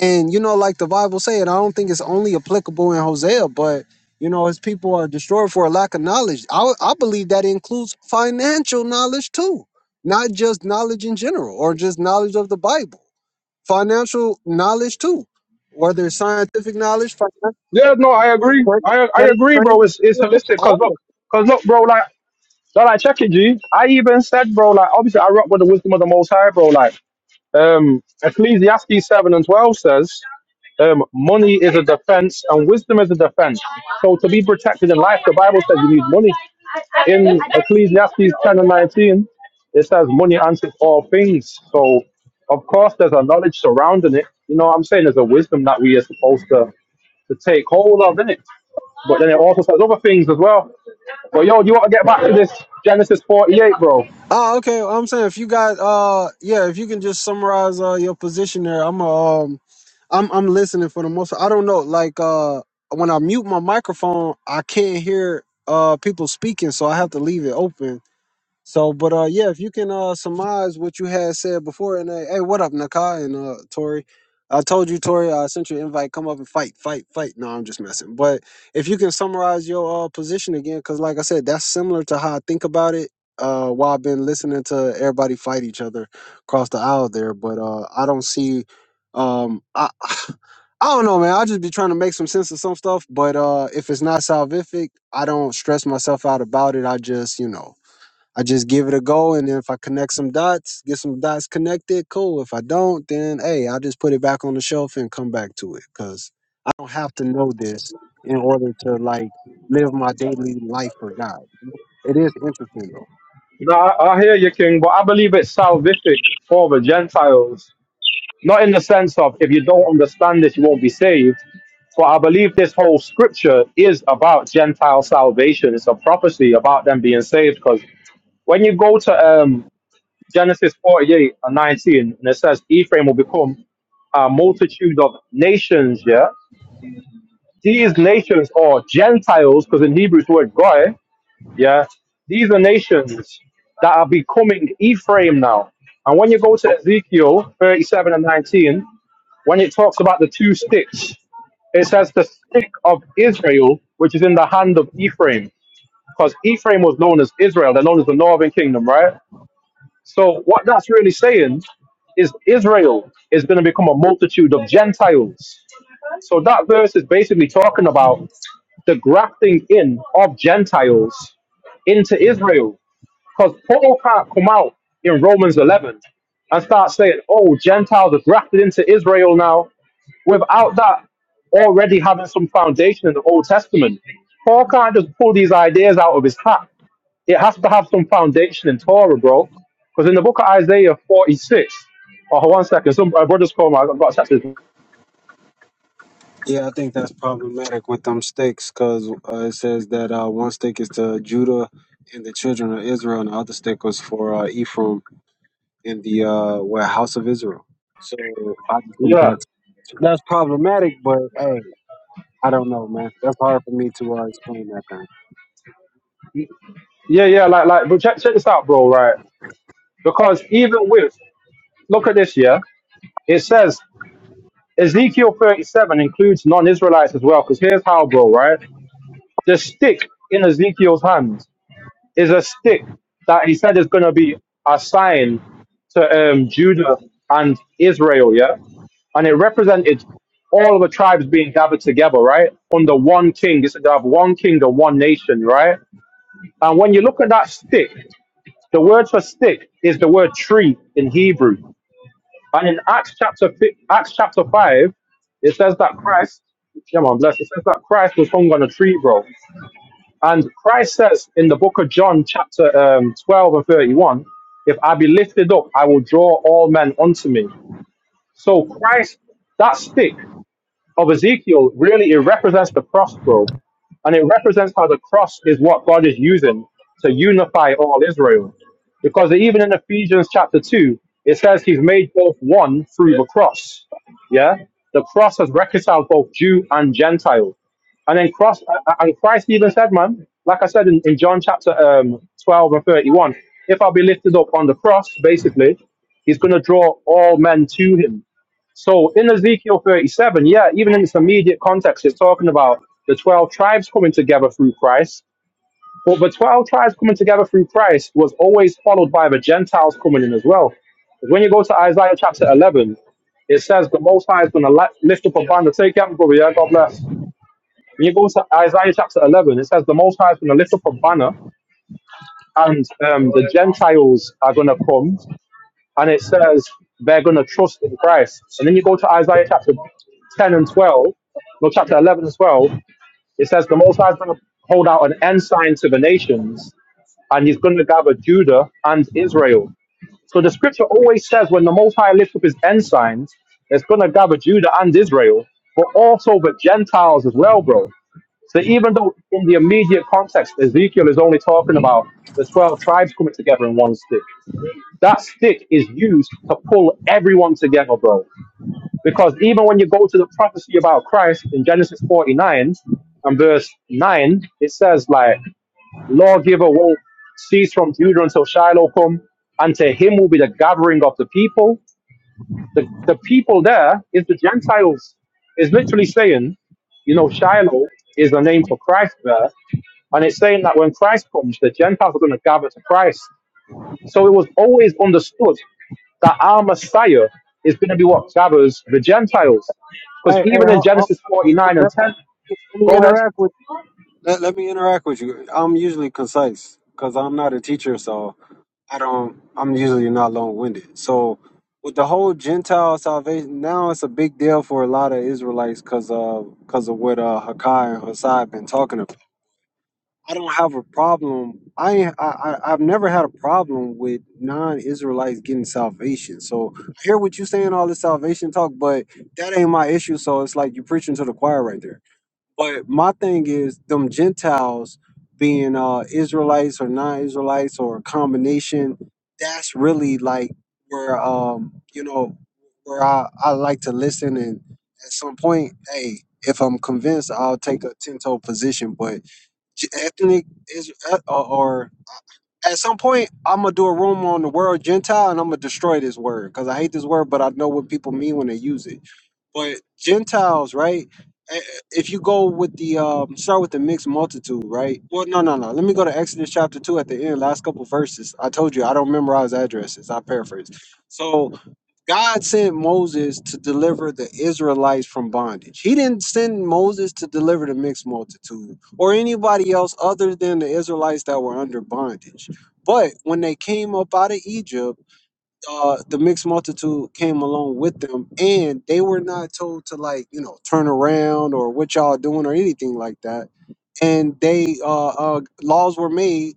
B: And you know, like the Bible say, and I don't think it's only applicable in Hosea, but you know, his people are destroyed for a lack of knowledge. I, I believe that includes financial knowledge too not just knowledge in general or just knowledge of the Bible, financial knowledge too, whether it's scientific knowledge, financial,
J: Yeah, no, I agree.
B: trade,
J: I I
B: trade,
J: agree,
B: trade
J: bro. It's it's
B: skills,
J: holistic. Cause
B: all of
J: look,
B: it.
J: cause look, bro. Like, so like, check it, G. I even said, bro. Like, obviously, I rock with the wisdom of the Most High, bro. Like, um, Ecclesiastes seven and twelve says, um, money is a defense and wisdom is a defense. So to be protected in life, the Bible says you need money. In Ecclesiastes ten and nineteen, it says money answers all things. So of course, there's a knowledge surrounding it. You know what I'm saying? There's a wisdom that we are supposed to to take hold of, innit? But then it also says other things as well. But yo, you want to get back to this Genesis 48, bro?
B: Oh, okay. I'm saying if you got, uh, yeah, if you can just summarize uh, your position there, I'm, uh, um, I'm, I'm listening for the most. I don't know, like, uh, when I mute my microphone, I can't hear uh people speaking, so I have to leave it open So, but uh, yeah, if you can uh surmise what you had said before, and uh, hey, what up, Nakai and uh Tori? I told you, Tori, I sent you an invite. Come up and fight, fight, fight. No, I'm just messing. But if you can summarize your uh position again, because like I said, that's similar to how I think about it. Uh, while I've been listening to everybody fight each other across the aisle there, but uh, I don't see, um, I, I don't know, man. i just be trying to make some sense of some stuff. But uh, if it's not salvific, I don't stress myself out about it. I just, you know I just give it a go, and then if I connect some dots, get some dots connected, cool. If I don't, then hey, I'll just put it back on the shelf and come back to it because I don't have to know this in order to like live my daily life for God. It is interesting though.
J: Nah, I, I hear you, King, but I believe it's salvific for the Gentiles. Not in the sense of if you don't understand this, you won't be saved. But I believe this whole scripture is about Gentile salvation. It's a prophecy about them being saved. Because when you go to um, Genesis 48 and 19, and it says Ephraim will become a multitude of nations, yeah? These nations are Gentiles, because in Hebrew it's the word goy. Yeah, these are nations that are becoming Ephraim now. And when you go to Ezekiel 37 and 19, when it talks about the two sticks, it says the stick of Israel, which is in the hand of Ephraim, because Ephraim was known as Israel. They're known as the northern kingdom, right? So what that's really saying is Israel is going to become a multitude of Gentiles. So that verse is basically talking about the grafting in of Gentiles into Israel. Because Paul can't come out in Romans 11 and start saying, oh, Gentiles are grafted into Israel now without that already having some foundation in the Old Testament. Paul can't just pull these ideas out of his hat. It has to have some foundation in Torah, bro. Because in the book of Isaiah 46, oh, one second, some uh, brother's calling. I've got to text this.
B: Yeah, I think that's problematic with them sticks because uh, it says that uh, one stick is to Judah and the children of Israel, and the other stick was for uh, Ephraim and the uh, what, house of Israel. So I just think
J: Yeah.
B: that's that's problematic, but hey. I don't know, man. That's hard for me to uh, explain that thing.
J: Yeah, yeah, like like but check check this out, bro, right? Because even with look at this, yeah, it says Ezekiel 37 includes non-Israelites as well. Because here's how, bro, right? The stick in Ezekiel's hands is a stick that he said is gonna be a sign to um Judah and Israel, yeah? and it represented all of the tribes being gathered together, right? Under one king. It's to have one king and one nation, right? And when you look at that stick, The word for stick is the word tree in Hebrew. And in Acts chapter fi- Acts chapter five, it says that Christ, yeah man, bless. It says that Christ was hung on a tree, bro. And Christ says in the book of John, chapter um, twelve and thirty-one, if I be lifted up, I will draw all men unto me. So Christ, that stick of Ezekiel, really it represents the cross, bro. And it represents how the cross is what God is using to unify all Israel. Because even in Ephesians chapter 2, it says he's made both one through the cross. Yeah? The cross has reconciled both Jew and Gentile. And then cross, uh, and Christ even said, man, like I said in, in John chapter um, 12 and 31, if I be lifted up on the cross, basically, he's going to draw all men to him so in Ezekiel 37, yeah, even in its immediate context, it's talking about the 12 tribes coming together through Christ. But the 12 tribes coming together through Christ was always followed by the Gentiles coming in as well. 'Cause When you go to Isaiah chapter 11, it says the Most High is going to lift up a banner. Take care, brother. Yeah, God bless. When you go to Isaiah chapter 11, it says the Most High is going to lift up a banner and um, the Gentiles are going to come and it says they're going to trust in Christ. And then you go to Isaiah chapter 10 and 12, no, chapter 11 and 12, it says the Most High is going to hold out an ensign to the nations, and he's going to gather Judah and Israel. So the scripture always says when the Most High lifts up his ensigns, it's going to gather Judah and Israel, but also the Gentiles as well, bro. So even though in the immediate context, Ezekiel is only talking about the 12 tribes coming together in one stick that stick is used to pull everyone together, bro. Because even when you go to the prophecy about Christ in Genesis 49 and verse 9, it says, like, lawgiver won't cease from Judah until Shiloh come, and to him will be the gathering of the people. The, the people there is the Gentiles. Is literally saying, you know, Shiloh is the name for Christ there. And it's saying that when Christ comes, the Gentiles are going to gather to Christ. So it was always understood that our Messiah is going to be what gathers the Gentiles. Because
B: Hey, hey,
J: even in
B: ho- ho-
J: Genesis 49 and
B: let,
J: 10,
B: me, let me
J: go ahead.
B: interact with let, let me interact with you. I'm usually concise because I'm not a teacher, so I don't. I'm usually not long winded. So with the whole Gentile salvation, now it's a big deal for a lot of Israelites because of because of what uh, Hakai and Hasai been talking about. I don't have a problem. I, I I- I've never had a problem with non-Israelites getting salvation. So I hear what you're saying, all this salvation talk, but that ain't my issue. So it's like you're preaching to the choir right there. But my thing is them Gentiles being uh Israelites or non-Israelites or a combination. That's really like where um you know where I I like to listen and at some point, hey, if I'm convinced, I'll take a ten-toe position, but J- Anthony is uh, or, or at some point I'm gonna do a room on the word Gentile and I'm gonna destroy this word because I hate this word, but I know what people mean when they use it. But Gentiles, right? Eh, eh, If you go with the um, start with the mixed multitude, right? Well, no, no, no. Let me go to Exodus chapter two at the end, last couple verses. I told you I don't memorize addresses. I paraphrase. So God sent Moses to deliver the Israelites from bondage. He didn't send Moses to deliver the mixed multitude or anybody else other than the Israelites that were under bondage. But when they came up out of Egypt, uh, the mixed multitude came along with them, and they were not told to like you know turn around or what y'all doing or anything like that. And they uh, uh, laws were made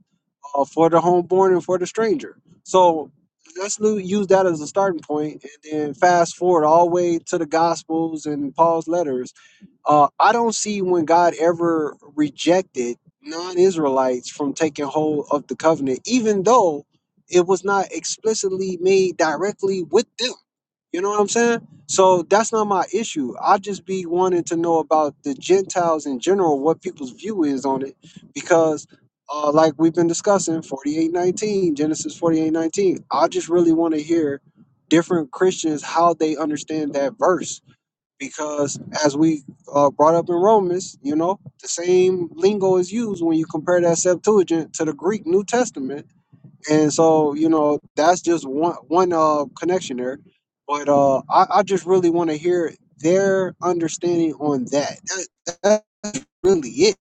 B: uh, for the homeborn and for the stranger. So let's lo- use that as a starting point and then fast forward all the way to the Gospels and Paul's letters uh, I don't see when God ever rejected non-Israelites from taking hold of the covenant, even though it was not explicitly made directly with them. You know what I'm saying? So that's not my issue. I just be wanting to know about the Gentiles in general, what people's view is on it, because uh, like we've been discussing, 4819, Genesis 4819. I just really want to hear different Christians how they understand that verse because as we uh, brought up in Romans, you know, the same lingo is used when you compare that Septuagint to the Greek New Testament, and so you know that's just one one uh, connection there. But uh, I, I just really want to hear their understanding on that. that that's really it.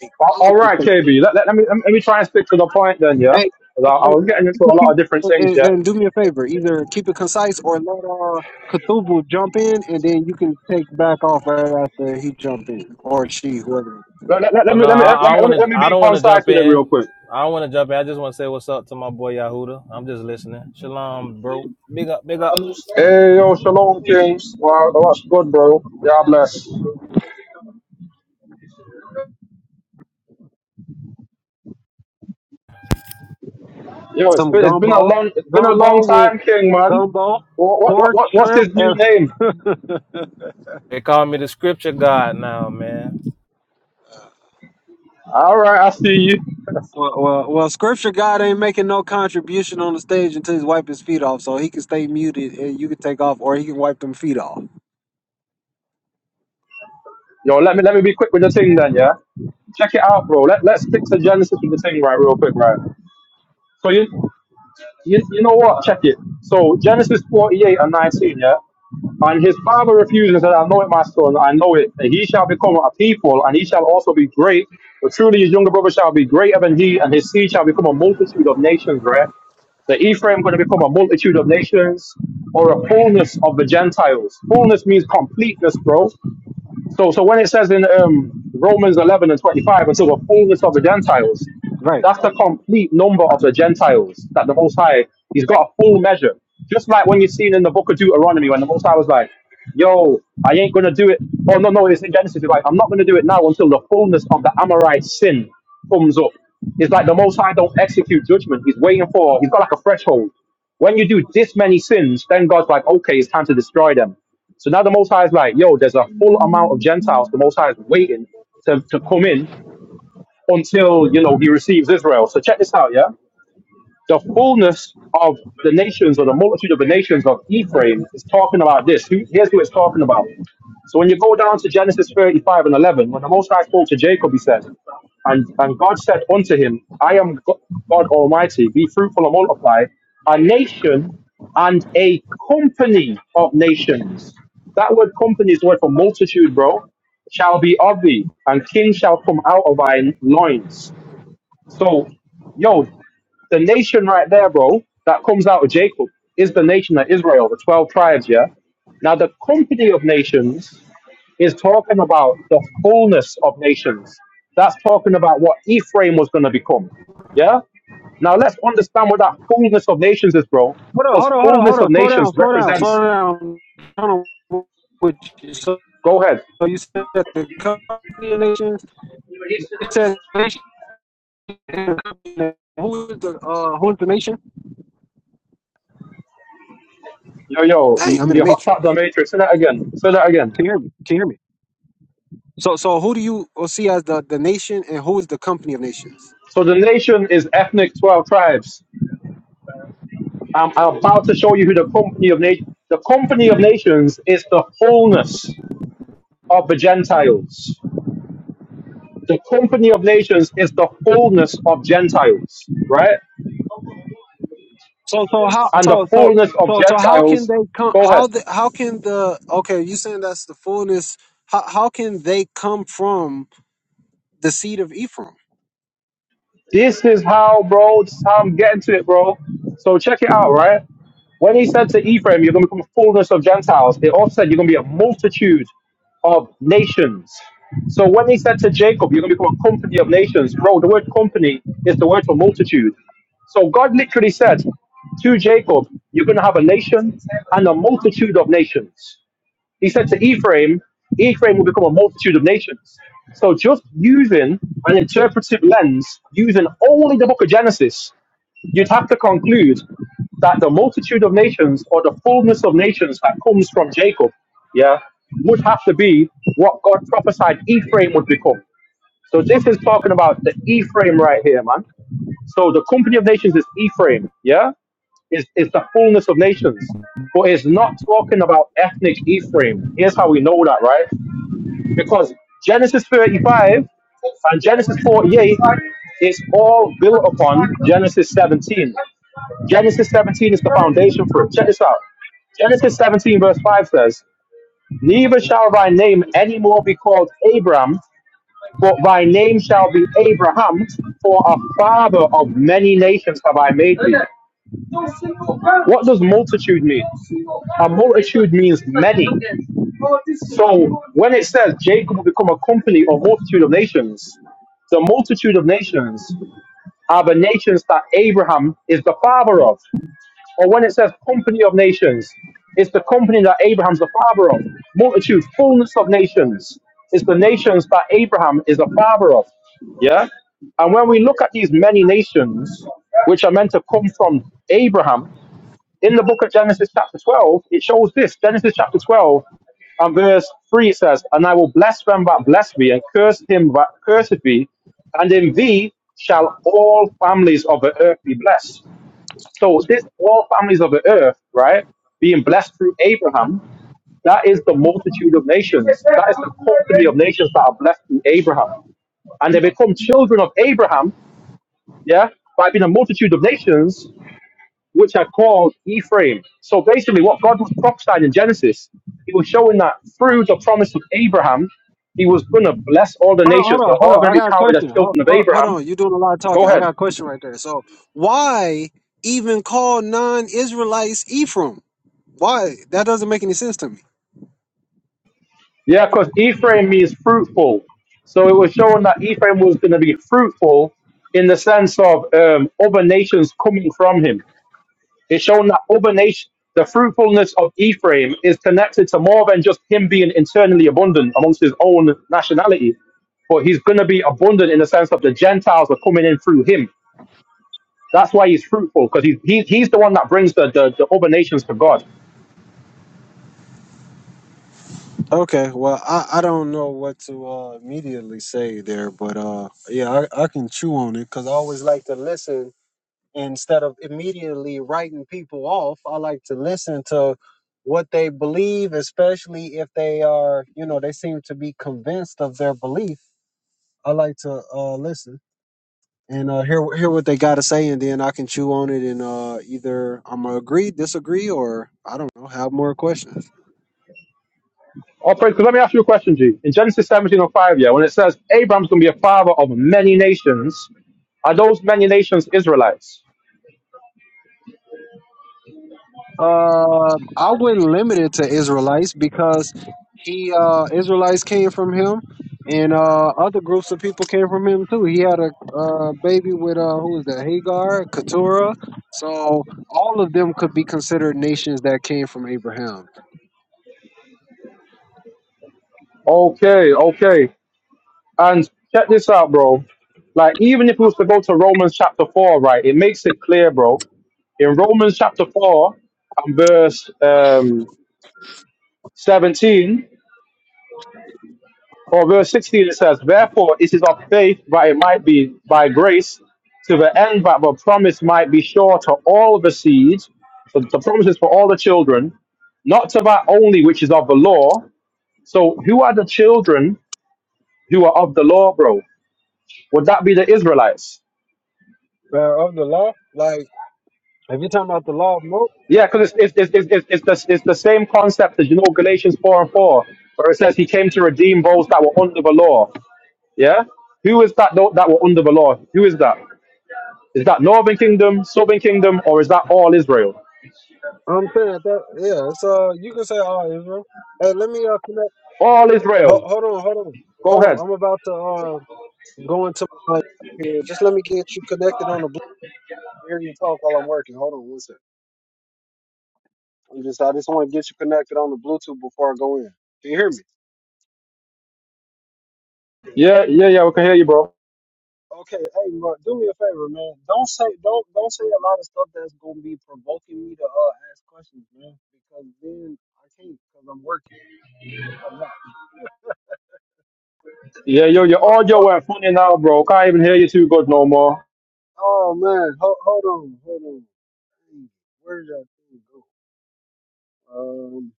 B: Like
J: Al-
B: I
J: All
B: like to
J: right,
B: say.
J: KB, let, let, let me, let me try and stick to the point then, yeah?
B: Hey,
J: 'Cause I, I
B: and,
J: was getting into a lot of different things,
B: and,
J: yeah?
B: do me a favor. Either keep it concise or let uh, Cthulhu jump in, and then you can take back off right after he jump in or she, whoever.
J: Let, let, let,
K: Oh
J: let me,
K: no,
J: let, me, let, me,
K: I, I
J: let, me,
K: want
J: let
K: to.
J: me
K: I
J: be
K: don't want to
J: concise
K: jump
J: with it
K: in.
J: real quick.
K: I want to jump in. I just want to say what's up to my boy Yahuda. I'm just listening. Shalom, bro. Big up, big up.
J: Hey, yo, Shalom Kings. Wow, oh, that's good, bro. Yeah, bless. Yo, it's
B: Some
J: been, it's been a
B: gumbo,
J: long it's been a long
B: gumbo with
J: time, King, man.
B: gumbo,
J: What, what, what,
B: pork,
J: what- what's
B: shrimp.
J: his new
B: And,
J: name?
K: They call me the Scripture God now, man.
J: All right, I see you.
B: well, well, well, Scripture God ain't making no contribution on the stage until he's wiped his feet off, so he can stay muted, and you can take off, or he can wipe them feet off.
J: Yo, let me let me be quick with the thing then, yeah. Check it out, bro. Let, let's stick to Genesis with the thing, right, real quick, right? So, you, you, you know what? Check it. So, Genesis 48 and 19, yeah? And his father refused and said, I know it, my son, I know it. And he shall become a people, and he shall also be great. But truly, his younger brother shall be greater than he, and his seed shall become a multitude of nations, right? So, Ephraim going to become a multitude of nations or a fullness of the Gentiles. Fullness means completeness, bro. So, so when it says in um, Romans 11 and 25, until the fullness of the Gentiles,
B: Right.
J: that's the complete number of the Gentiles that the Most High, he's got a full measure. Just like when you've seen in the book of Deuteronomy, when the Most High was like, yo, I ain't going to do it. Oh, no, no, it's in Genesis. He's like, I'm not going to do it now until the fullness of the Amorite sin comes up. It's like the Most High don't execute judgment. He's waiting for, he's got like a threshold. When you do this many sins, then God's like, okay, it's time to destroy them. So now the Most High is like, yo, there's a full amount of Gentiles. The Most High is waiting to, to come in until, you know, he receives Israel. So check this out, yeah? The fullness of the nations or the multitude of the nations of Ephraim is talking about this. Who- Here's who it's talking about. So when you go down to Genesis 35 and 11, when the Most High spoke to Jacob, he said, and, and God said unto him, I am Go- God Almighty, be fruitful and multiply, a nation and a company of nations. That word company is the word for multitude, bro, shall be of thee, and kings shall come out of thy loins. So, yo, the nation right there, bro, that comes out of Jacob is the nation of Israel, the 12 tribes, yeah? Now, the company of nations is talking about the fullness of nations. That's talking about what Ephraim was going to become. Yeah? Now let's understand what that fullness of nations is, bro.
B: Hold on,
J: Because
B: hold on, hold
J: fullness of
B: on, hold
J: nations
B: on. Slow down, slow down,
J: represents.
B: slow down. I'm trying to work with you. So
J: Go ahead.
B: So you said the company of nations. It says nation. and company Who is the uh, who is the nation?
J: Yo, yo, you
B: Dang, I'm in the
J: you hopped out the
B: matrix.
J: matrix. Say that again. Say that again.
B: Can you hear me? Can you hear me? So so who do you uh, see as the the nation, and who is the company of nations?
J: So the nation is ethnic 12 tribes. I'm, I'm about to show you who the company of nations. The company of nations is the fullness of the Gentiles. The company of nations is the fullness of Gentiles, right?
B: So so how
J: and the
B: so so
J: fullness of
B: so so how can
J: Gentiles.
B: they come?
J: Go ahead.
B: How the how can the okay? You saying that's the fullness? How how can they come from the seed of Ephraim?
J: This is how, bro, this is how I'm getting to it, bro. So check it out, right? When he said to Ephraim, you're going to become a fullness of Gentiles, it also said you're going to be a multitude of nations. So when he said to Jacob, you're going to become a company of nations, bro, the word company is the word for multitude. So God literally said to Jacob, you're going to have a nation and a multitude of nations. He said to Ephraim, Ephraim will become a multitude of nations. So just using an interpretive lens, using only the book of Genesis, you'd have to conclude that the multitude of nations or the fullness of nations that comes from Jacob, yeah, would have to be what God prophesied Ephraim would become. So this is talking about the Ephraim right here, man. So the company of nations is Ephraim, yeah, is is the fullness of nations, but it's not talking about ethnic Ephraim. Here's how we know that, right? Because Genesis 35 and Genesis 48 is all built upon Genesis 17. Genesis 17 is the foundation for it. Check this out. Genesis 17, verse 5 says, Neither shall thy name any more be called Abram, but thy name shall be Abraham, for a father of many nations have I made thee. What does multitude mean? A multitude means many. So when it says Jacob will become a company or multitude of nations, the multitude of nations are the nations that Abraham is the father of. Or when it says company of nations, it's the company that Abraham's the father of. Multitude, fullness of nations, is the nations that Abraham is the father of. Yeah? And when we look at these many nations, which are meant to come from Abraham, in the book of Genesis chapter 12, it shows this. Genesis chapter 12 and verse 3 it says, And I will bless them that bless thee, and curse him that curseth thee, and in thee shall all families of the earth be blessed. So this all families of the earth, right, being blessed through Abraham, that is the multitude of nations. That is the company of nations that are blessed through Abraham. And they become children of Abraham, yeah, by being a multitude of nations which are called Ephraim. So basically, what God was prophesying in Genesis, He was showing that through the promise of Abraham, He was going to bless all the
B: Hold on,
J: nations.
B: hold
J: They're
B: on, hold
J: all going
B: on. I
J: to be
B: got a
J: counted as
B: question. Hold,
J: children of
B: hold, hold
J: Abraham.
B: on. You're doing a lot of talking.
J: Go
B: I
J: ahead.
B: got a question right there. So, why even call non-Israelites Ephraim? Why? That doesn't make any sense to me.
J: Yeah, because Ephraim means fruitful. So it was showing that Ephraim was going to be fruitful in the sense of um, other nations coming from him. It's shown that other nation, the fruitfulness of Ephraim is connected to more than just him being internally abundant amongst his own nationality, but he's going to be abundant in the sense of the Gentiles are coming in through him. That's why he's fruitful because he's, he, he's the one that brings the, the, the other nations to God.
B: Okay, well, I, I don't know what to uh, immediately say there, but uh, yeah, I, I can chew on it because I always like to listen instead of immediately writing people off. I like to listen to what they believe, especially if they are, you know, they seem to be convinced of their belief I like to uh, listen and uh, hear hear what they got to say, and then I can chew on it and uh, either I'm gonna agree, disagree, or I don't know, have more questions.
J: Oh, pray, because let me ask you a question, G. In Genesis 17 or 5, yeah, when it says Abraham's going to be a father of many nations, are those many nations Israelites?
B: Um, I wouldn't limit it to Israelites because he uh, Israelites came from him, and uh, other groups of people came from him too. He had a uh, baby with uh, who was that? Hagar, Keturah. So all of them could be considered nations that came from Abraham.
J: Okay, okay. And check this out, bro. Like, even if we was to go to Romans chapter 4, right, it makes it clear, bro. In Romans chapter 4 and verse um, 17 or verse 16, it says, Therefore, it is of faith, but it might be by grace, to the end that the promise might be sure to all the seeds. So the promise is for all the children, not to that only which is of the law. So, who are the children who are of the law, bro? Would that be the Israelites?
B: Uh, of the law, like if you're talking about the law of Moses.
J: Yeah, because it's it's, it's, it's, it's, the, it's the same concept as you know Galatians four and four, where it says he came to redeem those that were under the law. Yeah, who is that tho- that were under the law? Who is that? Is that Northern Kingdom, Southern Kingdom, or is that all Israel?
B: I'm saying at that yeah, So you can say all right, Israel. Hey, let me uh connect.
J: All
B: Ho-
J: Israel.
B: hold on, hold on,
J: Go
B: hold on.
J: ahead.
B: I'm about to uh go into my here. Just let me get you connected on the Bluetooth. Hear you talk while I'm working. Hold on, one second. I'm just I just want to get you connected on the Bluetooth before I go in. Can you hear me?
J: Yeah, yeah, yeah. We can hear you, bro.
B: Okay, hey, bro, do me a favor, man. Don't say don't don't say a lot of stuff that's gonna be provoking me to uh ask questions, man. Because then I can't because I'm working at somebody else.
J: Yeah, yo,
B: So,
J: your audio
B: don't-
J: went funny now, bro. Can't even hear you too good no more.
B: oh man, hold hold on, hold on. Dang it. Where did that thing go? Um,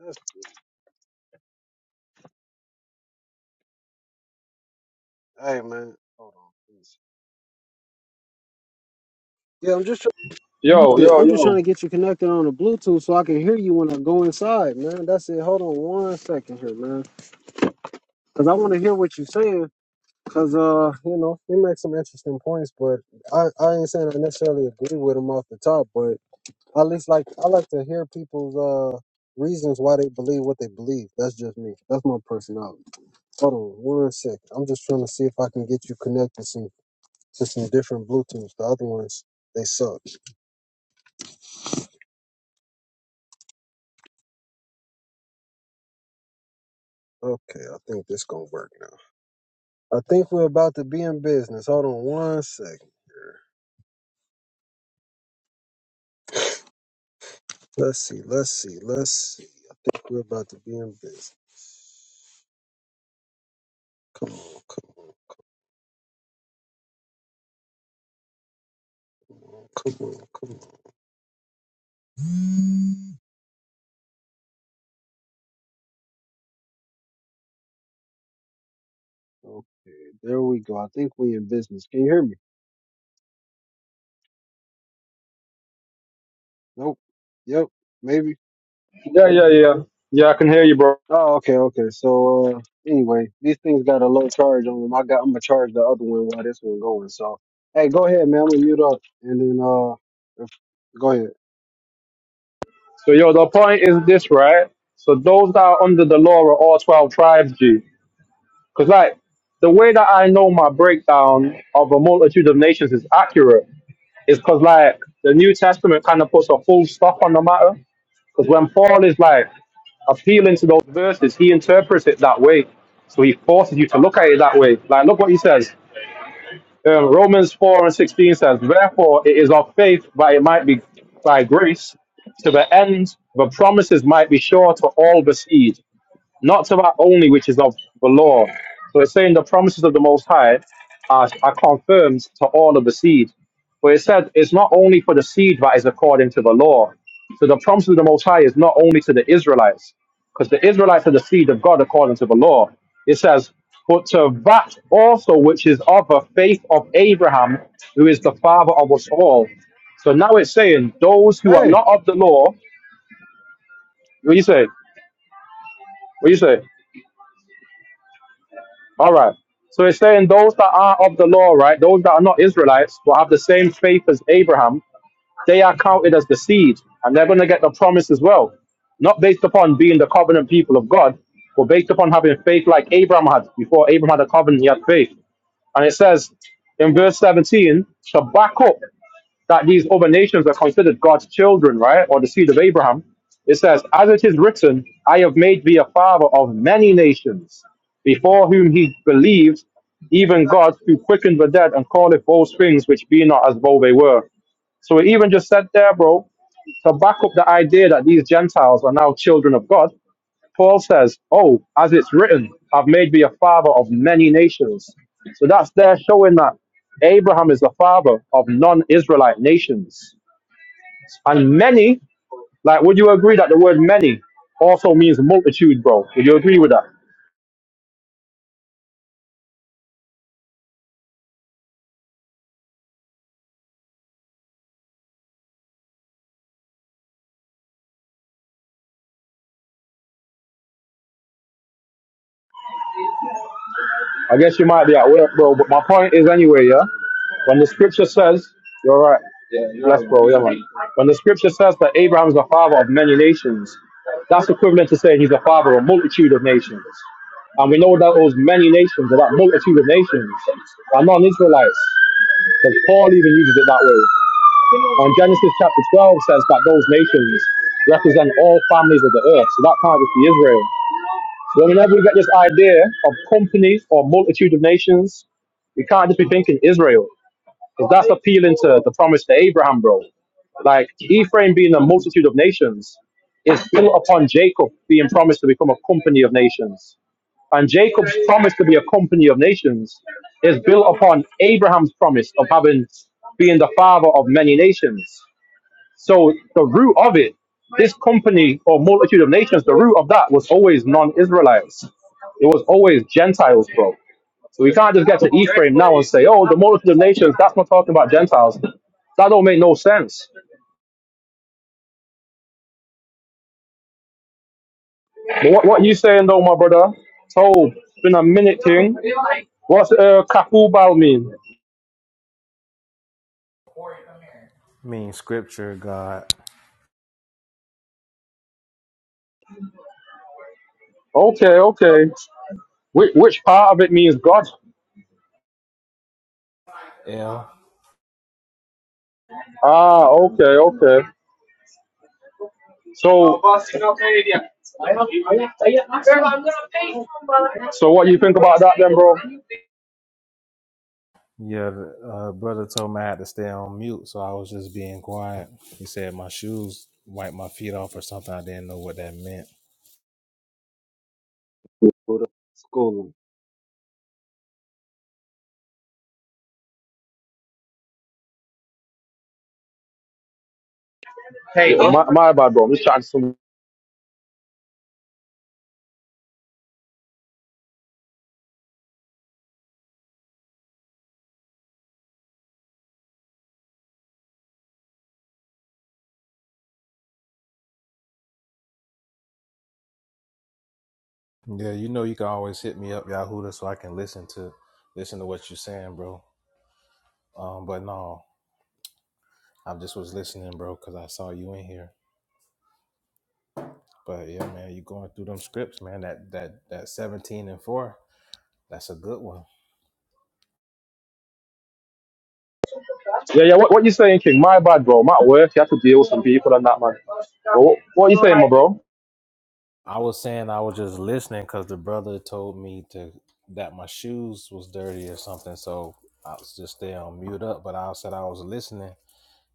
B: that's, hey man, hold on, please. Yeah, I'm just trying to get
J: Yo, yo,
B: I'm just trying
J: yo.
B: to get you connected on the Bluetooth so I can hear you when I go inside, man. That's it. Hold on one second here, man, because I want to hear what you're saying. Because uh, you know, you make some interesting points, but I I ain't saying I necessarily agree with them off the top, but I at least like I like to hear people's uh reasons why they believe what they believe. That's just me. That's my personality. Hold on one second. I'm just trying to see if I can get you connected. Some to some different Bluetooths. The other ones they suck. Okay, I think this gonna work now. I think we're about to be in business. Hold on one second here. Let's see, let's see, let's see. I think we're about to be in business. Come on, come on, come on, come on. Okay, there we go. I think we in business. Can you hear me? Nope. Yep. Maybe.
J: Yeah, yeah, yeah. Yeah, I can hear you, bro.
B: Oh, okay, okay. So uh, anyway, these things got a low charge on them. I got I'm gonna charge the other one while this one going. So hey, go ahead, man. I'm gonna mute up and then uh, if, go ahead.
J: So, yo, the point is this, right? So, those that are under the law are all 12 tribes, G. Because, like, the way that I know my breakdown of a multitude of nations is accurate is because, like, the New Testament kind of puts a full stop on the matter. Because when Paul is, like, appealing to those verses, he interprets it that way. So he forces you to look at it that way. Like, look what he says. Um, Romans 4 and 16 says, Therefore, it is of faith, but it might be by grace, to the end the promises might be sure to all the seed not to that only which is of the law. So it's saying the promises of the Most High are, are confirmed to all of the seed. But it said it's not only for the seed that is according to the law. So the promise of the Most High is not only to the Israelites, because the Israelites are the seed of God according to the law. It says, but to that also which is of the faith of Abraham, who is the father of us all. So now it's saying those who are
B: Hey,
J: not of the law, what do you say? What do you say? All right. So it's saying those that are of the law, right? Those that are not Israelites, but have the same faith as Abraham, they are counted as the seed, and they're going to get the promise as well. Not based upon being the covenant people of God, but based upon having faith like Abraham had. Before Abraham had a covenant, he had faith. And it says in verse 17 to back up that these other nations are considered God's children, right? Or the seed of Abraham. It says, As it is written, I have made thee a father of many nations, before whom he believed, even God who quickened the dead and calleth those things which be not as though they were. So it even just said there, bro, to back up the idea that these Gentiles are now children of God, Paul says, Oh, as it's written, I've made thee a father of many nations. So that's there showing that Abraham is the father of non Israelite nations. And many, like, would you agree that the word many also means multitude, bro? Would you agree with that? I guess you might be at work, bro. But my point is anyway, yeah. When the scripture says, you're right. Yeah, bless, bro. Yeah, man. When the scripture says that Abraham's the father of many nations, that's equivalent to saying he's the father of a multitude of nations. And we know that those many nations, or that multitude of nations, are non-Israelites. Because Paul even uses it that way. And Genesis chapter 12 says that those nations represent all families of the earth. So that can't just be Israel. But whenever we get this idea of companies or multitude of nations, we can't just be thinking Israel, because that's appealing to the promise to Abraham, bro. Like Ephraim being a multitude of nations is built upon Jacob being promised to become a company of nations. And Jacob's promise to be a company of nations is built upon Abraham's promise of having being the father of many nations. So the root of it, this company or multitude of nations, the root of that was always non-Israelites. It was always Gentiles, bro. So we can't just get to Ephraim now and say, oh, the multitude of nations, that's not talking about Gentiles. That don't make no sense. But what, what you saying though, my brother? So it's been a minute thing. What's uh Kapubal mean?
K: mean scripture, God.
J: Okay, okay. Which, which part of it means God?
K: Yeah,
J: Ah, okay, okay. So So what you think about that then, bro?
K: Yeah, uh, brother told me I had to stay on mute, so I was just being quiet. He said my shoes wiped my feet off or something. I didn't know what that meant.
B: go to school.
J: Hey, Yeah, uh, my, my bad, bro. I'm just chatting to some.
K: Yeah, you know you can always hit me up, Yahuda, so I can listen to listen to what you're saying, bro. Um, but no, I just was listening, bro, because I saw you in here. But yeah, man, you going through them scripts, man. That that that seventeen and four, that's a good one.
J: Yeah, yeah. What, what you saying, King? My bad, bro. I'm at work. You have to deal with some people and that, man. But what, what you saying, my bro?
K: I was saying I was just listening because the brother told me to that my shoes was dirty or something, so I was just stay on mute up. But I said I was listening.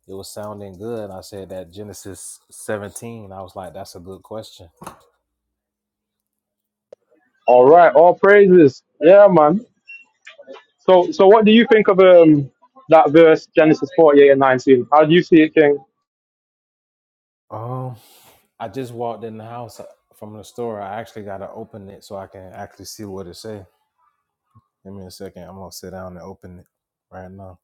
K: It was sounding good. I said that Genesis seventeen. I was like, that's a good question.
J: All right. All praises. Yeah, man. So, so what do you think of um that verse Genesis 48 and 19? How do you see it, King?
K: Um, I just walked in the house uh, from the store. I actually gotta open it so I can actually see what it say. Give me a second. I'm gonna sit down and open it right now.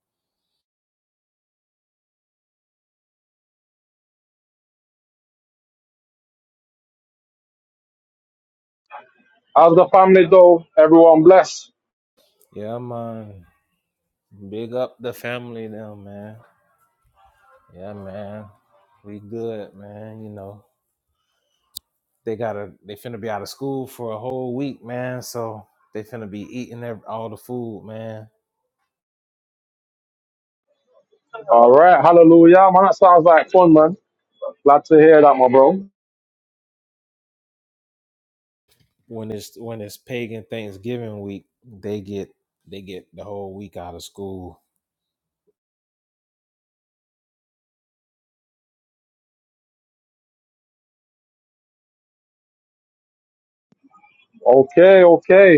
J: How's the family though? Everyone blessed.
K: Yeah, man. Big up the family now, man. Yeah, man. We good, man. You know, they gotta they finna be out of school for a whole week, man. So they finna be eating ev- all the food, man.
J: All right. Hallelujah, man. That sounds like fun, man. Glad to hear that, my bro.
K: When it's when it's pagan Thanksgiving week, they get they get the whole week out of school.
J: Okay. Okay.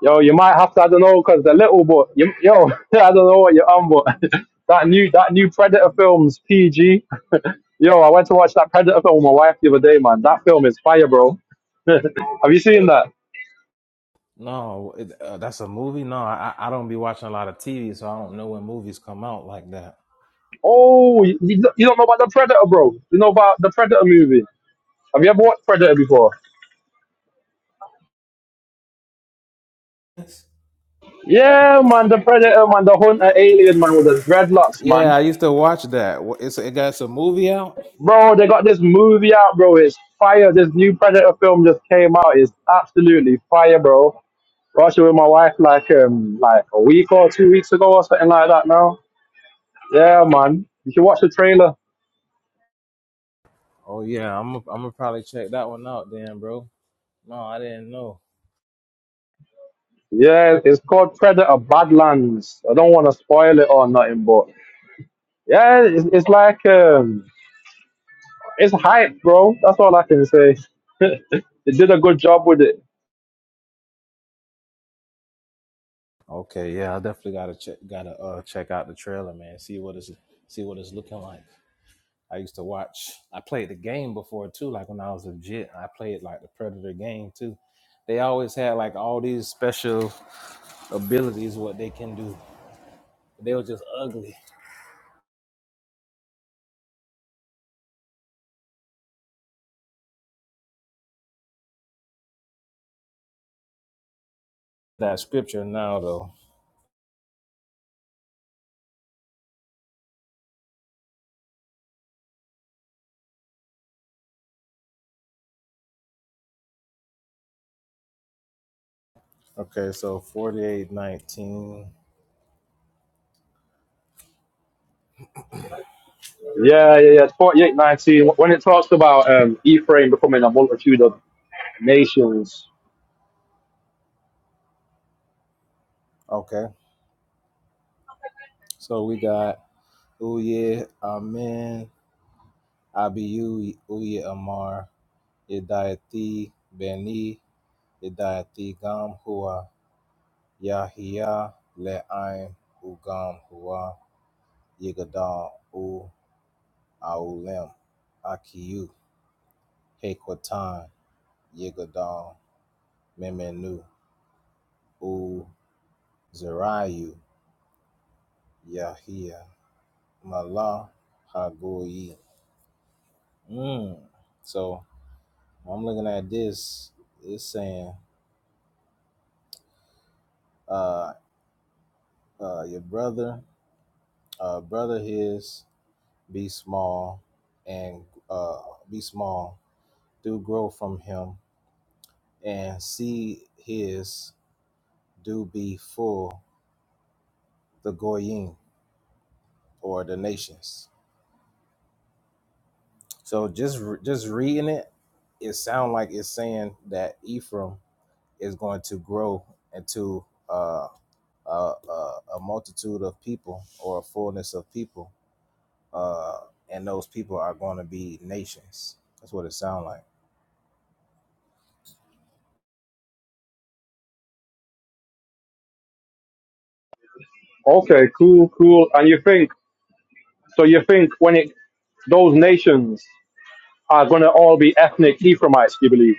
J: Yo, you might have to, I don't know, because they they're little but you, yo, I don't know what you're on, but that new that new Predator film's PG. Yo, I went to watch that Predator film with my wife the other day, man. That film is fire, bro. have you seen that?
K: No, it, uh, that's a movie. No, I I don't be watching a lot of TV, so I don't know when movies come out like that.
J: Oh, you, you don't you don't know about the Predator, bro. You know about the Predator movie. Have you ever watched Predator before? Yeah, man, the Predator, man, the Hunter alien, man, with the dreadlocks, man.
K: Yeah, I used to watch that. Wha- It's it got some movie out.
J: Bro, they got this movie out, bro. It's fire. This new Predator film just came out. It's absolutely fire, bro. Rocking with my wife like um like a week or two weeks ago or something like that now. Yeah, man. You should watch the trailer.
K: Oh yeah, I'm i I'm gonna probably check that one out then, bro. No, I didn't know.
J: Yeah, it's called Predator Badlands. I don't want to spoil it or nothing, but yeah, it's, it's like um it's hype, bro. That's all I can say. They did a good job with it.
K: Okay, yeah, I definitely gotta check gotta uh check out the trailer, man. See what it's see what it's looking like. I used to watch. I played the game before too, like when I was legit. I played like the Predator game too. They always had like all these special abilities, what they can do. They were just ugly. That scripture now though. Okay, so forty-eight nineteen.
J: Yeah, yeah, yeah. Forty-eight nineteen. When it talks about um, Ephraim becoming a multitude of nations.
K: Okay, so we got. Oh yeah, amen. Abiyu Uye Amar, Idayati Beni, Idayati Gam Hua, Yahia Le'aim Ugam Hua, Yigadal U Aulem, Akiyu, Hekwatan, Yigadal, Memenu, U Zerayu, Yahia, Mala, Hagoyi. Mm. So I'm looking at this, it's saying, uh, uh, your brother uh, brother his be small and uh, be small do grow from him and see his do be full the goyim or the nations so just just reading it it sound like it's saying that ephraim is going to grow into uh, a, a, a multitude of people or a fullness of people uh, and those people are going to be nations that's what it sounds like
J: Okay, cool, cool. And you think so? You think when it those nations? are going to all be ethnic Ephraimites, you believe,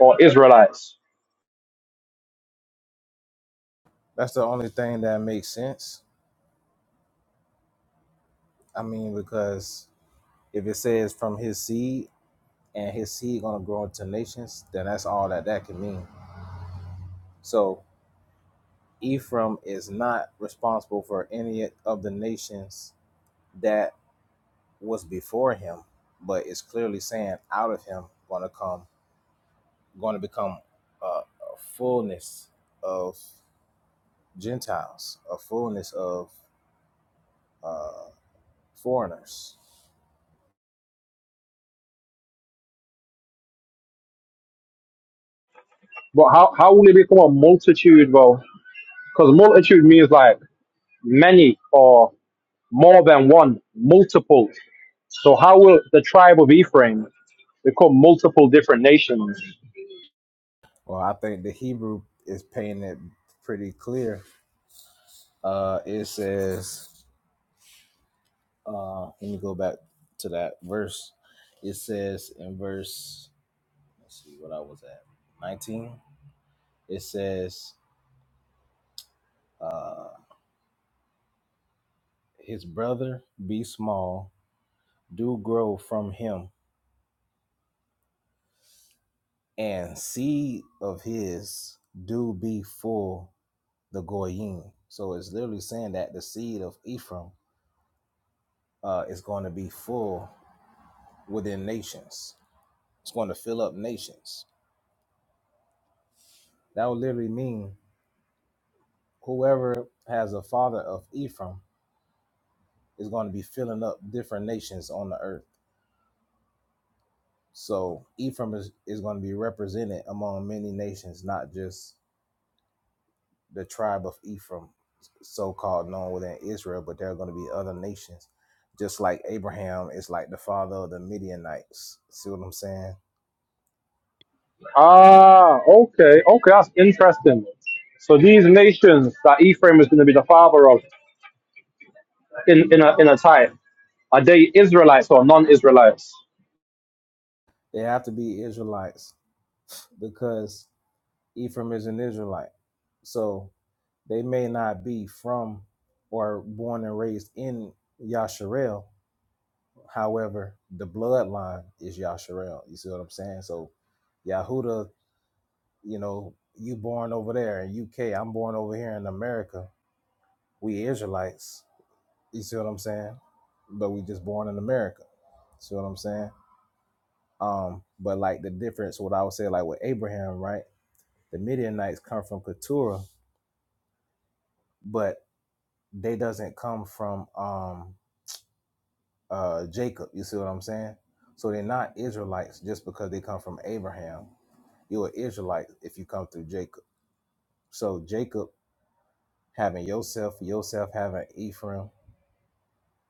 J: or Israelites.
K: That's the only thing that makes sense. I mean, because if it says from his seed and his seed gonna grow into nations, then that's all that that can mean. So Ephraim is not responsible for any of the nations that was before him, but it's clearly saying out of him gonna come, gonna become a, a fullness of Gentiles, a fullness of foreigners.
J: But how, how will it become a multitude, bro? Because multitude means like many or more than one, multiple. So how will the tribe of Ephraim become multiple different nations?
K: Well, I think the Hebrew is painting it pretty clear. Uh, it says, uh, let me go back to that verse. It says in verse, let's see what I was at, 19. It says, uh, his brother be small, do grow from him, and seed of his do be full the goyim. So it's literally saying that the seed of Ephraim uh, is going to be full within nations. It's going to fill up nations. That would literally mean whoever has a father of Ephraim is going to be filling up different nations on the earth. So Ephraim is, is going to be represented among many nations, not just the tribe of Ephraim, so called known within Israel, but there are going to be other nations. Just like Abraham is like the father of the Midianites. See what I'm saying?
J: Ah, okay, okay, that's interesting. So these nations that Ephraim is going to be the father of in, in a in a time, are they Israelites or non-Israelites?
K: They have to be Israelites because Ephraim is an Israelite. So They may not be from or born and raised in Yasharel. However, the bloodline is Yasharel. You see what I'm saying? So Yahuda, you know, you born over there in UK, I'm born over here in America. We Israelites. You see what I'm saying? But we just born in America. See what I'm saying? Um, but like the difference, what I would say, like with Abraham, right? The Midianites come from Keturah, but they doesn't come from um uh, Jacob. You see what I'm saying? So they're not Israelites just because they come from Abraham. You're Israelite if you come through Jacob. So Jacob having Yosef, Yosef having Ephraim,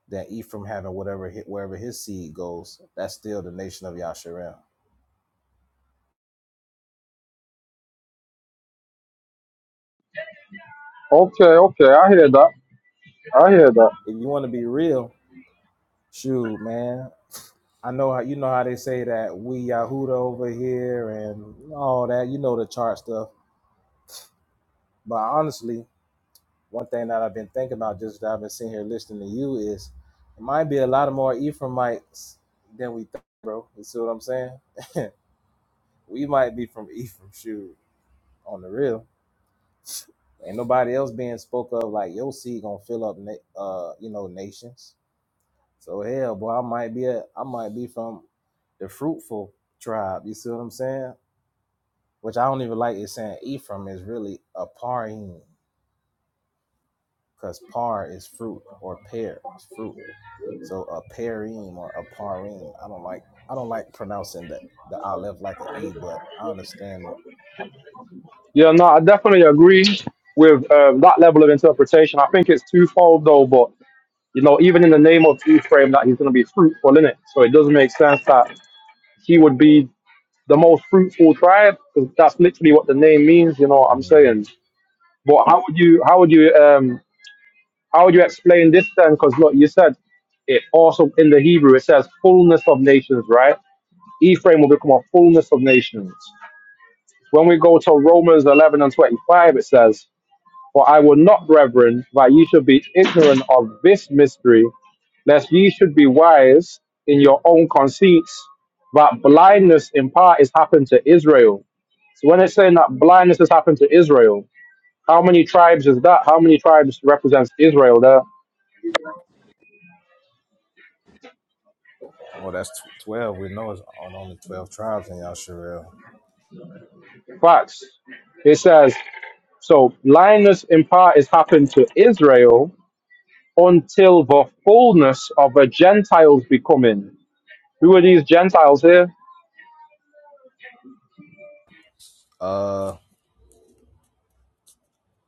K: then Ephraim having whatever hi- wherever his seed goes, that's still the nation of Yasharim.
J: Okay, okay, I hear that. I hear that.
K: If you want to be real, shoot, man. I know how you know how they say that we Yahuda over here and all that. You know the chart stuff. But honestly, One thing that I've been thinking about just that I've been sitting here listening to you is it might be a lot of more Ephraimites than we think, bro. You see what I'm saying? We might be from Ephraim, shoot, on the real. Ain't nobody else being spoke of like your seed gonna fill up, na- uh, you know, nations. So hell, boy, I might be a, I might be from the fruitful tribe. You see what I'm saying? Which I don't even like is saying Ephraim is really a parim, because par is fruit or pear is fruit. So a parim or a parim. I don't like I don't like pronouncing the the aleph like a e, but I understand it.
J: Yeah, no, I definitely agree with um, that level of interpretation. I think it's twofold though, but you know, even in the name of Ephraim, that he's going to be fruitful in it. So it doesn't make sense that he would be the most fruitful tribe because that's literally what the name means. You know what I'm
K: hmm
J: saying? But how would you how would you um how would you explain this then? Because look, you said it also in the Hebrew it says fullness of nations, right? Ephraim will become a fullness of nations. When we go to Romans 11 and 25, it says. For I will not, brethren, that you should be ignorant of this mystery, lest ye should be wise in your own conceits, that blindness in part is happened to Israel. So when it's saying that blindness has happened to Israel, how many tribes is that? How many tribes represents Israel there?
K: Well, that's tw- twelve. We know it's on only twelve tribes in Yasharel.
J: Facts. It says, so blindness in part is happened to Israel until the fullness of the Gentiles be coming. Who are these Gentiles here?
K: Uh,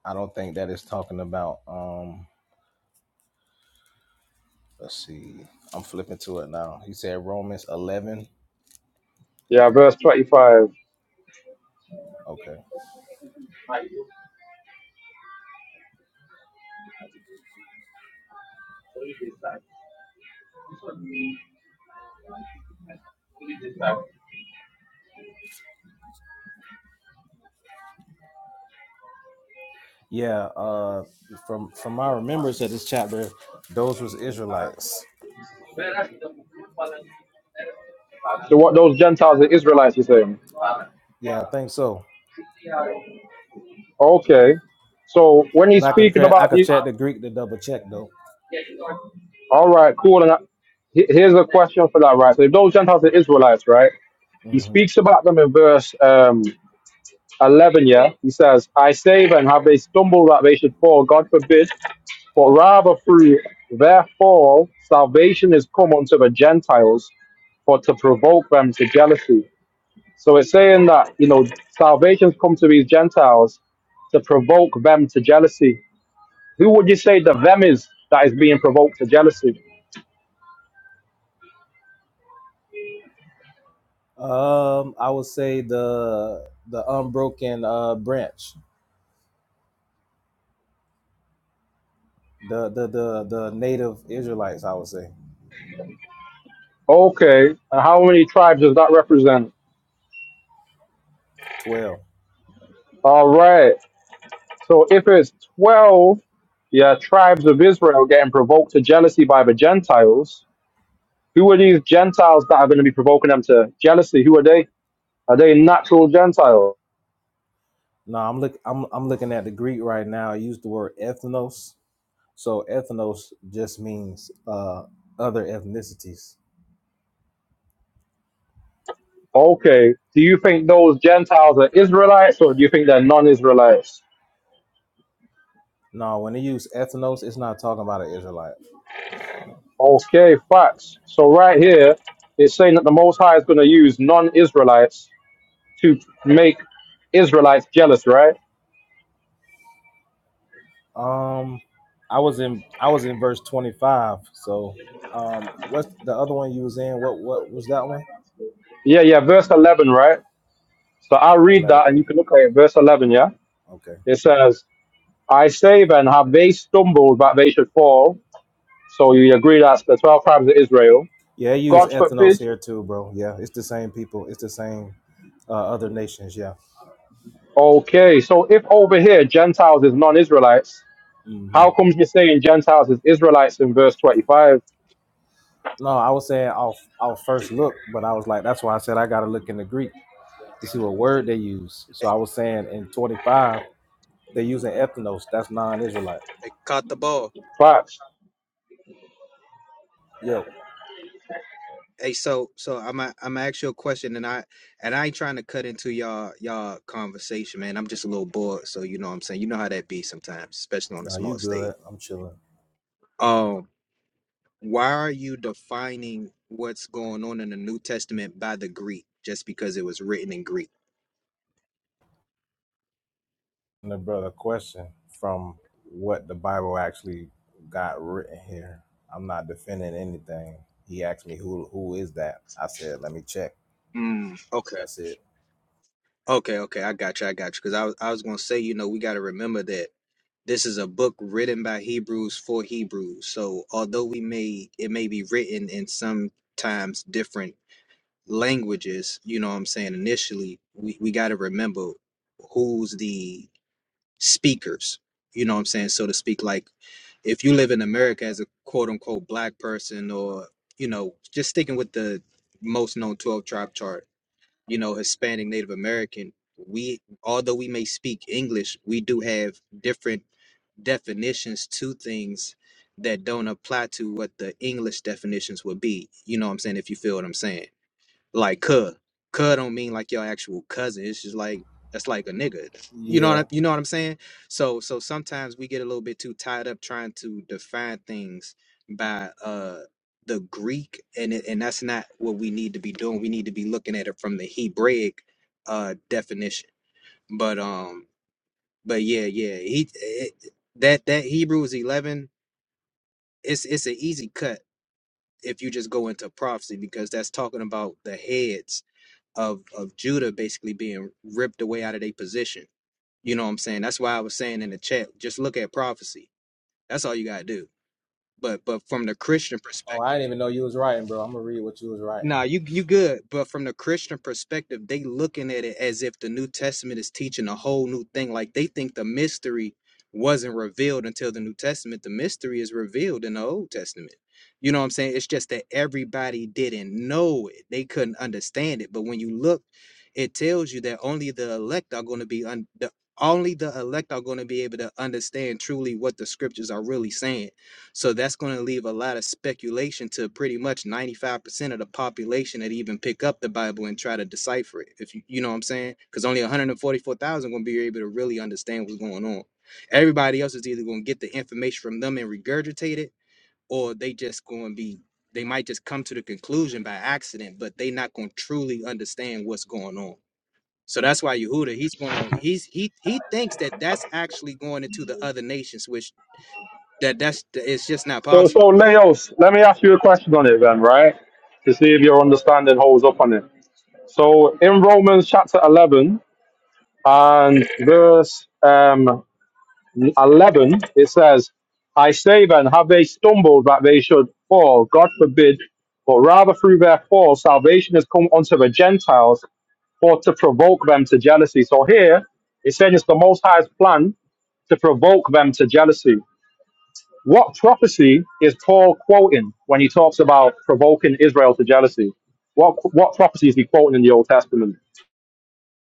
K: I don't think that is talking about. Um, let's see. I'm flipping to it now. He said Romans eleven.
J: Yeah, verse 25.
K: Okay. Yeah, uh, from from my remembrance of this chapter, those was Israelites.
J: The, what those Gentiles, the Israelites, he's saying.
K: Yeah, I think so.
J: Okay. So when
K: But
J: he's
K: I could
J: speaking
K: cra- I
J: about
K: could
J: the,
K: check the Greek to double check though.
J: all right, cool. And I, he- here's a question for that, right? So if those Gentiles are Israelites, right? He
K: hmm
J: speaks about them in verse um, 11. Yeah, he says, "I say then, have they stumbled that they should fall? God forbid." For rather through their fall, salvation is come unto the Gentiles for to provoke them to jealousy. So it's saying that, you know, salvation's come to these Gentiles to provoke them to jealousy. Who would you say the them is that is being provoked to jealousy?
K: Um, I would say the the unbroken uh branch, the the the the native Israelites. I would say
J: Okay. And how many tribes does that represent?
K: twelve.
J: All right. So if it's 12, yeah, tribes of Israel getting provoked to jealousy by the Gentiles, Who are these Gentiles that are going to be provoking them to jealousy? Who are they? Are they natural Gentiles?
K: No, I'm look I'm I'm looking at the Greek right now. I use the word ethnos. So ethnos just means uh other ethnicities.
J: Okay. Do you think those Gentiles are Israelites or do you think they're non Israelites?
K: No, when they use ethnos, it's not talking about an Israelite.
J: Okay, facts. So, right here, it's saying that the Most High is going to use non Israelites to make Israelites jealous, right?
K: Um, I was in I was in verse twenty five. So, um, what's the other one you was in? What what was that one?
J: Yeah, yeah, verse 11, right? So I'll read that and
K: Eleven.
J: you can look at it. Verse 11, yeah?
K: Okay.
J: It says, I say then, have they stumbled that they should fall? So you agree that's the 12 tribes of Israel.
K: Yeah, they use
J: God
K: ethnos
J: forbid.
K: here too, bro. Yeah, it's the same people. It's the same uh, other nations. Yeah.
J: Okay, so if over here Gentiles is non-Israelites,
K: hmm
J: how comes you're saying Gentiles is Israelites in verse 25?
K: No, I was saying off off first look, but I was like, that's why I said I got to look in the Greek to see what word they use. So I was saying in twenty five they're using ethnos. That's non Israelite.
L: They caught the ball.
J: Facts.
K: Yo,
L: Hey, so so I'm i I'm gonna ask you a question, and I and I ain't trying to cut into y'all y'all conversation, man. I'm just a little bored, so you know what I'm saying. You know how that be sometimes, especially on a
K: no, you
L: small state.
K: good? I'm chilling.
L: Um, why are you defining what's going on in the New Testament by the Greek just because it was written in Greek?
K: the brother question from what the Bible actually got written here. I'm not defending anything. He asked me who who is that? I said, let me check.
L: Mm, okay,
K: That's it.
L: okay, okay. I got you. I got you. Because I was I was gonna say, you know, we got to remember that. This is a book written by Hebrews for Hebrews. So although we may it may be written in sometimes different languages, you know what I'm saying, initially, we, we gotta remember who's the speakers, you know what I'm saying, so to speak. Like if you live in America as a quote unquote black person or, you know, just sticking with the most known 12 tribe chart, you know, Hispanic, Native American, we although we may speak English, we do have different definitions to things that don't apply to what the English definitions would be. You know what I'm saying? If you feel what I'm saying. Like cuz. Cuz don't mean like your actual cousin. It's just like that's like a nigga. You know what
K: Yeah.
L: I, you know what I'm saying? So so sometimes we get a little bit too tied up trying to define things by uh the Greek and it, and that's not what we need to be doing. We need to be looking at it from the Hebraic uh definition. But um but yeah, yeah, he it, that that Hebrews eleven, it's it's an easy cut if you just go into prophecy because that's talking about the heads of of Judah basically being ripped away out of their position. You know what I'm saying? That's why I was saying in the chat, just look at prophecy. That's all you gotta do. But but from the Christian
K: Oh,
L: perspective.
K: I didn't even know you was writing, bro. I'm gonna read what you was writing.
L: Nah, you you good. But from the Christian perspective, they looking at it as if the New Testament is teaching a whole new thing. Like they think the mystery wasn't revealed until the New Testament. The mystery is revealed in the Old Testament. You know what I'm saying? It's just that everybody didn't know it. They couldn't understand it. But when you look, it tells you that only the elect are going to be un- the, only the elect are going to be able to understand truly what the scriptures are really saying so that's going to leave a lot of speculation to pretty much 95% of the population that even pick up the Bible and try to decipher it. If you, you know what I'm saying? Because only 144,000 going to be able to really understand what's going on. Everybody else is either going to get the information from them and regurgitate it, or they just going to be, they might just come to the conclusion by accident, but they not going to truly understand what's going on. So that's why Yehuda, he's gonna, he's he he thinks that that's actually going into the other nations, which that that's it's just not
J: So,
L: possible
J: so Leos, let me ask you a question on it then, right? To see if your understanding holds up on it. So in Romans chapter 11 and verse um, 11, it says, I say then, have they stumbled that they should fall? God forbid. But rather through their fall, salvation has come unto the Gentiles for to provoke them to jealousy. So here, it's saying it's the Most High's plan to provoke them to jealousy. What prophecy is Paul quoting when he talks about provoking Israel to jealousy? What what prophecy is he quoting in the Old Testament?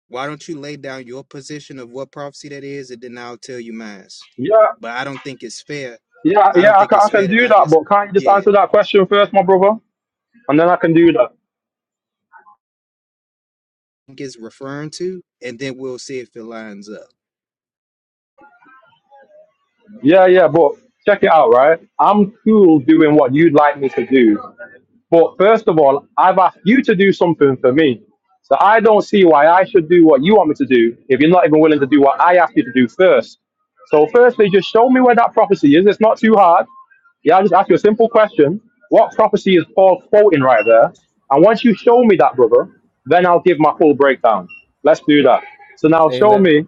L: Why don't you lay down your position of what prophecy that is, and then I'll tell you mine.
J: Yeah,
L: But I don't think it's fair.
J: yeah,
L: I
J: yeah.
L: don't
J: I
L: think
J: can, I
L: it's
J: can
L: fair that
J: do
L: I
J: that,
L: just
J: but can't you just
L: yeah
J: answer that question first, my brother? And then I can do that.
L: think it's referring to, and then we'll see if it lines up.
J: Yeah, yeah, but check it out, right? I'm cool doing what you'd like me to do. But first of all, I've asked you to do something for me. So I don't see why I should do what you want me to do if you're not even willing to do what I asked you to do first. So firstly, just show me where that prophecy is. It's not too hard. Yeah, I'll just ask you a simple question. What prophecy is Paul quoting right there? And once you show me that, brother, then I'll give my full breakdown. Let's do that. So now
K: Hey,
J: show
K: let,
J: me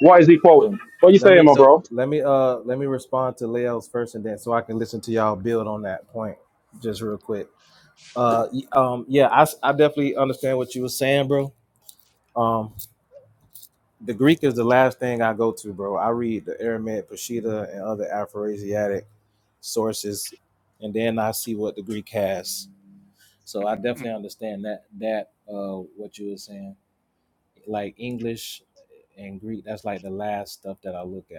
J: what is he quoting? What are you
K: Let
J: saying,
K: me
J: my
L: So
J: bro?
K: let me uh let me respond to Leo's first and then so I can listen to y'all build on that point just real quick. Uh y- um yeah, I s- I definitely understand what you were saying, bro. Um the Greek is the last thing I go to, bro. I read the Aramaic, Peshitta, and other Afroasiatic sources, and then I see what the Greek has. So I
L: mm,
K: definitely understand that that uh what you were saying, like English and Greek. That's like the last stuff that I look at.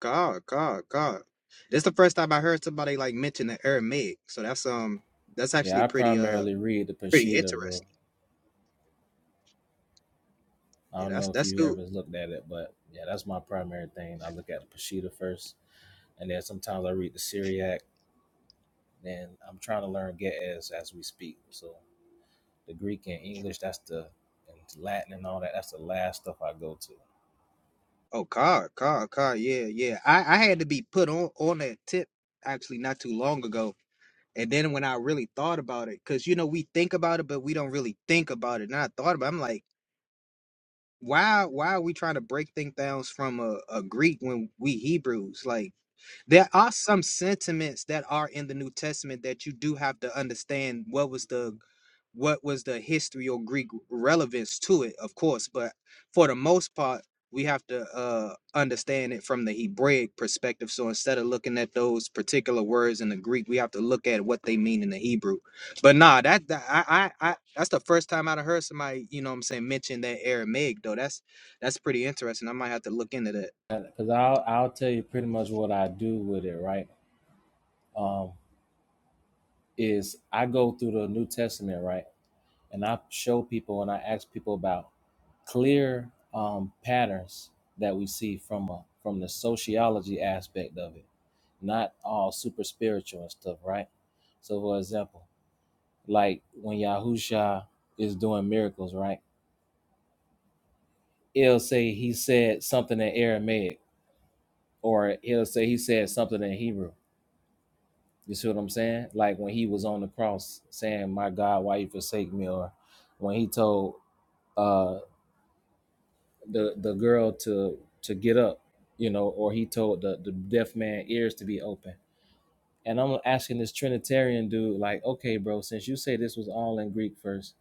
L: God, God, God. This is the first time I heard somebody like mention the Aramaic. So that's um that's
K: Yeah,
L: actually
K: I
L: pretty uh
K: primarily read the
L: pretty
K: Peshitta, bro.
L: interesting.
K: I
L: Yeah,
K: don't
L: that's
K: know if
L: that's
K: you
L: cool.
K: ever looked at it, but yeah, that's my primary thing. I look at the Peshitta first, and then sometimes I read the Syriac. Then I'm trying to learn Ge'ez as we speak. So the Greek and English, that's the and Latin and all that. That's the last stuff I go to.
L: Oh God, God, God, yeah, yeah. I, I had to be put on on that tip actually not too long ago And then when I really thought about it, because you know we think about it, but we don't really think about it. And I thought about, it, I'm like why why are we trying to break things down from a, a Greek when we Hebrews? Like there are some sentiments that are in the New Testament that you do have to understand what was the what was the history or Greek relevance to it, of course, but for the most part, we have to uh, understand it from the Hebraic perspective. So instead of looking at those particular words in the Greek, we have to look at what they mean in the Hebrew. But nah, that, that I, I I that's the first time I'd heard somebody, you know what I'm saying, mention that Aramaic though. That's that's pretty interesting. I might have to look into that.
K: Because I'll I'll tell you pretty much what I do with it. Right? Um, is I go through the New Testament. Right? and I show people and I ask people about clear um, patterns that we see from a, from the sociology aspect of it, not all super spiritual and stuff, right? So, for example, like when Yahusha is doing miracles, right? He'll say he said something in Aramaic, or he'll say he said something in Hebrew. You see what I'm saying? Like when he was on the cross saying, "My God, why you forsake me?" or when he told uh the the girl to to get up, you know, or he told the the deaf man ears to be open. And I'm asking this Trinitarian dude, like, okay, bro, since you say this was all in Greek first,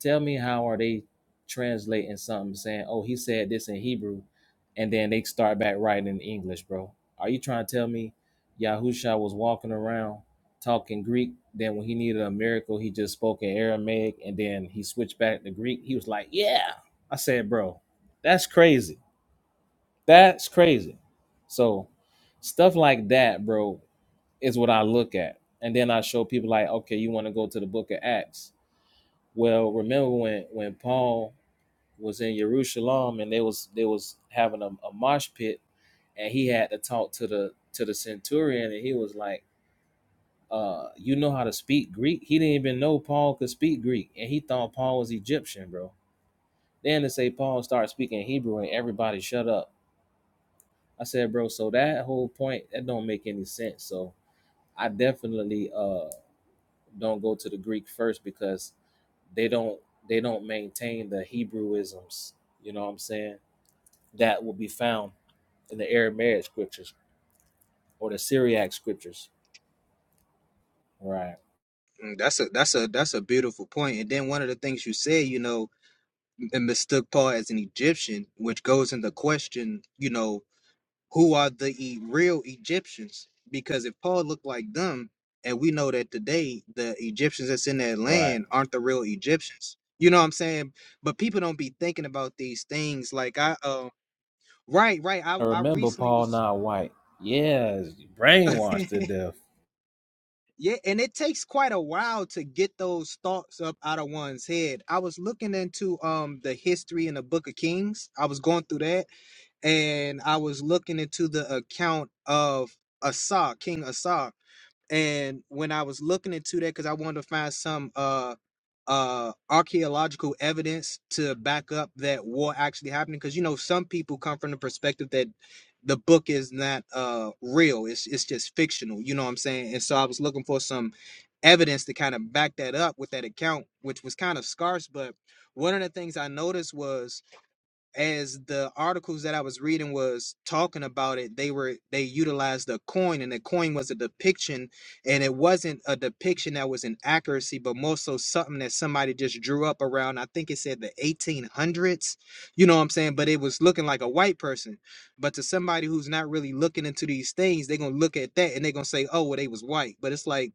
K: tell me how are they translating something saying, oh, he said this in Hebrew, and then they start back writing in English, bro. Are you trying to tell me Yahusha was walking around talking Greek, then when he needed a miracle, he just spoke in Aramaic, and then he switched back to Greek? He was like, yeah. I said, bro, that's crazy. That's crazy. So stuff like that, bro, is what I look at. And then I show people like, okay, you want to go to the book of Acts. Well, remember when when Paul was in Jerusalem and they was they was having a, a mosh pit and he had to talk to the to the centurion and he was like, uh, you know how to speak Greek? He didn't even know Paul could speak Greek and he thought Paul was Egyptian, bro. Then to say Paul started speaking Hebrew and everybody shut up I said, bro, so that whole point that don't make any sense. So I definitely uh don't go to the Greek first because they don't they don't maintain the Hebrewisms, you know what I'm saying, that will be found in the Aramaic scriptures or the Syriac scriptures. Right,
L: Mm, That's a that's a that's a beautiful point. And then one of the things you said, you know, m- mistook Paul as an Egyptian, which goes into question, you know, who are the e- real Egyptians? Because if Paul looked like them, and we know that today the Egyptians that's in that
K: right.
L: land aren't the real Egyptians. You know what I'm saying? But people don't be thinking about these things. Like I um Right, right. I
K: I
L: I
K: remember
L: recently
K: Paul
L: was
K: not white. Yeah, brainwashed to death.
L: Yeah, and it takes quite a while to get those thoughts up out of one's head. I was looking into um the history in the Book of Kings. I was going through that and I was looking into the account of Asa, King Asa. And when I was looking into that, because I wanted to find some uh uh archaeological evidence to back up that war actually happening, because you know some people come from the perspective that the book is not uh real; it's it's just fictional. You know what I'm saying? And so I was looking for some evidence to kind of back that up with that account, which was kind of scarce. But one of the things I noticed was as the articles that I was reading was talking about it, they were they utilized a coin, and the coin was a depiction, and it wasn't a depiction that was an accuracy, but more so something that somebody just drew up around. I think it said the 1800s, you know what I'm saying? But it was looking like a white person. But to somebody who's not really looking into these things, they're gonna look at that and they're gonna say, "Oh, well, they was white." But it's like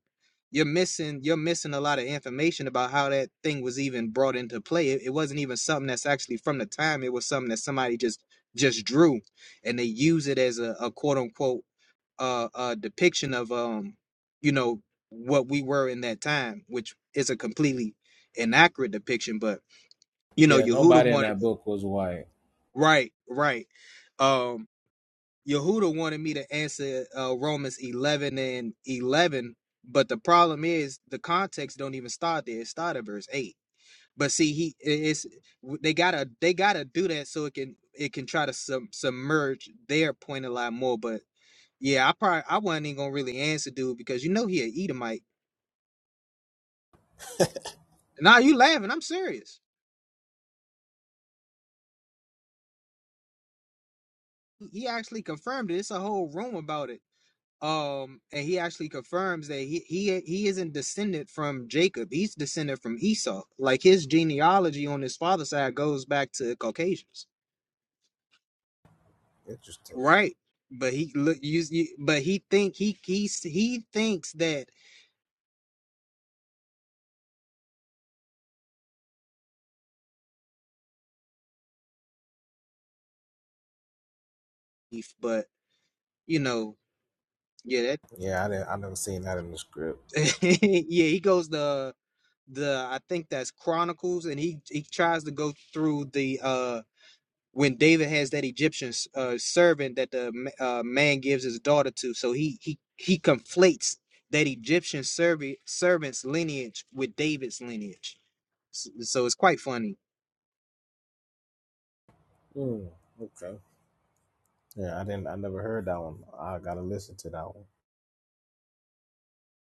L: you're missing you're missing a lot of information about how that thing was even brought into play. It, it wasn't even something that's actually from the time. It was something that somebody just just drew, and they use it as a, a quote unquote uh, uh depiction of um you know what we were in that time, which is a completely inaccurate depiction. But you know,
K: Yeah,
L: Yehuda
K: nobody in
L: wanted
K: that book was white.
L: right, right. Um, Yehuda wanted me to answer uh, Romans 11 and 11, but the problem is the context don't even start there. It started at verse 8. But see, he i- it's they gotta they gotta do that so it can it can try to sub, submerge their point a lot more. But yeah, I probably I wasn't even gonna really answer dude because you know he a Edomite. Nah, you laughing? I'm serious. he actually confirmed it. It's a whole room about it. um and he actually confirms that he he he isn't descended from jacob he's descended from esau like his genealogy on his father's side goes back to caucasians
K: Interesting.
L: right but he look you, you but he think he he s- he thinks that if- but you know yeah
K: Yeah, I didn't. I never seen that in the script.
L: that yeah he goes the the i think that's chronicles and he he tries to go through the uh when David has that Egyptian uh, servant that the uh, man gives his daughter to, so he he he conflates that Egyptian servant servant's lineage with David's lineage. S- So, it's quite funny.
K: Hmm. Okay. Yeah, I didn't. I never heard that one. I gotta listen to that one.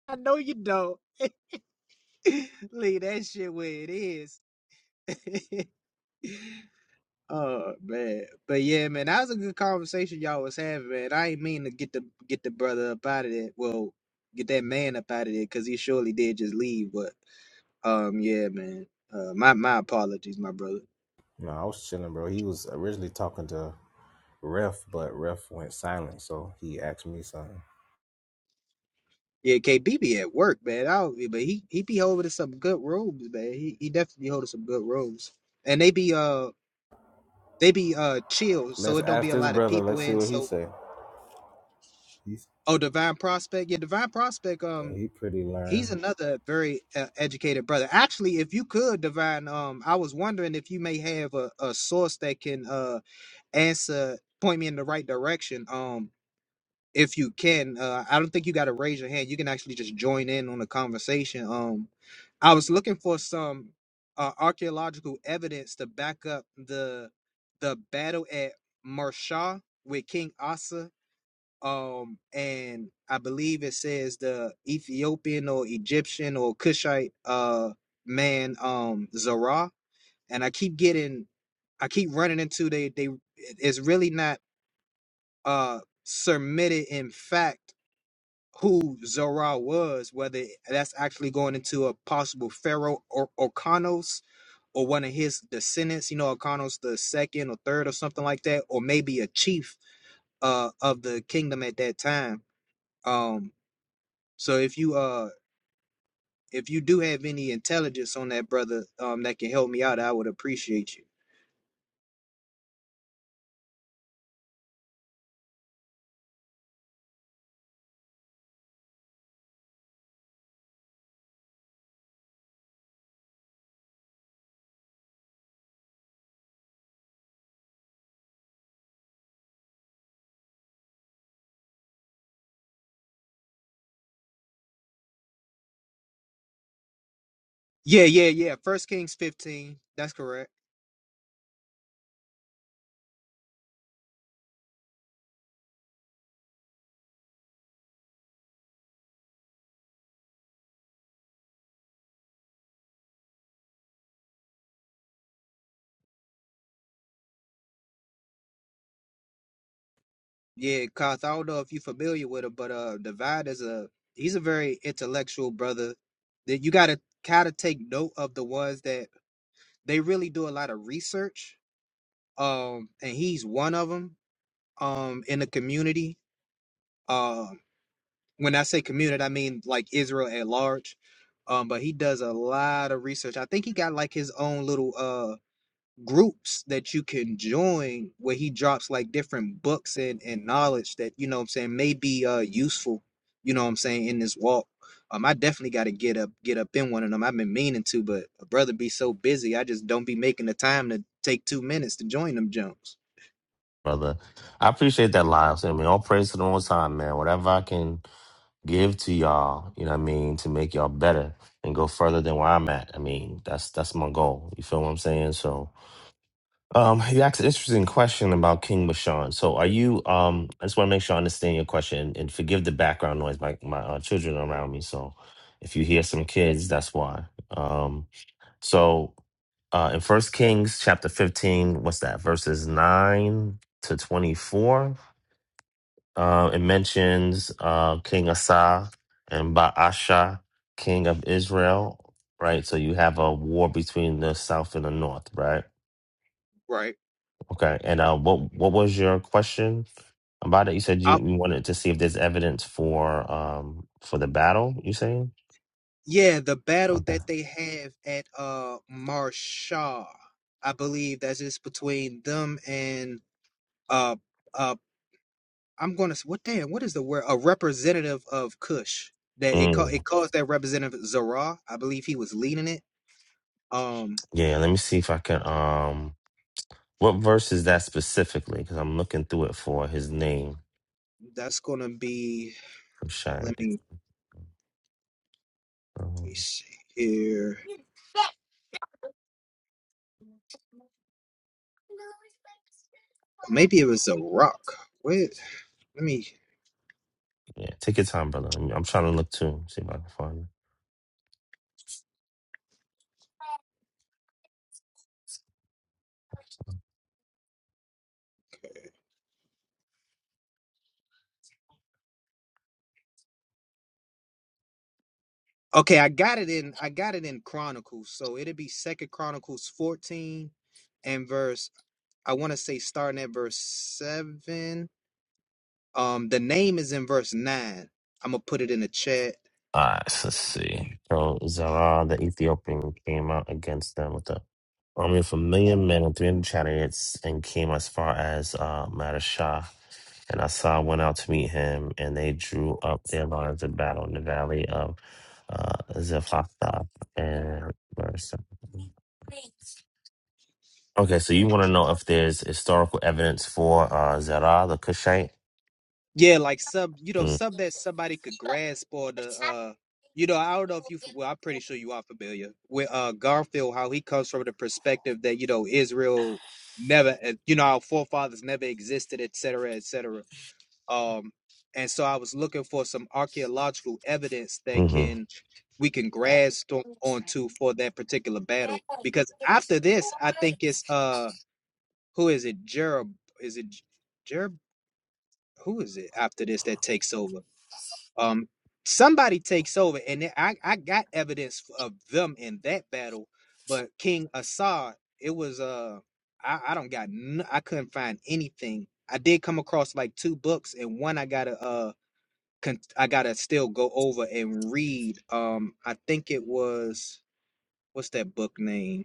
L: I know you don't leave that shit where it is. oh man, but yeah, man, that was a good conversation y'all was having, man. I ain't mean to get the get the brother up out of there. Well, get that man up out of there because he surely did just leave, but. Um, yeah, man. Uh, my my apologies, my brother.
K: No, I was chilling, bro. He was originally talking to Ref, but Ref went silent, so he asked me something.
L: Yeah, KB be at work, man. I don't, but he he be holding some good robes, man. He he definitely holding some good robes, and they be uh they be uh chill, so
K: Let's
L: it don't
K: ask
L: be a
K: this
L: lot of
K: brother.
L: people
K: Let's see
L: in.
K: what he
L: So
K: say. He's
L: oh, Divine Prospect, yeah, Divine Prospect. Um,
K: he pretty
L: he's
K: learned.
L: another very uh, educated brother. Actually, if you could, Divine, um, I was wondering if you may have a a source that can uh answer, point me in the right direction. Um, if you can. Uh, I don't think you got to raise your hand. You can actually just join in on the conversation. Um, I was looking for some uh, archaeological evidence to back up the the battle at Marsha with King Asa. Um, and I believe it says the Ethiopian or Egyptian or Cushite uh man um Zerah, And I keep getting, I keep running into they they. It's really not uh submitted in fact who Zorah was, whether that's actually going into a possible Pharaoh or Orkanos or one of his descendants, you know, Orkanos the second or third or something like that, or maybe a chief uh of the kingdom at that time. Um so if you uh if you do have any intelligence on that brother um that can help me out, I would appreciate you. Yeah, yeah, yeah. First Kings fifteen. That's correct. Yeah, Koth, I don't know if you're familiar with him, but uh Divine is a he's a very intellectual brother. That you gotta kinda take note of the ones that they really do a lot of research. Um and he's one of them um in the community. Um when I say community, I mean like Israel at large. Um, but he does a lot of research. I think he got like his own little uh, groups that you can join where he drops like different books and, and knowledge that you know what I'm saying may be uh useful, you know what I'm saying, in this walk. Um I definitely gotta get up get up in one of them. I've been meaning to, but a brother be so busy, I just don't be making the time to take two minutes to join them Jones.
M: brother. I appreciate that live. So, I mean, all praise to the Most High, man. Whatever I can give to y'all, you know what I mean, to make y'all better and go further than where I'm at. I mean, that's that's my goal. You feel what I'm saying? So, um, you asked an interesting question about King Bashan. So, are you? Um, I just want to make sure I understand your question and forgive the background noise. My my uh, children are around me, so if you hear some kids, that's why. Um, so. Uh, in First Kings chapter fifteen, what's that? Verses nine to twenty-four uh, it mentions uh, King Asa and Baasha, king of Israel, right? So you have a war between the south and the north, right?
L: Right.
M: Okay. And uh, what what was your question about it? You said you,
L: I,
M: you wanted to see if there's evidence for um for the battle. You saying?
L: yeah, the battle
M: Okay.
L: that they have at uh Marshaw, I believe that's just between them and uh uh I'm going to what damn what is the word a representative of Kush that it called
M: Mm,
L: it calls that representative Zara I believe he was leading it um
M: yeah. Let me see if I can. Um, what verse is that specifically? Because I'm looking through it for his name.
L: that's going to be
M: I'm shy.
L: let me, let
M: Um,
L: me see here maybe it was a rock wait let me
M: yeah. Take your time, brother. I'm, I'm trying to look too. See if I can find it.
L: okay I got it in I got it in Chronicles so it'd be Second Chronicles 14 and verse I want to say starting at verse 7 um the name is in verse 9 I'm gonna put it in the chat
M: Alright, so let's see. So Zara, the Ethiopian, came out against them with an army of a million men and 300 chariots and came as far as uh, Madashah. And Asa went out to meet him, and they drew up their lines of battle in the valley of uh, Zephatha. And where is that? okay, so you want to know if there's historical evidence for uh, Zerah, the Cushite?
L: Yeah, like sub, you know,
M: Mm-hmm.
L: sub that somebody could grasp or the, uh, you know, I don't know if you, well, I'm pretty sure you are familiar with uh Garfield, how he comes from the perspective that, you know, Israel never, uh, you know, our forefathers never existed, et cetera, et cetera. Um, and so I was looking for some archaeological evidence that
M: mm-hmm,
L: can, we can grasp on, onto for that particular battle. Because after this, I think it's, uh, who is it? Jerob, is it J- Jerob? Who is it after this that takes over? Um, somebody takes over, and I I got evidence of them in that battle, but King Assad, it was uh, I I don't got n- I couldn't find anything. I did come across like two books, and one I gotta uh, con- I gotta still go over and read. Um, I think it was what's that book name?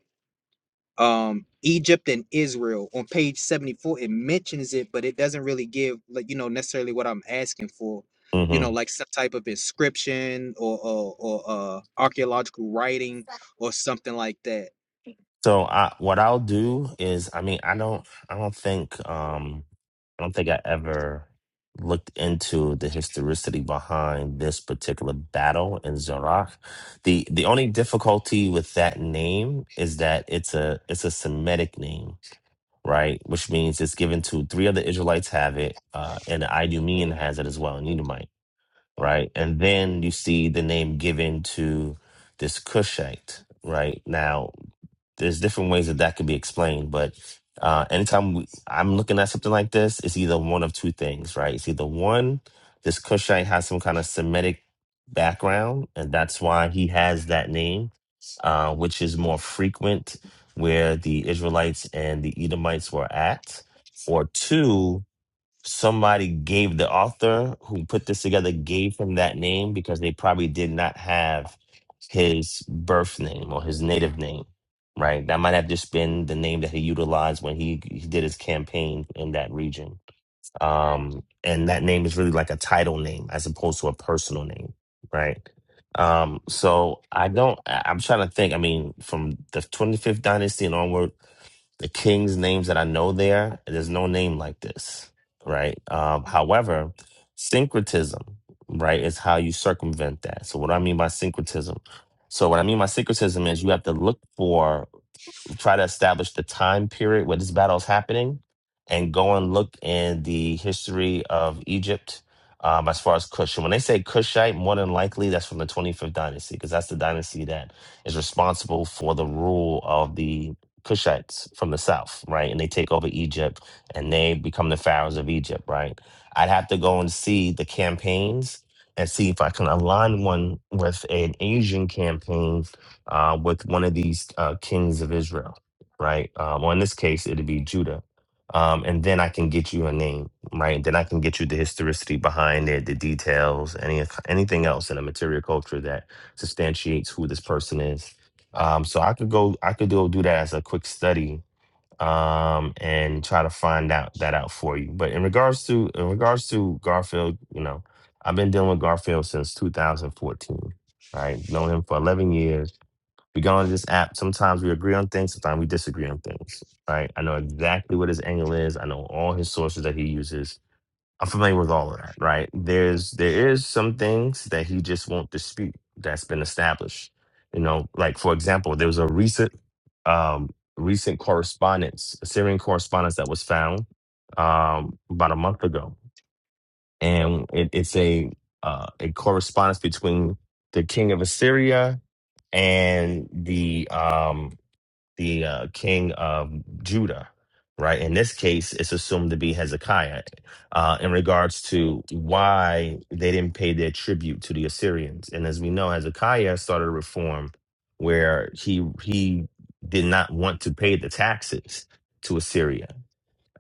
L: um Egypt and Israel on page 74 it mentions it but it doesn't really give like you know necessarily what I'm asking for you
M: mm-hmm.
L: know like some type of inscription or or, or uh archaeological writing or something like that
M: So I, what I'll do is, I mean, I don't, I don't think, um, I don't think I ever looked into the historicity behind this particular battle in Zerach. The the only difficulty with that name is that it's a it's a Semitic name, right? Which means it's given to three other Israelites have it, uh, and the Idumean has it as well, and Edomite, right? And then you see the name given to this Cushite, right? Now there's different ways that that could be explained, but uh, anytime we, I'm looking at something like this, it's either one of two things, right? It's either one, this Cushite has some kind of Semitic background, and that's why he has that name, uh, which is more frequent where the Israelites and the Edomites were at, or two, somebody gave the author who put this together gave him that name because they probably did not have his birth name or his native name right that might have just been the name that he utilized when he, he did his campaign in that region um, and that name is really like a title name as opposed to a personal name, right? Um, so I don't. I- I'm trying to think. I mean, from the 25th dynasty and onward, the kings' names that I know there, there's no name like this, right? Um, however, syncretism, right, is how you circumvent that. So what do I mean by syncretism? So what I mean by syncretism is you have to look for try to establish the time period where this battle is happening and go and look in the history of Egypt um, as far as Cush. And when they say Kushite, more than likely that's from the 25th dynasty because that's the dynasty that is responsible for the rule of the Kushites from the south, right? And they take over Egypt and they become the pharaohs of Egypt, right? I'd have to go and see the campaigns and see if I can align one with an Asian campaign uh, with one of these uh, kings of Israel, right? Um, or in this case, it'd be Judah. Um, and then I can get you a name, right? Then I can get you the historicity behind it, the details, any anything else in a material culture that substantiates who this person is. Um, so I could go, I could do do that as a quick study um, and try to find out that out for you. But in regards to in regards to Garfield, you know, I've been dealing with Garfield since 2014, right? Known him for 11 years we go on this app. Sometimes we agree on things, sometimes we disagree on things. Right. I know exactly what his angle is. I know all his sources that he uses. I'm familiar with all of that, right? There's there is some things that he just won't dispute that's been established. You know, like for example, there was a recent um recent correspondence, Syrian correspondence that was found um about a month ago. And it, it's a uh a correspondence between the king of Assyria and the um the uh, king of Judah, right? In this case, it's assumed to be Hezekiah uh, in regards to why they didn't pay their tribute to the Assyrians. And as we know, Hezekiah started a reform where he he did not want to pay the taxes to Assyria.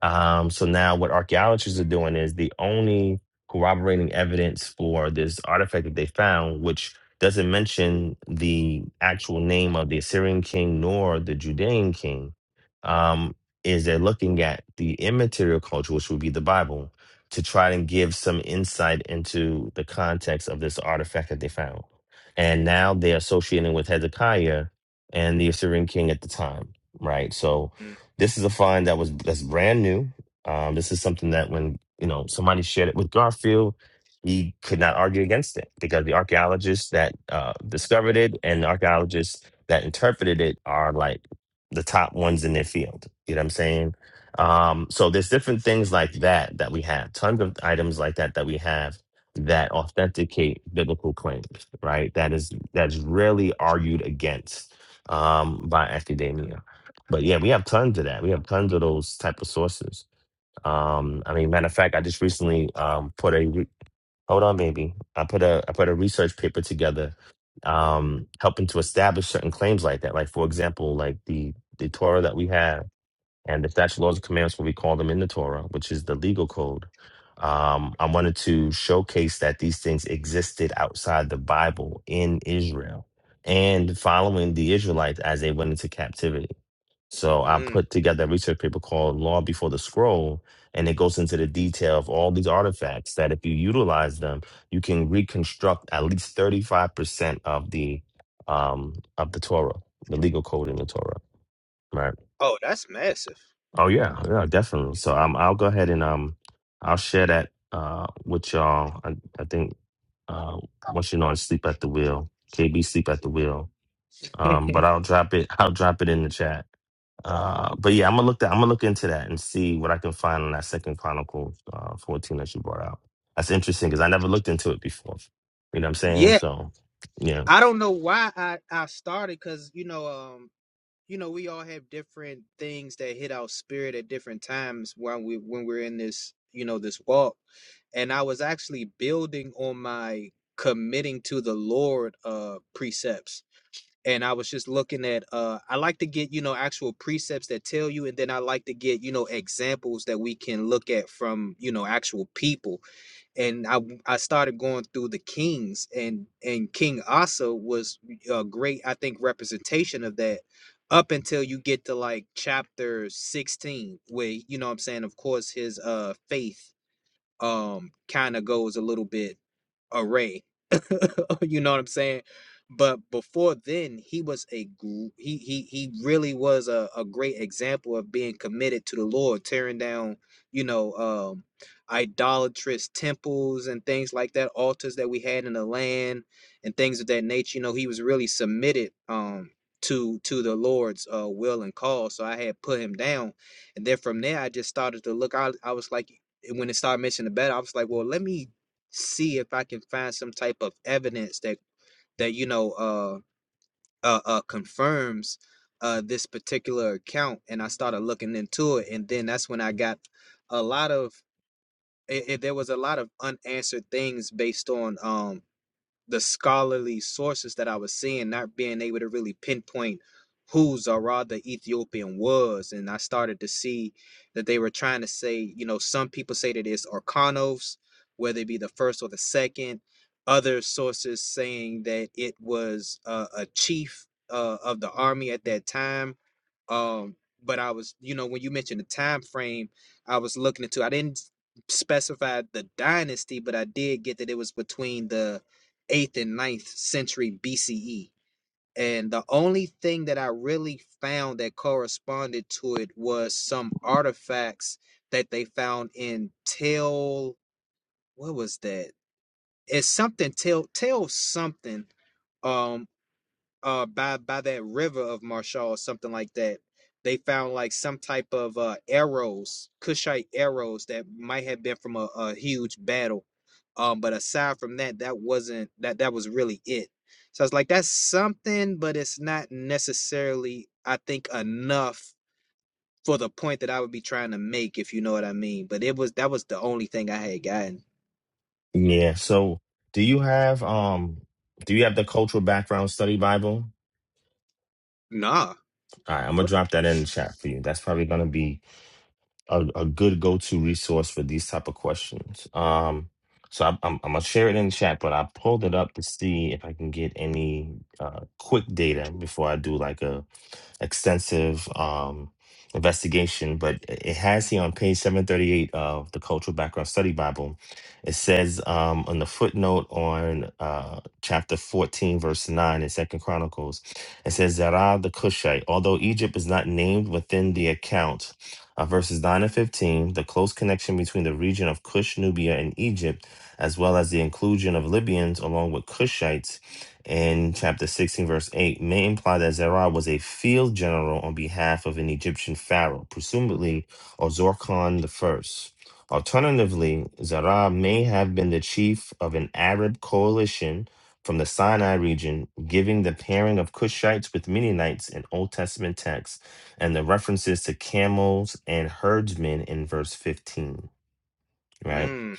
M: Um, so now what archaeologists are doing is the only corroborating evidence for this artifact that they found, which doesn't mention the actual name of the Assyrian king nor the Judean king, um, is they're looking at the immaterial culture, which would be the Bible, to try and give some insight into the context of this artifact that they found. And now they're associating with Hezekiah and the Assyrian king at the time, right? So this is a find that was that's brand new. Um, this is something that when you know somebody shared it with Garfield, he could not argue against it because the archaeologists that uh, discovered it and the archaeologists that interpreted it are like the top ones in their field. You know what I'm saying? Um, so there's different things like that that we have. Tons of items like that that we have that authenticate biblical claims, right? That is that's rarely argued against um, by academia. But yeah, we have tons of that. We have tons of those type of sources. Um, I mean, matter of fact, I just recently um put a re- hold on, baby. I put a I put a research paper together, um, helping to establish certain claims like that. Like for example, like the the Torah that we have and the statute laws and commandments, what we call them in the Torah, which is the legal code. Um, I wanted to showcase that these things existed outside the Bible in Israel and following the Israelites as they went into captivity. So I
L: Mm-mm.
M: put together a research paper called Law Before the Scroll, and it goes into the detail of all these artifacts that if you utilize them, you can reconstruct at least 35% of the um of the Torah, the legal code in the Torah. Right.
L: Oh, that's massive.
M: Oh yeah, yeah, definitely. So um I'll go ahead and um I'll share that uh with y'all. I, I think uh once you know on sleep at the wheel, KB sleep at the wheel. Um, but I'll drop it. I'll drop it in the chat. Uh, but yeah, I'm gonna look that. I'm gonna look into that and see what I can find on that Second Chronicles uh, 14 that you brought out. That's interesting because I never looked into it before. You know what I'm saying?
L: yeah
M: So yeah,
L: I don't know why I I started cuz you know um you know we all have different things that hit our spirit at different times when we when we're in this you know this walk and I was actually building on my committing to the Lord uh precepts. And I was just looking at uh I like to get, you know, actual precepts that tell you and then I like to get, you know, examples that we can look at from, you know, actual people. And I I started going through the kings and and King Asa was a great I think representation of that up until you get to like chapter 16 where you know what I'm saying of course his uh faith um kind of goes a little bit array you know what I'm saying? But before then, he was a gr- he he he really was a, a great example of being committed to the Lord, tearing down you know um, idolatrous temples and things like that, altars that we had in the land and things of that nature. You know, he was really submitted um, to to the Lord's uh, will and call. So I had put him down, and then from there I just started to look. I I was like, when it started mentioning the battle, I was like, well, let me see if I can find some type of evidence that that you know uh uh, uh confirms uh this particular account and I started looking into it and then that's when I got a lot of it, it, there was a lot of unanswered things based on um the scholarly sources that I was seeing, not being able to really pinpoint who Zara the Ethiopian was. And I started to see that they were trying to say, you know, some people say that it's Orkanos, whether it be the first or the second. Other sources saying that it was uh, a chief uh, of the army at that time um but i was you know when you mentioned the time frame i was looking into i didn't s- specify the dynasty but i did get that it was between the 8th and ninth century bce and the only thing that i really found that corresponded to it was some artifacts that they found in tell what was that it's something tell tell something Um uh by by that river of Marshall or something like that. They found like some type of uh arrows, Kushite arrows that might have been from a, a huge battle. Um, but aside from that, that wasn't that that was really it. So I was like, that's something, but it's not necessarily, I think, enough for the point that I would be trying to make, if you know what I mean. But it was that was the only thing I had gotten.
M: yeah. So do you have um do you have the cultural background study Bible?
L: Nah.
M: All right, I'm gonna
L: What
M: drop that in the chat for you. That's probably gonna be a, a good go-to resource for these type of questions. Um, so I'm, I'm, I'm gonna share it in the chat, but I pulled it up to see if I can get any uh, quick data before I do like a extensive um, investigation. But it it has here on page 738 of the Cultural Background Study Bible. It says um, on the footnote on uh, chapter 14, verse 9 in Second Chronicles, it says Zerah the Cushite, although Egypt is not named within the account uh, verses 9 and 15, the close connection between the region of Cush, Nubia, and Egypt, as well as the inclusion of Libyans along with Cushites in chapter 16, verse 8, may imply that Zerah was a field general on behalf of an Egyptian pharaoh, presumably Ozorkon I. Alternatively, Zerah may have been the chief of an Arab coalition from the Sinai region, giving the pairing of Cushites with Mennonites in Old Testament texts and the references to camels and herdsmen in verse 15, right?
L: mm,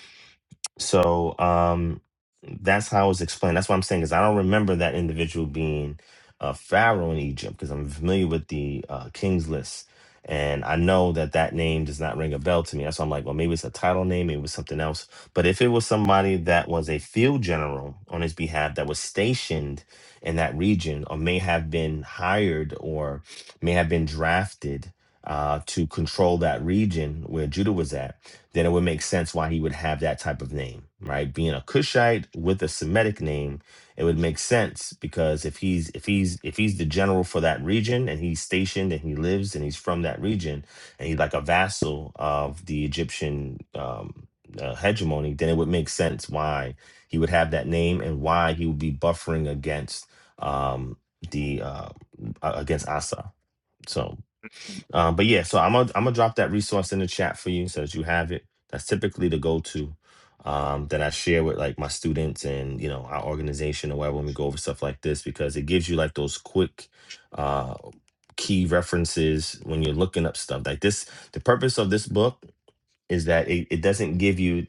M: So um, that's how it was explained. That's what I'm saying is I don't remember that individual being a pharaoh in Egypt because I'm familiar with the uh, king's list, and I know that that name does not ring a bell to me. That's why I'm like, well, maybe it's a title name, maybe it was something else. But if it was somebody that was a field general on his behalf that was stationed in that region, or may have been hired, or may have been drafted uh, to control that region where Judah was at then it would make sense why he would have that type of name, right? Being a Cushite with a Semitic name, it would make sense because if he's if he's if he's the general for that region and he's stationed and he lives and he's from that region and he's like a vassal of the Egyptian um, uh, hegemony, then it would make sense why he would have that name and why he would be buffering against um, the uh, a- against Asa. So um, but yeah, so I'm gonna I'm gonna drop that resource in the chat for you so that you have it. That's typically the go-to um, that I share with like my students and you know our organization or whatever when we go over stuff like this because it gives you like those quick uh, key references when you're looking up stuff like this. The purpose of this book is that it, it doesn't give you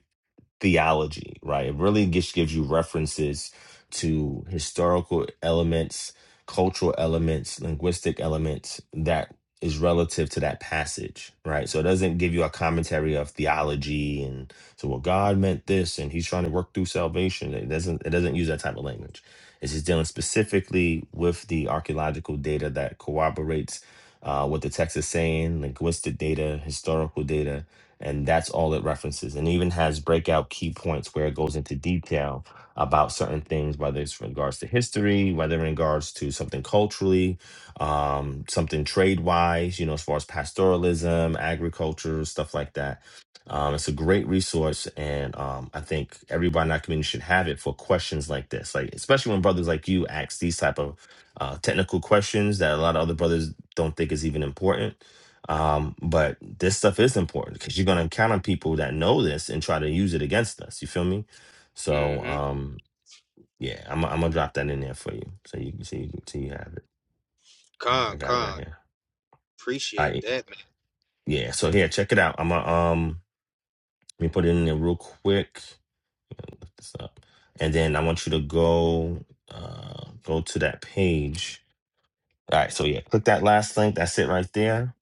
M: theology, right? It really just gives you references to historical elements, cultural elements, linguistic elements that is relative to that passage, right? So it doesn't give you a commentary of theology and so well God meant this and he's trying to work through salvation. It doesn't it doesn't use that type of language. It's just dealing specifically with the archaeological data that corroborates uh, what the text is saying, linguistic data, historical data, and that's all it references and even has breakout key points where it goes into detail about certain things whether it's in regards to history whether in regards to something culturally um, something trade wise you know as far as pastoralism agriculture stuff like that um, it's a great resource and um, i think everybody in our community should have it for questions like this like especially when brothers like you ask these type of uh, technical questions that a lot of other brothers don't think is even important um, but this stuff is important because you're gonna encounter people that know this and try to use it against us. You feel me? So
L: mm-hmm.
M: um, yeah, I'm I'm gonna drop that in there for you, so you can see so you have it. I I
L: Con,
M: got it
L: con.
M: right here.
L: Appreciate
M: I
L: that, man.
M: yeah. So here, check it out. I'm gonna um, let me put it in there real quick. Look this up, and then I want you to go uh go to that page. All right. So yeah, click that last link. That's it right there.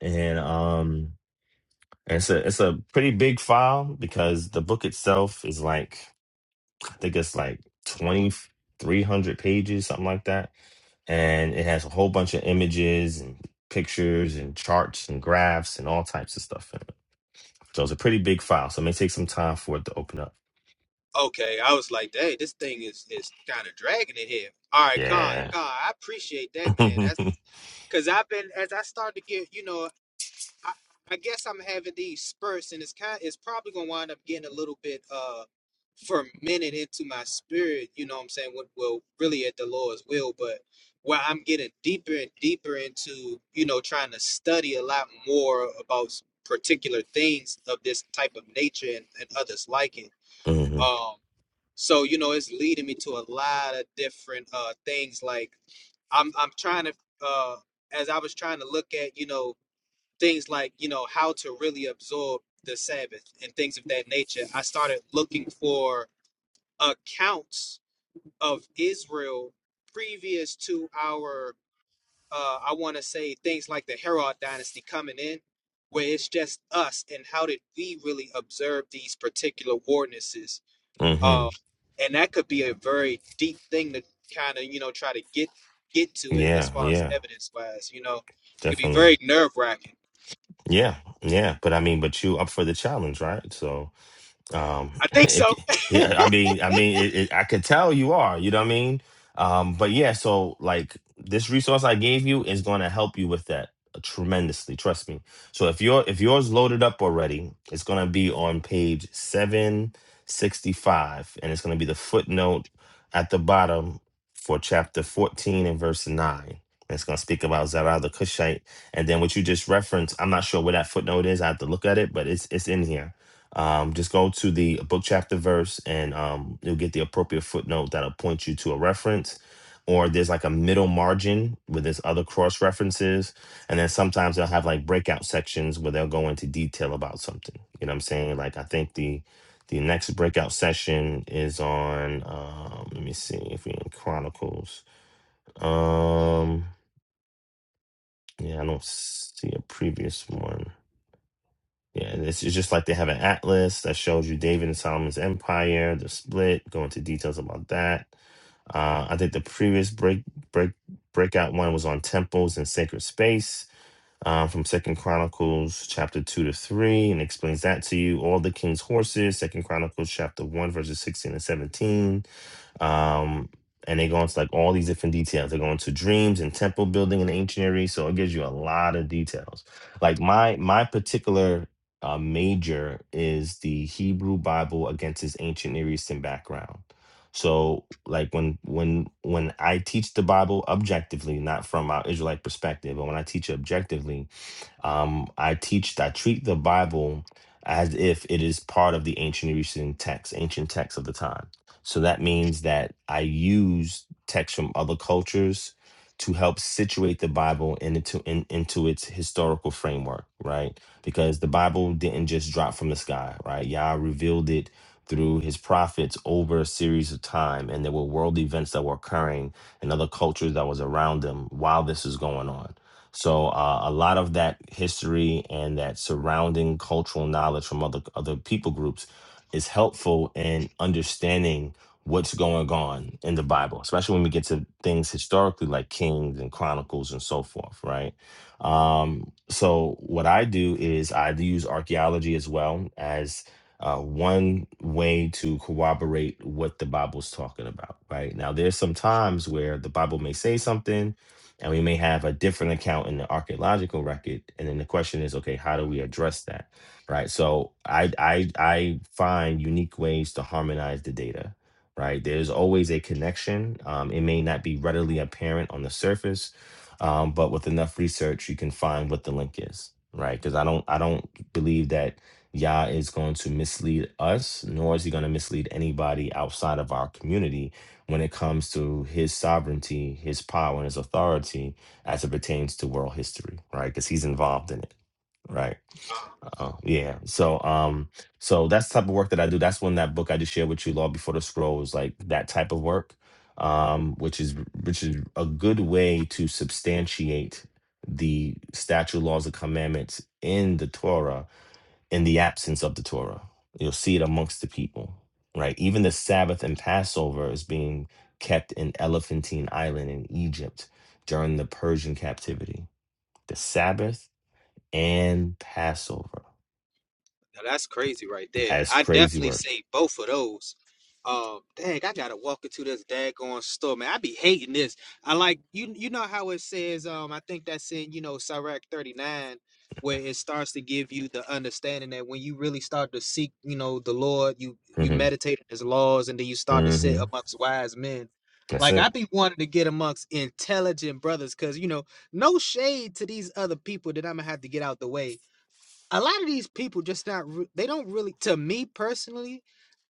M: And um. And it's a it's a pretty big file because the book itself is like I think it's like twenty three hundred pages, something like that. And it has a whole bunch of images and pictures and charts and graphs and all types of stuff in it. So it's a pretty big file. So it may take some time for it to open up.
L: Okay, I was like, hey, this thing is is kind of dragging it here. All right, Kai,
M: Yeah.
L: Kai, I appreciate that, man. That's because I've been as I start to get, you know, I, I guess I'm having these spurts, and it's kind, it's probably gonna wind up getting a little bit uh fermented into my spirit. You know what I'm saying? What well, really at the Lord's will, but where I'm getting deeper and deeper into, you know, trying to study a lot more about s- particular things of this type of nature and, and others like it
M: hmm
L: um, so you know, it's leading me to a lot of different uh things. Like I'm I'm trying to uh as I was trying to look at, you know, things like, you know, how to really absorb the Sabbath and things of that nature, I started looking for accounts of Israel previous to our uh I want to say things like the Herod dynasty coming in where it's just us and how did we really observe these particular ordinances
M: hmm
L: um, and that could be a very deep thing to kind of you know try to get get to it as
M: Yeah.
L: far as
M: Yeah.
L: evidence wise. You know, could be
M: Definitely.
L: very nerve wracking.
M: Yeah. Yeah. But I mean, but you up for the challenge, right? So Um,
L: I think
M: it,
L: so.
M: c- yeah, I mean, I mean, it, it, I could tell you are. You know what I mean? Um, but yeah, so like this resource I gave you is going to help you with that tremendously. Trust me. So if your if yours loaded up already, it's going to be on page seven sixty five, and it's going to be the footnote at the bottom for chapter fourteen and verse nine. And It's going to speak about Zerah the Cushite, and then what you just referenced. I'm not sure where that footnote is. I have to look at it, but it's it's in here um, just go to the book chapter verse and um, you'll get the appropriate footnote that'll point you to a reference. Or there's like a middle margin where there's other cross references. And then sometimes they'll have like breakout sections where they'll go into detail about something. You know what I'm saying? Like I think the the next breakout session is on um, let me see if we in Chronicles. Um yeah, I don't see a previous one. Yeah, and it's it's just like they have an atlas that shows you David and Solomon's empire, the split, go into details about that. Uh, I think the previous break break breakout one was on temples and sacred space uh, from Second Chronicles chapter two to three, and explains that to you. All the king's horses, Second Chronicles chapter one verses sixteen and seventeen, um, and they go into like all these different details. They go into dreams and temple building in the ancient area, so it gives you a lot of details. Like my my particular uh, major is the Hebrew Bible against its ancient Near Eastern background. So, like when when when I teach the Bible objectively, not from our Israelite perspective, but when I teach it objectively, um, I teach, I treat the Bible as if it is part of the ancient Eastern text, ancient texts of the time. So that means that I use texts from other cultures to help situate the Bible in- into in, into its historical framework, right? Because the Bible didn't just drop from the sky, right? Yah revealed it through his prophets over a series of time, and there were world events that were occurring and other cultures that was around them while this was going on so uh, a lot of that history and that surrounding cultural knowledge from other other people groups is helpful in understanding what's going on in the Bible, especially when we get to things historically like Kings and Chronicles and so forth, right? Um, so what I do is I use archaeology as well as uh, one way to corroborate what the Bible's talking about, right? Now, there's some times where the Bible may say something, and we may have a different account in the archaeological record and then the question is okay how do we address that right so i i i find unique ways to harmonize the data right there's always a connection um, it may not be readily apparent on the surface um, but with enough research you can find what the link is right because i don't i don't believe that Yah is going to mislead us, nor is he going to mislead anybody outside of our community when it comes to his sovereignty, his power, and his authority as it pertains to world history, right? Because he's involved in it, right? Uh, yeah. So, um, so that's the type of work that I do. That's when that book I just shared with you, Law Before the Scrolls, like that type of work, um, which is which is a good way to substantiate the statute, laws, and commandments in the Torah in the absence of the Torah. You'll see it amongst the people, right? Even the Sabbath and Passover is being kept in Elephantine Island in Egypt during the Persian captivity. The Sabbath and Passover.
L: Now that's crazy right there.
M: That's
L: I
M: crazy
L: definitely
M: work.
L: seen both of those. Um, dang, I gotta walk into this daggone store, man. I be hating this. I like you. You know how it says. Um, I think that's in you know Sirach thirty nine, where it starts to give you the understanding that when you really start to seek, you know, the Lord, you you
M: hmm
L: meditate on His laws, and then you start to sit
M: hmm
L: amongst wise men.
M: That's
L: Like I
M: it.
L: be wanting to get amongst intelligent brothers, cause you know, no shade to these other people that I'm gonna have to get out the way a lot of these people just not re- they don't really to me personally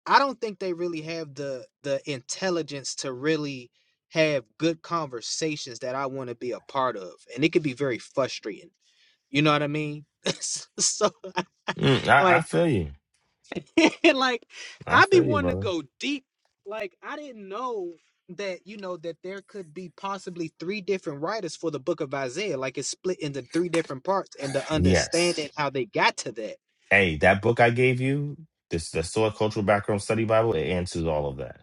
L: i don't think they really have the the intelligence to really have good conversations that i want to be a part of and it could be very frustrating you know what i mean S- so
M: Mm, I, I
L: like
M: feel you.
L: like
M: I
L: i be
M: feel you,
L: wanting to
M: brother.
L: go deep like i didn't know that you know that there could be possibly three different writers for the book of isaiah like it's split into three different parts and the
M: Yes.
L: understanding how they got to that
M: Hey, that book I gave you, this the Soil Cultural Background Study Bible, it answers all of that.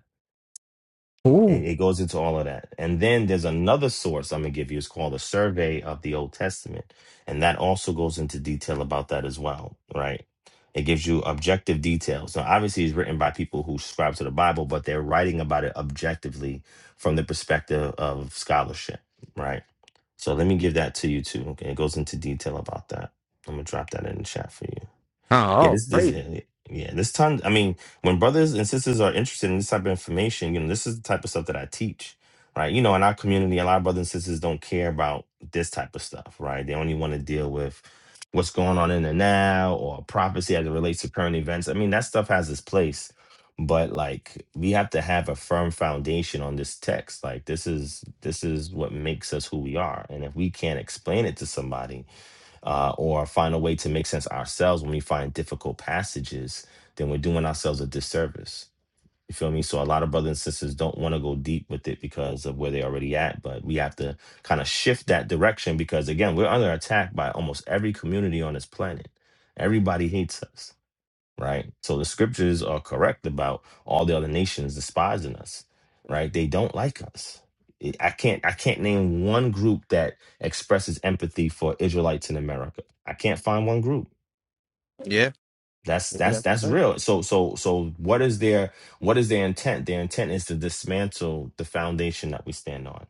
M: It, it goes into all of that. And then there's another source I'm going to give you. It's called a survey of the Old Testament. And that also goes into detail about that as well, right? It gives you objective details. Now, obviously, it's written by people who subscribe to the Bible, but they're writing about it objectively from the perspective of scholarship, right? So let me give that to you too. Okay. It goes into detail about that. I'm going to drop that in the chat for you. Yeah, this this is yeah, yeah, this time I mean, when brothers and sisters are interested in this type of information, you know, this is the type of stuff that I teach. Right. You know, in our community, a lot of brothers and sisters don't care about this type of stuff, right? They only want to deal with what's going on in the now or prophecy as it relates to current events. I mean, that stuff has its place. But like we have to have a firm foundation on this text. Like this is this is what makes us who we are. And if we can't explain it to somebody, uh, or find a way to make sense ourselves when we find difficult passages, then we're doing ourselves a disservice. You feel me? So a lot of brothers and sisters don't want to go deep with it because of where they're already at, but we have to kind of shift that direction because again, we're under attack by almost every community on this planet. Everybody hates us right? So the scriptures are correct about all the other nations despising us, right? They don't like us. It- I can't I can't name one group that expresses empathy for Israelites in America. I can't find one group. That's that's that's real. So so so what is their what is their intent? Their intent is to dismantle the foundation that we stand on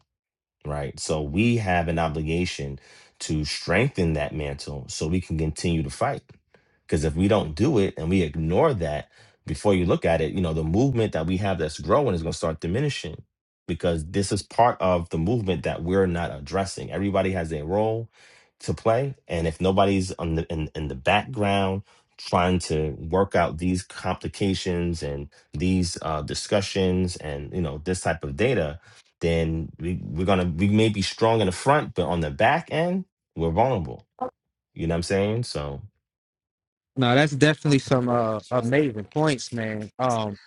M: right? So we have an obligation to strengthen that mantle so we can continue to fight. Because if we don't do it and we ignore that, before you look at it, you know, the movement that we have that's growing is going to start diminishing because this is part of the movement that we're not addressing. Everybody has a role to play. And if nobody's on the, in, in the background trying to work out these complications and these uh, discussions and, you know, this type of data, then we, we're gonna we may be strong in the front, but on the back end, we're vulnerable. You know what I'm saying? So
L: No, that's definitely some uh, amazing points, man. Um,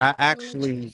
L: I actually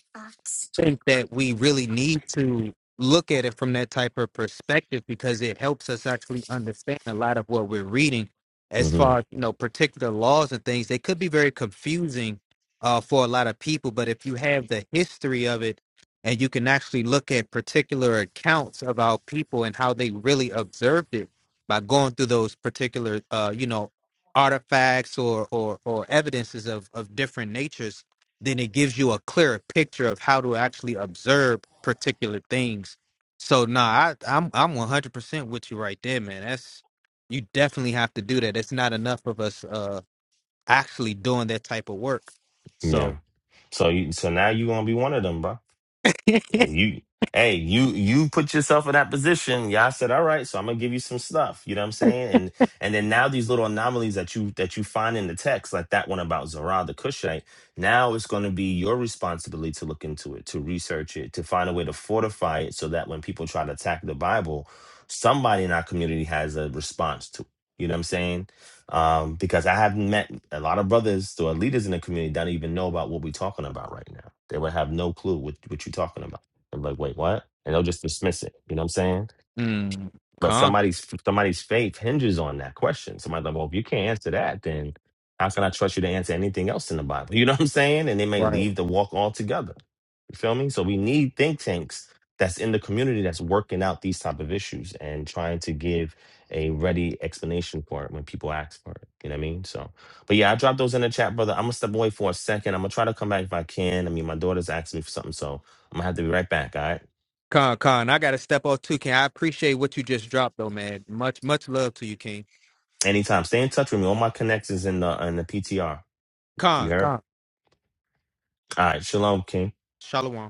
L: think that we really need to look at it from that type of perspective because it helps us actually understand a lot of what we're reading as
M: mhm,
L: far as you know particular laws and things they could be very confusing uh, for a lot of people but if you have the history of it and you can actually look at particular accounts of our people and how they really observed it by going through those particular uh, you know artifacts or or or evidences of of different natures then it gives you a clearer picture of how to actually observe particular things. So nah, I, I'm I'm 100% with you right there, man. That's you definitely have to do that. It's not enough of us uh actually doing that type of work.
M: yeah.
L: So,
M: So you so now you gonna be one of them, bro. And you, hey, you you put yourself in that position. Y'all said, all right, so I'm gonna give you some stuff. You know what I'm saying? And and then now these little anomalies that you that you find in the text, like that one about Zerah the Cushite, now it's gonna be your responsibility to look into it, to research it, to find a way to fortify it so that when people try to attack the Bible, somebody in our community has a response to it. You know what I'm saying? Um, because I haven't met a lot of brothers or leaders in the community that don't even know about what we're talking about right now. They would have no clue what, what you're talking about. I'm like, wait, what? And they'll just dismiss it. You know what I'm saying?
L: mm,
M: But
L: con
M: somebody's somebody's faith hinges on that question. Somebody's like, well, if you can't answer that, then how can I trust you to answer anything else in the Bible? You know what I'm saying? And they may
L: right,
M: leave the walk altogether. You feel me? So we need think tanks that's in the community that's working out these type of issues and trying to give a ready explanation for it when people ask for it. You know what I mean? So, but yeah, I dropped those in the chat, brother. I'm gonna step away for a second. I'm gonna try to come back if I can. I mean, my daughter's asking me for something, so I'm gonna have to be right back. All right.
L: con con. I gotta step off too, King. I appreciate what you just dropped though, man. Much much love to you, King.
M: Anytime. Stay in touch with me. All my connections in the in the PTR. You
L: Con
M: heard?
L: con.
M: All right. Shalom, King.
L: Shalom.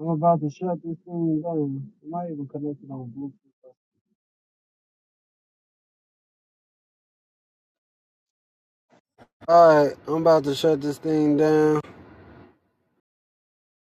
B: I'm about to shut this thing down. Am I might even connect it on Bluetooth. All right, I'm about to shut this thing down.